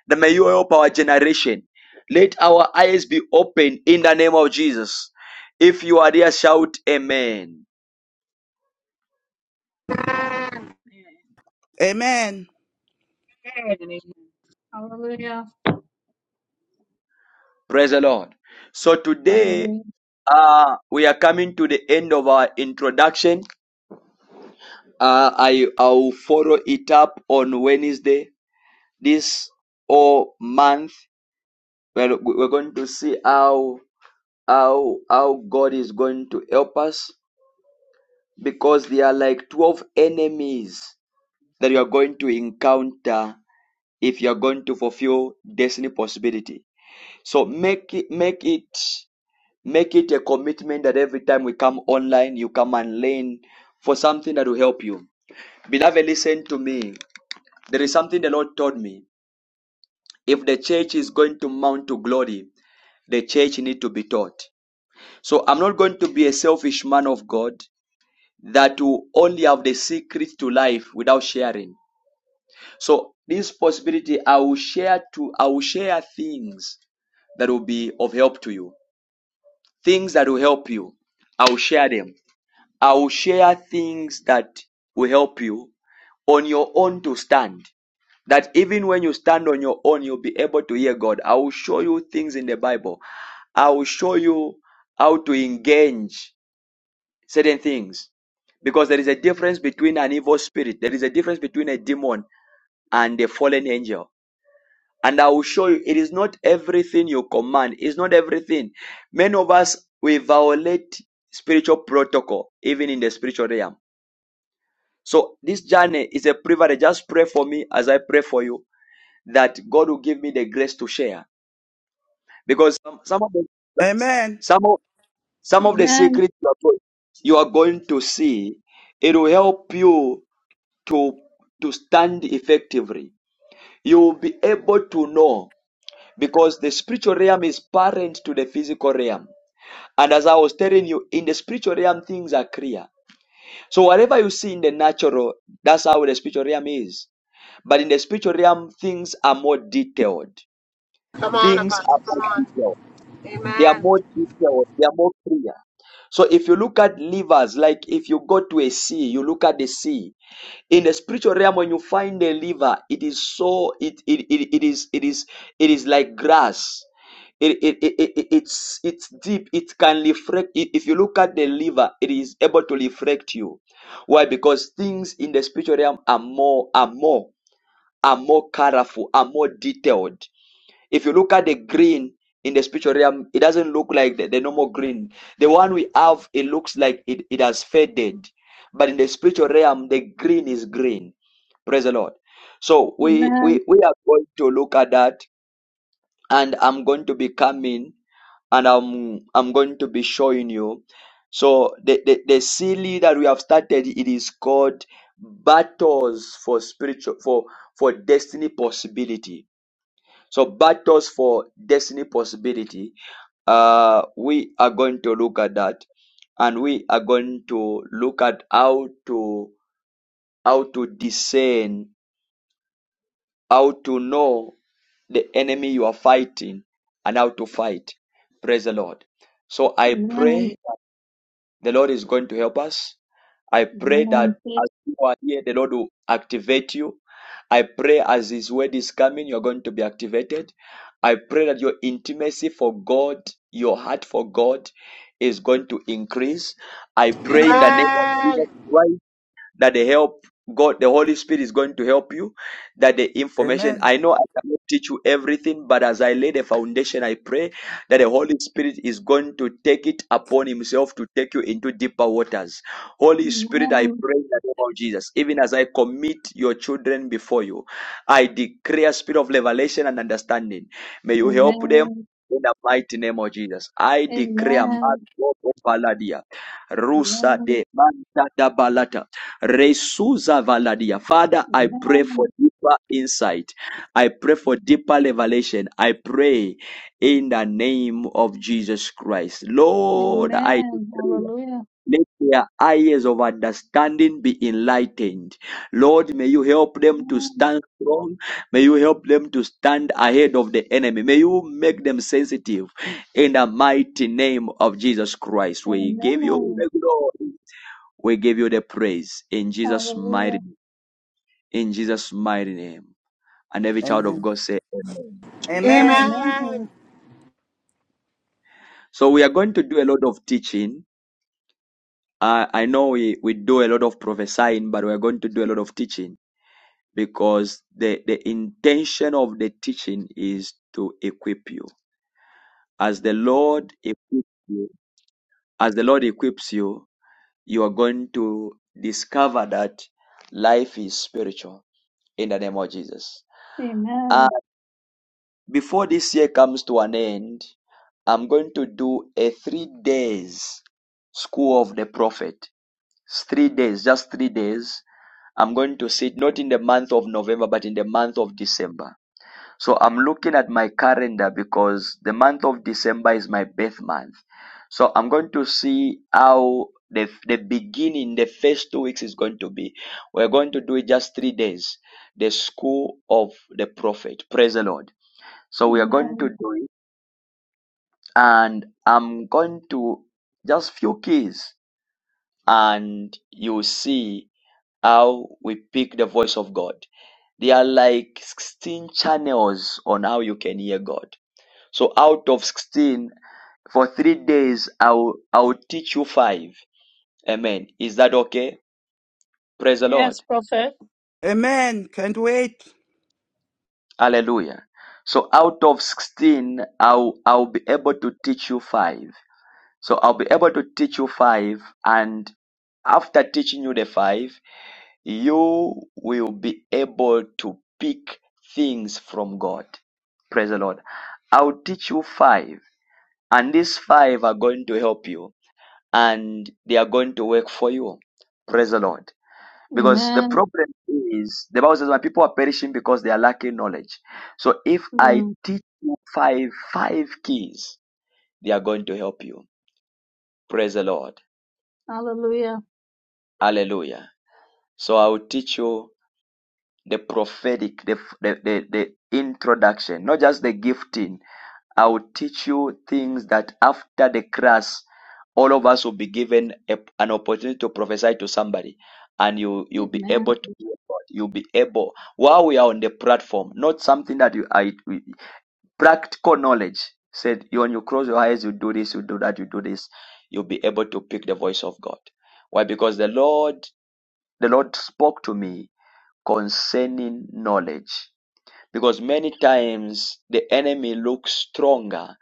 that may you help our generation. Let our eyes be open in the name of Jesus. If you are there, shout Amen.
Amen.
Amen.
Amen and amen.
Praise the Lord. So today, uh, we are coming to the end of our introduction. Uh, I I'll follow it up on Wednesday this whole month. Well, we- we're going to see how how how God is going to help us because there are like 12 enemies that you are going to encounter if you are going to fulfill destiny possibility. So make it make it make it a commitment that every time we come online you come and learn for something that will help you. Beloved, listen to me. There is something the Lord told me. If the church is going to mount to glory, the church need to be taught. So I'm not going to be a selfish man of God. that will only have the secret to life without sharing. So this possibility, I will share to, I will share things that will be of help to you. Things that will help you. I will share them. I will share things that will help you on your own to stand. That even when you stand on your own, you'll be able to hear God. I will show you things in the Bible. I will show you how to engage certain things. Because there is a difference between an evil spirit, there is a difference between a demon and a fallen angel. And I will show you, it is not everything you command, it's not everything. Many of us, we violate spiritual protocol, even in the spiritual realm. So this journey is a privilege. Just pray for me as I pray for you that God will give me the grace to share. Because some, some of the
Amen.
some of, some of the
Amen.
secrets you are going you are going to see, it will help you to, to stand effectively. You will be able to know because the spiritual realm is parent to the physical realm. And as I was telling you, in the spiritual realm, things are clear. So whatever you see in the natural, that's how the spiritual realm is. But in the spiritual realm, things are more detailed.
Come on,
Things are
Apostle.
more
Come on.
detailed. They are
Amen.
more detailed. They are more clear. So if you look at levers, like if you go to a sea, you look at the sea. in the spiritual realm when you find a liver it is so it it, it, it is it is it is like grass it, it, it, it it- it's it's deep it can reflect if you look at the liver it is able to reflect you why because things in the spiritual realm are more are more are more colorful are more detailed if you look at the green in the spiritual realm, it doesn't look like the, the normal green. The one we have, it looks like it, it has faded. But in the spiritual realm, the green is green. Praise the Lord. So we
Amen.
we, we are going to look at that, and I'm going to be coming and I'm I'm going to be showing you. So the, the, the series that we have started, it is called Battles for Spiritual for for Destiny Possibility so battles for destiny possibility. Uh, we are going to look at that, and we are going to look at how to how to discern, how to know the enemy you are fighting, and how to fight. Praise the Lord. So I
Amen.
pray that the Lord is going to help us. I pray that
Amen.
as you are here, the Lord will activate you I pray as His word is coming, you're going to be activated. I pray that your intimacy for God, your heart for God, is going to increase. I pray in the name of Jesus
Amen.
Christ that the help God, the Holy Spirit is going to help you, that the information,
Amen.
I know I cannot teach you everything, but as I lay the foundation, I pray that the Holy Spirit is going to take it upon himself to take you into deeper waters. Holy Spirit, I
Amen.
pray in the name of Jesus, even as I commit your children before you, I declare spirit of revelation and understanding. May you help them
Amen.
in the mighty name of Jesus. I declare,
Amen.
Marco Paladia, Rusa
Amen.
de Manta da Balata. Resuza Valadia. Father, I pray for
Amen.
deeper insight. I pray for deeper revelation. I pray in the name of Jesus Christ. Lord, I
Amen.
pray.
Hallelujah.
Let their eyes of understanding be enlightened. Lord, may you help them to
Amen.
stand strong. May you help them to stand ahead of the enemy. May you make them sensitive in the mighty name of Jesus Christ. We give you
Amen.
the glory. We give you the praise in Jesus' mighty
Hallelujah.
in Jesus' mighty name. And every child of
Amen.
God say Amen.
Amen.
Amen.
Amen.
So we are going to do a lot of teaching. Uh, I know we, we do a lot of prophesying, but we are going to do a lot of teaching because the, the intention of the teaching is to equip you. As the Lord equips you, as the Lord equips you, you are going to discover that life is spiritual in the name of Jesus.
Amen.
before this year comes to an end, I'm going to do a three days school of the prophet. It's three days, just three days. I'm going to sit not in the month of November, but in the month of December. So I'm looking at my calendar because the month of December is my birth month. So I'm going to see how the, the beginning, the first two weeks is going to be. We're going to do it just three days. The school of the prophet. Praise the Lord. So we are going
Amen.
to do it, and I'm going to just few keys, and you see how we pick the voice of God. There are like 16 channels on how you can hear God. So out of 16, for three days, I'll I'll teach you five. Amen. Is that okay? Praise the
Yes,
Lord.
prophet.
Amen. Can't wait.
Hallelujah. So out of 16, I'll I'll be able to teach you five. So I'll be able to teach you five, and after teaching you the five, you will be able to pick things from God. Praise the Lord. I'll teach you five, and these five are going to help you, and they are going to work for you. Praise the Lord. Because the
Amen.
problem is, the Bible says, my people are perishing because they are lacking knowledge. So if I
Mm.
teach you five, five keys, they are going to help you. Praise the Lord.
Hallelujah.
Hallelujah. So I will teach you the prophetic, the, the, the, the introduction, not just the gifting. I will teach you things that after the class, all of us will be given a, an opportunity to prophesy to somebody, and you you'll be
Amen.
able to hear God. You'll be able while we are on the platform, not something that you I practical knowledge. Said you when you close your eyes, you do this, you do that, you do this. You'll be able to pick the voice of God. Why? Because the Lord, the Lord spoke to me concerning knowledge. Because many times the enemy looks stronger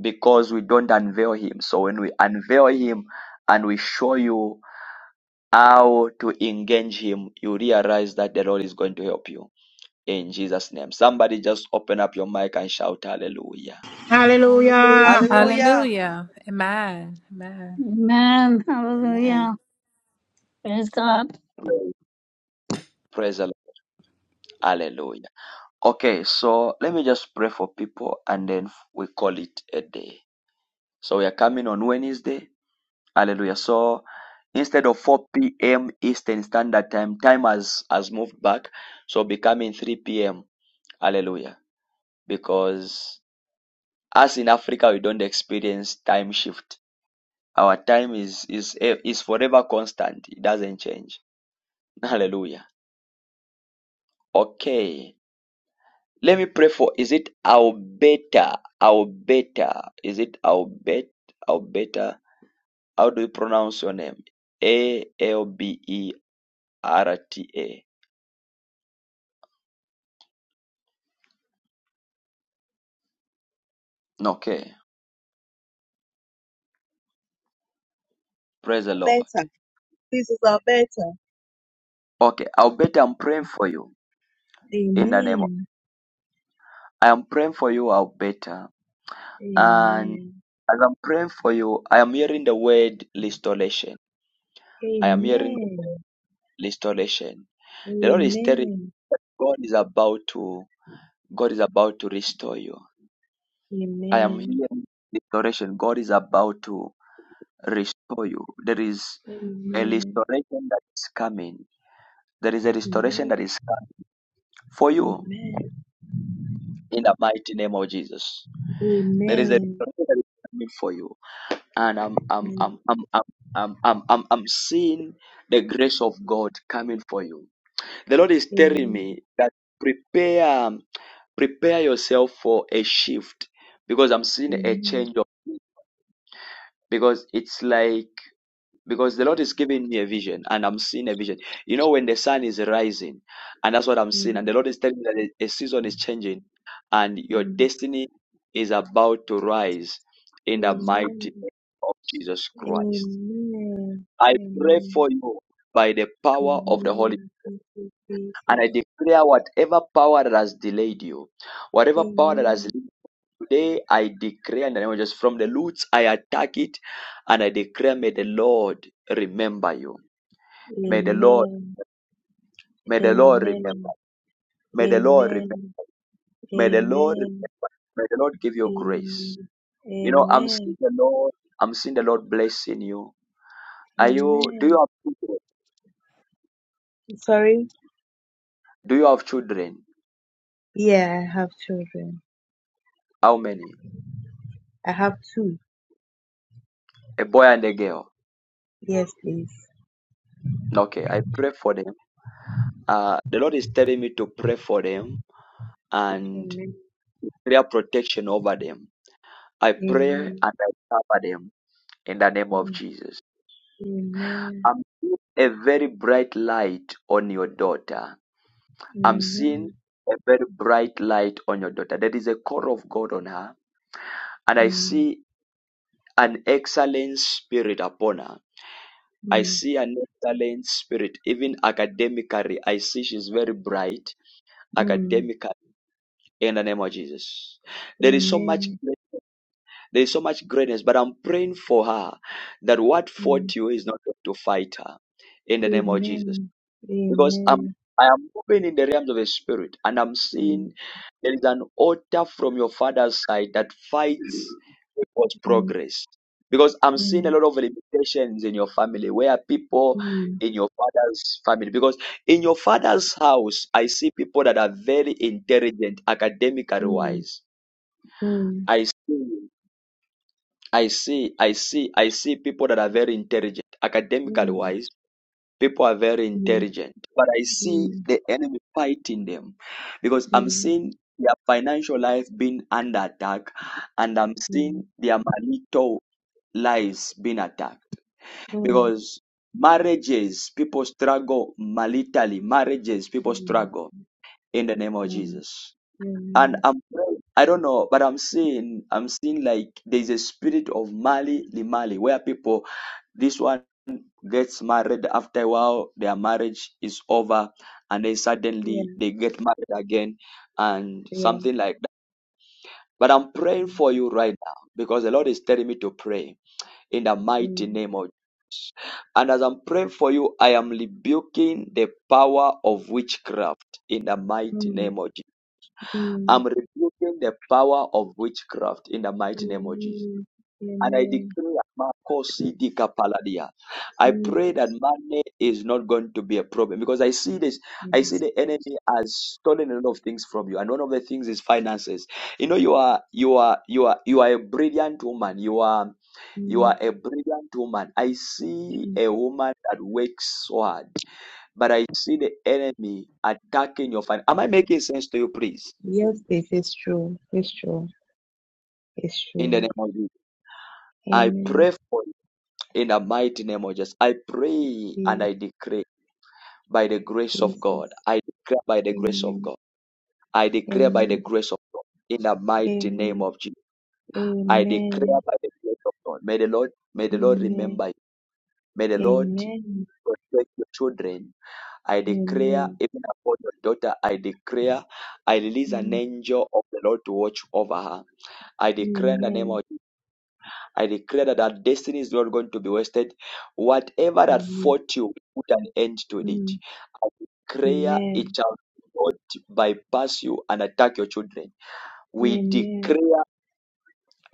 because we don't unveil him. So when we unveil him and we show you how to engage him, you realize that the Lord is going to help you in Jesus' name. Somebody just open up your mic and shout hallelujah.
Hallelujah.
Hallelujah.
Hallelujah.
Hallelujah. Amen. Amen.
Amen. Hallelujah.
Amen.
Praise God.
Praise the Lord. Hallelujah. Okay, so let me just pray for people and then we call it a day. So we are coming on Wednesday Hallelujah. So instead of 4 p.m. Eastern Standard Time, time has, has moved back. So becoming 3 p.m. Hallelujah. Because us in Africa, we don't experience time shift. Our time is, is, is forever constant. It doesn't change. (laughs) Hallelujah. Okay. Let me pray for, is it Albeta? Albeta. Is it Albet? Albeta? How do you pronounce your name? A L B E R T A. Okay. Praise the Lord.
better. This is our better.
Okay, I'll better I'm praying for you in the name of
Amen.
I am praying for you, I'll better. And
Amen.
as I'm praying for you, I am hearing the word restoration. I am hearing the
Amen.
word restoration. The Lord is telling
Amen.
God is about to God is about to restore you. I am
Amen.
hearing restoration. God is about to restore you. There is a
Amen.
restoration that is coming. There is a restoration
Amen.
that is coming for
Amen.
you
Amen.
in the mighty name of Jesus. There is a
Amen.
restoration that is coming for you and I'm I'm I'm I'm I'm I'm I'm I'm, I'm seeing the grace of God coming for you. The Lord is telling
Amen.
me that prepare prepare yourself for a shift because I'm seeing
Amen.
a
Amen.
change of because it's like because the Lord is giving me a vision and I'm seeing a vision. You know when the sun is rising and that's what I'm seeing and the Lord is telling me that a a season is changing and your
Amen.
destiny is about to rise in the mighty
Amen.
name of Jesus Christ. I pray
Amen.
for you by the power of the
Amen.
Holy
Thank you,
and
Jesus.
I declare whatever power that has delayed you, whatever power that has
Amen.
limited you today I declare in the name of Jesus, from the roots I attack it, and I declare, may the Lord remember you. May the Lord,
Amen.
may the Lord remember.
Amen.
May the Lord remember.
Amen.
May the Lord
Amen.
remember. May the Lord give you grace.
Amen.
You know, I'm seeing
Amen.
the Lord. I'm seeing the Lord blessing you. Are you? Do you
Amen.
have children?
Sorry.
Do you have children?
Yeah, I have children.
How many?
I have two.
A boy and a girl.
Yes, please.
Okay, I pray for them. Uh, the Lord is telling me to pray for them and
Amen.
prayer protection over them. I pray and
Amen.
I cover them in the name of
Mm.
Jesus.
Amen.
I'm seeing a very bright light on your daughter. I'm seeing
Amen.
a very bright light on your daughter. There is a call of God on her, and I
Mm.
see an excellent spirit upon her. I
Mm.
see an excellent spirit, even academically. I see she's very bright
Mm.
academically in the name of Jesus. There is so much
Amen.
there is so much greatness, but I'm praying for her that what
Mm.
fought you is not going to fight her in the name of Jesus.
Amen.
Because I'm
Amen.
I am moving in the realms of the spirit and I'm seeing
Mm.
there is an altar from your father's side that fights people's progress. Because I'm seeing a
Mm.
lot of limitations in your family where people
Mm.
in your father's family because in your father's house I see people that are very intelligent academically
Mm.
wise
Mm.
I see, I see, I see, I see people that are very intelligent. Academically
Mm.
wise, people are very
Mm.
intelligent. But I see
Mm.
the enemy fighting them because I'm
Mm.
seeing their financial life being under attack and I'm
Mm.
seeing their marital lives being attacked.
Mm.
Because marriages, people struggle maritally, marriages, people
Mm. Mm.
struggle in the name of
Mm.
Jesus. And
Mm.
I'm I don't know, but I'm seeing, I'm seeing like there's a spirit of Mali Limali where people, this one gets married after a while, their marriage is over, and then
Yeah.
suddenly they get married again and
Yeah.
something like that. But I'm praying
Mm,
for you right now because the Lord is telling me to pray in the mighty name of and as I'm praying for you, I am rebuking the power of witchcraft in the mighty
mm,
name of
mm,
I'm rebuking the power of witchcraft in the mighty name of Jesus.
Amen.
And I
Amen.
decree, Marco Sidika Paladia, I
Jesus.
pray that money is not going to be a problem because I see this. I
Mm,
see the enemy has stolen a lot of things from you, and one of the things is finances. You know, you are you are you are you are a brilliant woman. You are you
mm,
are a brilliant woman. I see
mm.
a woman that works so hard, but I see the enemy attacking your finances. Am I making sense to you, please?
Yes, it is true. It's true. It's
In the
true.
name of Jesus. I
Amen.
pray for you in the mighty name of Jesus. I pray and
Yes,
I decree by the grace of God.
Jesus.
I declare by the grace of
Amen.
God. I declare by the
Amen.
grace of God in the mighty name
Amen.
of Jesus. I declare
Amen.
by the grace of God. May the Lord, may the Lord
Amen.
remember you. May the Lord
Amen.
protect your children. I declare
Amen.
even upon your daughter. I declare. I release an
Mm,
angel of the Lord to watch over her. I declare in the name
Amen.
of I declare that our destiny is not going to be wasted. Whatever that
Mm,
fought you, put an end to it.
mm,
I declare it
Amen.
shall not bypass you and attack your children. We
Amen.
declare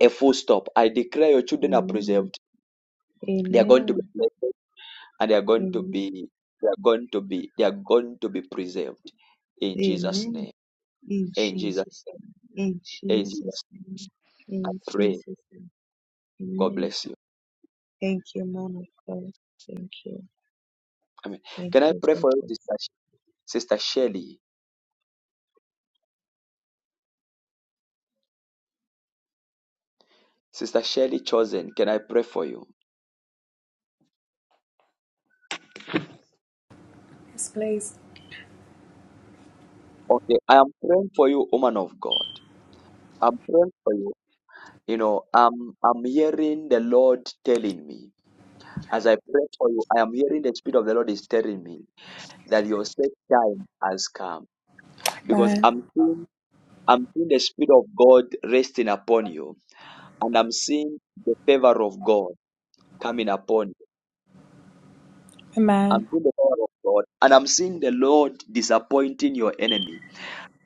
a full stop. I declare your children are
Amen.
preserved. They are going to be
Amen.
blessed and they are going to
Amen.
be they are going to be they are going to be preserved in Jesus'
Amen.
name.
In
In Jesus,
Jesus' name. In
in Jesus'
Jesus'
name.
name.
I
In
pray.
Jesus' name.
God
Amen.
bless you.
Thank you, man of God. Thank you.
Amen.
Thank
Can I
you,
pray for you,
God.
sister, sister Shelley? Sister Shirley Chosen, can I pray for you?
Yes, please.
Okay, I am praying for you, woman of God. I'm praying for you. You know, I'm I'm hearing the Lord telling me as I pray for you. I am hearing the Spirit of the Lord is telling me that your set time has come because
Amen.
I'm seeing I'm seeing the Spirit of God resting upon you, and I'm seeing the favor of God coming upon you.
Amen.
I'm seeing the power of God, and I'm seeing the Lord disappointing your enemy.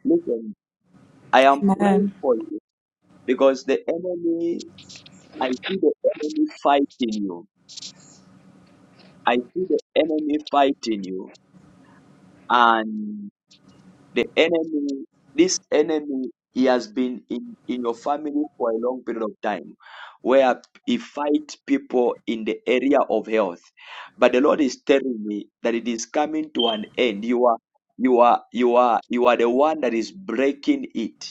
Listen, I am praying
Amen.
for you. Because the enemy, I see the enemy fighting you. I see the enemy fighting you. And the enemy, this enemy, he has been in, in your family for a long period of time where he fight people in the area of health. But the Lord is telling me that it is coming to an end. You are you are you are you are the one that is breaking it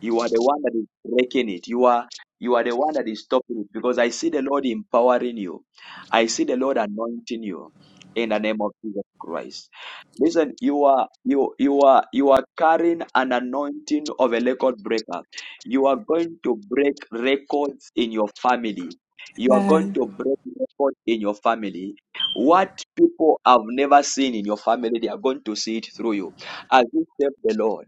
You are the one that is breaking it. You are you are the one that is stopping it because I see the Lord empowering you. I see the Lord anointing you in the name of Jesus Christ. Listen, you are you you are you are carrying an anointing of a record breaker. You are going to break records in your family. You are going
Amen.
to break records in your family. What people have never seen in your family, they are going to see it through you. As you serve the Lord.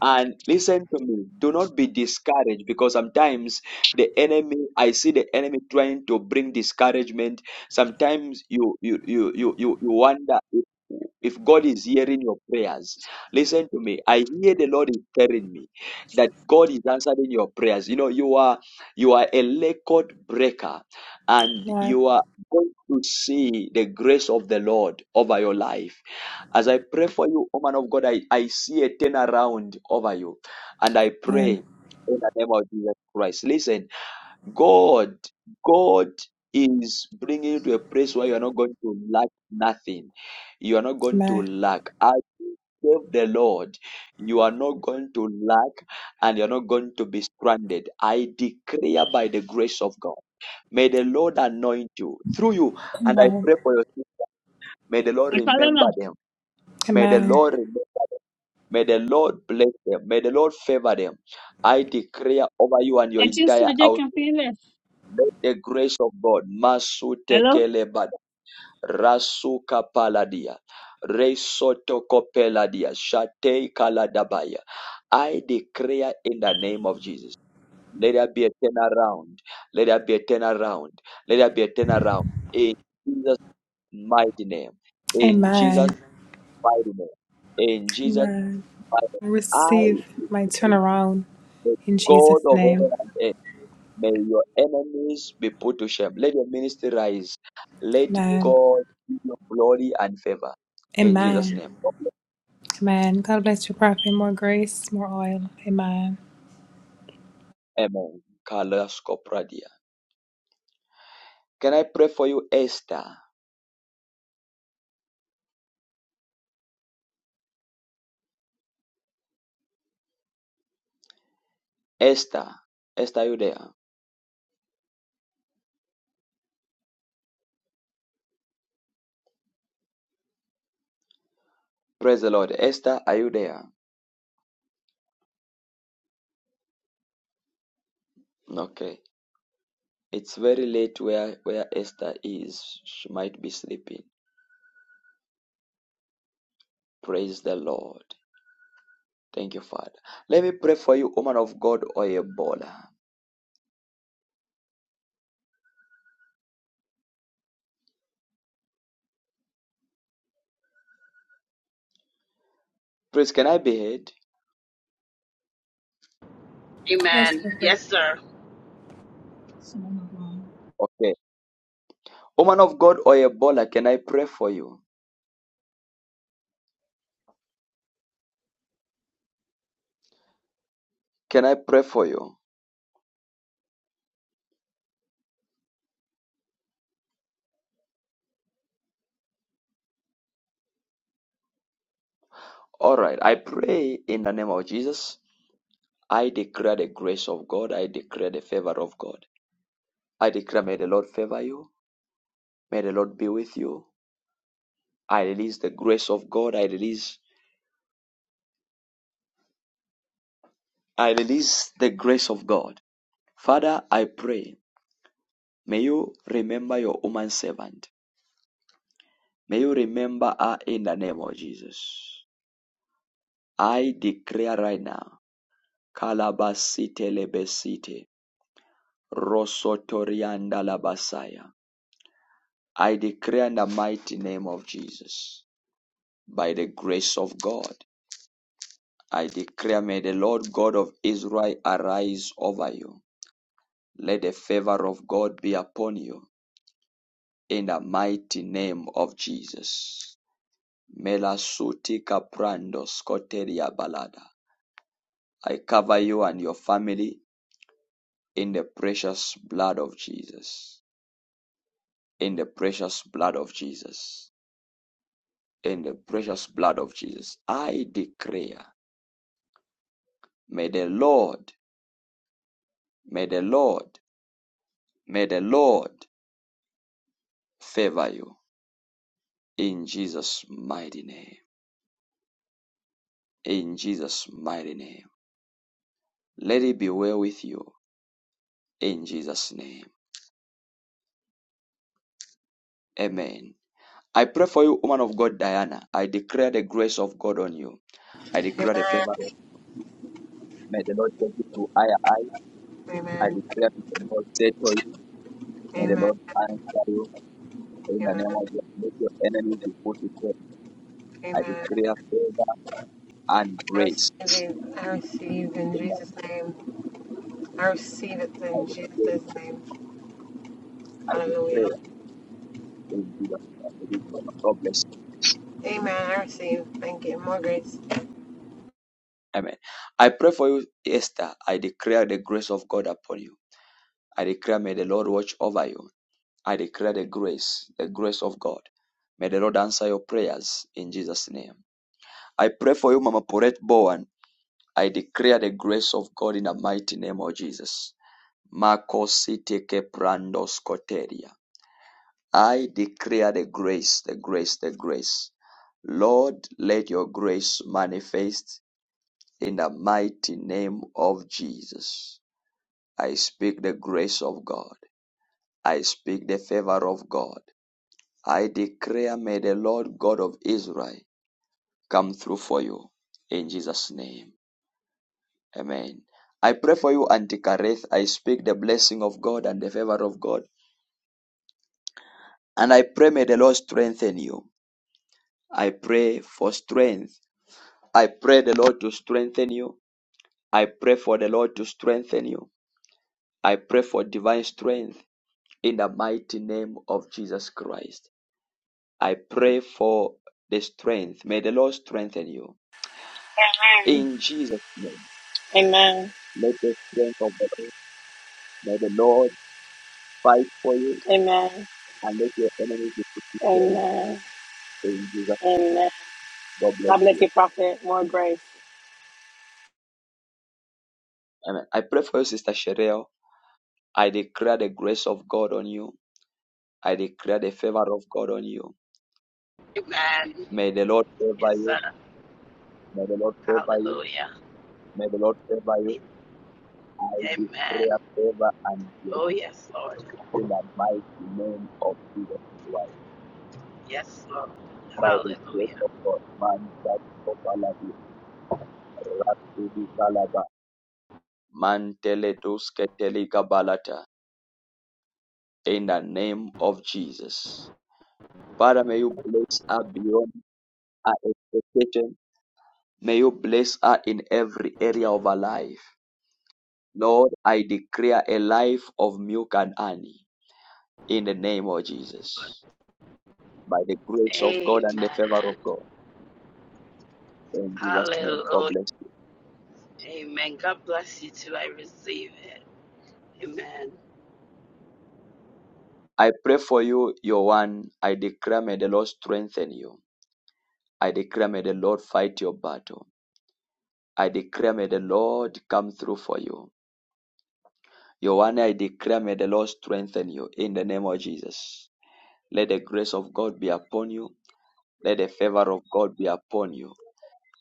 And listen to me, do not be discouraged because sometimes the enemy, I see the enemy trying to bring discouragement. Sometimes you you you you you, you wonder if, if God is hearing your prayers. Listen to me. I hear the Lord is telling me that God is answering your prayers. You know, you are you are a record breaker and
Amen.
you are going to see the grace of the Lord over your life. As I pray for you, O man of God, I, I see a turnaround over you. And I pray
Amen.
in the name of Jesus Christ. Listen, God, God is bringing you to a place where you are not going to lack nothing. You are not going to
Amen.
lack. As you serve the Lord, you are not going to lack and you're not going to be stranded. I declare by the grace of God. May the Lord anoint you through you. And I
Amen.
pray for your May the Lord remember them. May the
Amen.
Lord remember them. May the Lord bless them. May the Lord favor them. I declare over you and your
Actually,
entire household. Let the grace of God, Masu
I love
Tekelebad, Rasuka Paladia, Resoto Kopeladia, Shate Kaladabaya. I declare in the name of Jesus. Let there be a turnaround. Let there be a turnaround. Let there be a turnaround. In Jesus' mighty name. In Jesus'
Amen.
mighty name. In Jesus'
Amen.
Father,
I
I
receive my
pray
turnaround
the
in
God
Jesus'
of heaven
name.
and earth, may your enemies be put to shame. Let your ministry rise. Let
Amen.
God give you glory and favor. In Jesus'
Amen.
name.
Amen. God bless you, Prophet. More grace, more oil. Amen.
Amen. Carlos Copradia. Can I pray for you, Esther? Esther. Esther, are you there? Praise the Lord. Esther, are you there? Okay. It's very late where, where Esther is. She might be sleeping. Praise the Lord. Thank you, Father. Let me pray for you, woman of God or Ebola. Please, can I be heard?
Yes,
Amen.
Prophet.
Yes, sir.
Someone of our Thank
Okay. Woman of God or Ebola, can I pray for you? Can I pray for you? All right. I pray in the name of Jesus. I declare the grace of God. I declare the favor of God. I declare, may the Lord favor you. May the Lord be with you. I release the grace of God. I release, I release the grace of God. Father, I pray. May you remember your woman servant. May you remember her in the name of Jesus. I declare right now, Kalabasite Lebesite, Rosotorianda Labasaya. I declare in the mighty name of Jesus, by the grace of God, I declare, may the Lord God of Israel arise over you. Let the favor of God be upon you in the mighty name of Jesus. Melasutika prando scoteria balada. I cover you and your family in the precious blood of Jesus. In the precious blood of Jesus. In the precious blood of Jesus. I declare, may the Lord, may the Lord, may the Lord favor you in Jesus' mighty name. In Jesus' mighty name. Let it be well with you in Jesus' name. Amen. I pray for you, woman of God, Diana. I declare the grace of God on you. I declare the
Amen.
favor of God. May the Lord take you to higher I
Amen.
declare to the Lord, settle you, May the
Amen.
Lord answer you in the name
Amen.
of Jesus. Let your enemies be put to shame. I
Amen.
declare favor and
I
grace.
receive it. I receive in
In the
Jesus'
name
name. I receive it
of
in
the Spirit,
Jesus' name.
I
Hallelujah.
declare in Jesus' name. It is well. God bless.
Amen. I receive. Thank you. More grace.
you. Amen. I pray for you, Esther. I declare the grace of God upon you. I declare, may the Lord watch over you. I declare the grace, the grace of God. May the Lord answer your prayers in Jesus' name. I pray for you, Mama Poret Bowen. I declare the grace of God in the mighty name of Jesus. Makosite keprandos koteria. I declare the grace, the grace, the grace. Lord, let your grace manifest in the mighty name of Jesus. I speak the grace of God. I speak the favor of God. I declare, may the Lord God of Israel come through for you in Jesus' name. Amen. I pray for you, Auntie Kareth. I speak the blessing of God and the favor of God. And I pray, may the Lord strengthen you. I pray for strength. I pray the Lord to strengthen you. I pray for the Lord to strengthen you. I pray for divine strength in the mighty name of Jesus Christ. I pray for the strength. May the Lord strengthen you.
Amen.
In Jesus' name,
Amen.
let the strength of the Lord, may the Lord fight for you
Amen.
and let your enemies be defeated.
Amen.
Praise Jesus.
Amen.
God bless
God bless
you.
you, Prophet. More grace.
Amen. I pray for you, Sister Sherelle. I declare the grace of God on you. I declare the favor of God on you.
Amen.
May the Lord favor
Yes,
you.
sir.
May the Lord favor you.
Hallelujah.
May the Lord favor you. I declare
Amen.
favor and
Oh,
grace
yes, Lord.
in the mighty name of Jesus Christ.
Yes, Lord.
By the grace
Hallelujah.
of God, man that kopaladi rasidi kalaba mantele duske teliga In the name of Jesus. Father, may you bless her beyond her expectation. May you bless her in every area of her life. Lord, I declare a life of milk and honey in the name of Jesus. By the grace of God and the favor of
Amen.
God. In Jesus' name, God
Hallelujah.
bless you.
Amen. God bless you too. I receive it. Amen.
I pray for you, your one. I declare may the Lord strengthen you. I declare may the Lord fight your battle. I declare may the Lord come through for you. Your one, I declare may the Lord strengthen you in the name of Jesus. Let the grace of God be upon you. Let the favor of God be upon you.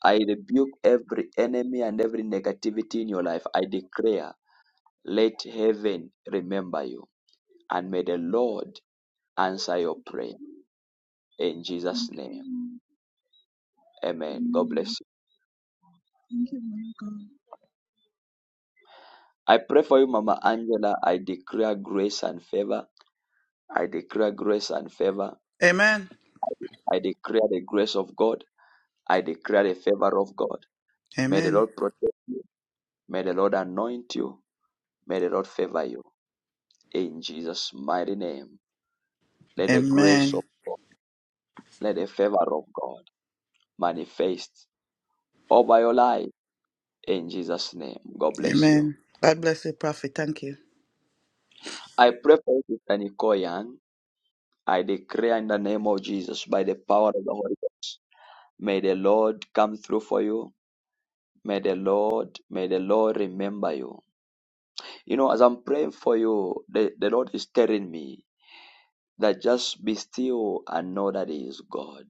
I rebuke every enemy and every negativity in your life. I declare, let heaven remember you. And may the Lord
you,
answer your prayer.
Lord.
In Jesus'
Thank you,
name.
Lord.
Amen. God
Amen.
bless you.
Thank you, my God.
I pray for you, Mama Angela. I declare grace and favor. I declare grace and favor.
Amen.
I declare the grace of God. I declare the favor of God. May the
Amen.
Lord protect you. May the Lord anoint you. May the Lord favor you. In Jesus' mighty name. Let the grace of
Amen.
God, let the favor of God manifest over your life in Jesus' name. God bless you.
Amen. God bless you, Prophet. Thank you.
I pray for you, Sister Nicole Young. I declare in the name of Jesus, by the power of the Holy Ghost, may the Lord come through for you. May the Lord, may the Lord remember you. You know, as I'm praying for you, the, the Lord is telling me that just be still and know that He is God.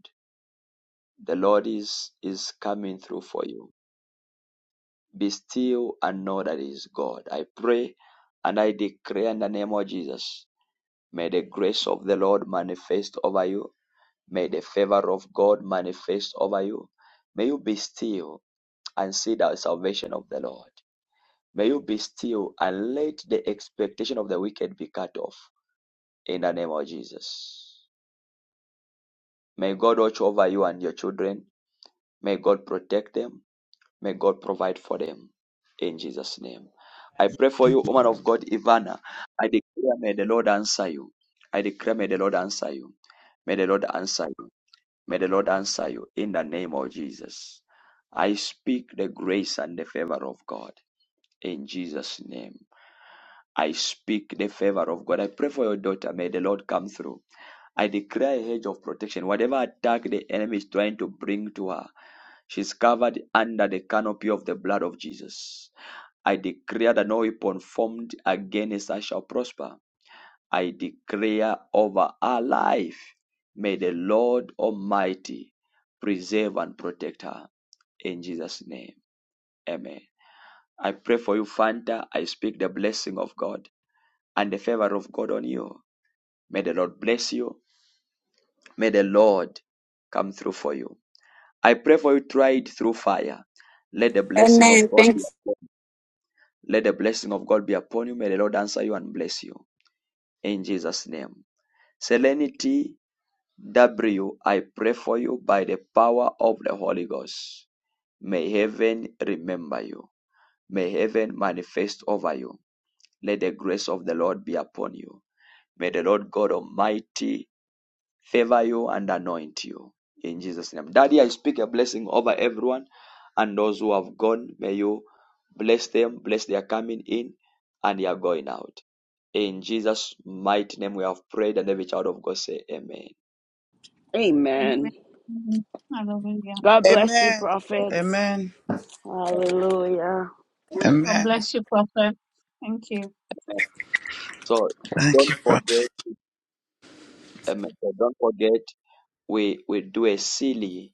The Lord is is coming through for you. Be still and know that He is God. I pray and I declare in the name of Jesus. May the grace of the Lord manifest over you. May the favor of God manifest over you. May you be still and see the salvation of the Lord. May you be still and let the expectation of the wicked be cut off in the name of Jesus. May God watch over you and your children. May God protect them. May God provide for them in Jesus' name. I pray for you, woman of God, Ivana. I declare, may the Lord answer you. I declare, may the Lord answer you. May the Lord answer you. May the Lord answer you in the name of Jesus. I speak the grace and the favor of God in Jesus' name. I speak the favor of God. I pray for your daughter. May the Lord come through. I declare a hedge of protection. Whatever attack the enemy is trying to bring to her, she's covered under the canopy of the blood of Jesus. I declare that no weapon formed against us shall prosper. I declare over our life, may the Lord Almighty preserve and protect her. In Jesus' name, amen. I pray for you, Fanta. I speak the blessing of God and the favor of God on you. May the Lord bless you. May the Lord come through for you. I pray for you, tried through fire. Let the blessing of
Amen.
God be
Thank
upon you. Let the blessing of God be upon you. May the Lord answer you and bless you. in Jesus' name. Serenity W, I pray for you by the power of the Holy Ghost. May heaven remember you. May heaven manifest over you. Let the grace of the Lord be upon you. May the Lord God Almighty favor you and anoint you. In Jesus' name. Daddy, I speak a blessing over everyone and those who have gone. May you bless them, bless their coming in and their going out. In Jesus' mighty name we have prayed, and every child of God say amen.
Amen.
Amen. Hallelujah.
God bless you,
Amen.
prophet.
Amen.
Hallelujah.
God
Amen.
bless you, Prophet. Thank you.
So
Thank
don't
you,
forget,
Prophet.
amen. So Don't forget, we we do a silly.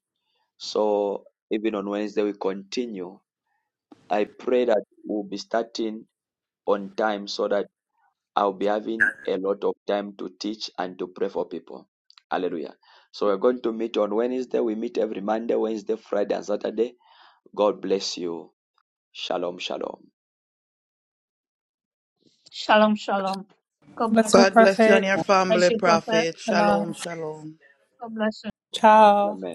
So even on Wednesday we continue. I pray that we'll be starting on time so that I'll be having a lot of time to teach and to pray for people. Hallelujah. So we're going to meet on Wednesday. We meet every Monday, Wednesday, Friday, and Saturday. God bless you. Shalom, shalom.
Shalom, shalom. God bless
Bless you,
God
everyone.
bless you and
Prophet.
Colossians
your
Bless
family,
you, Prophet.
Prophet. Shalom,
Shalom.
shalom.
God bless you.
Ciao.
Amen.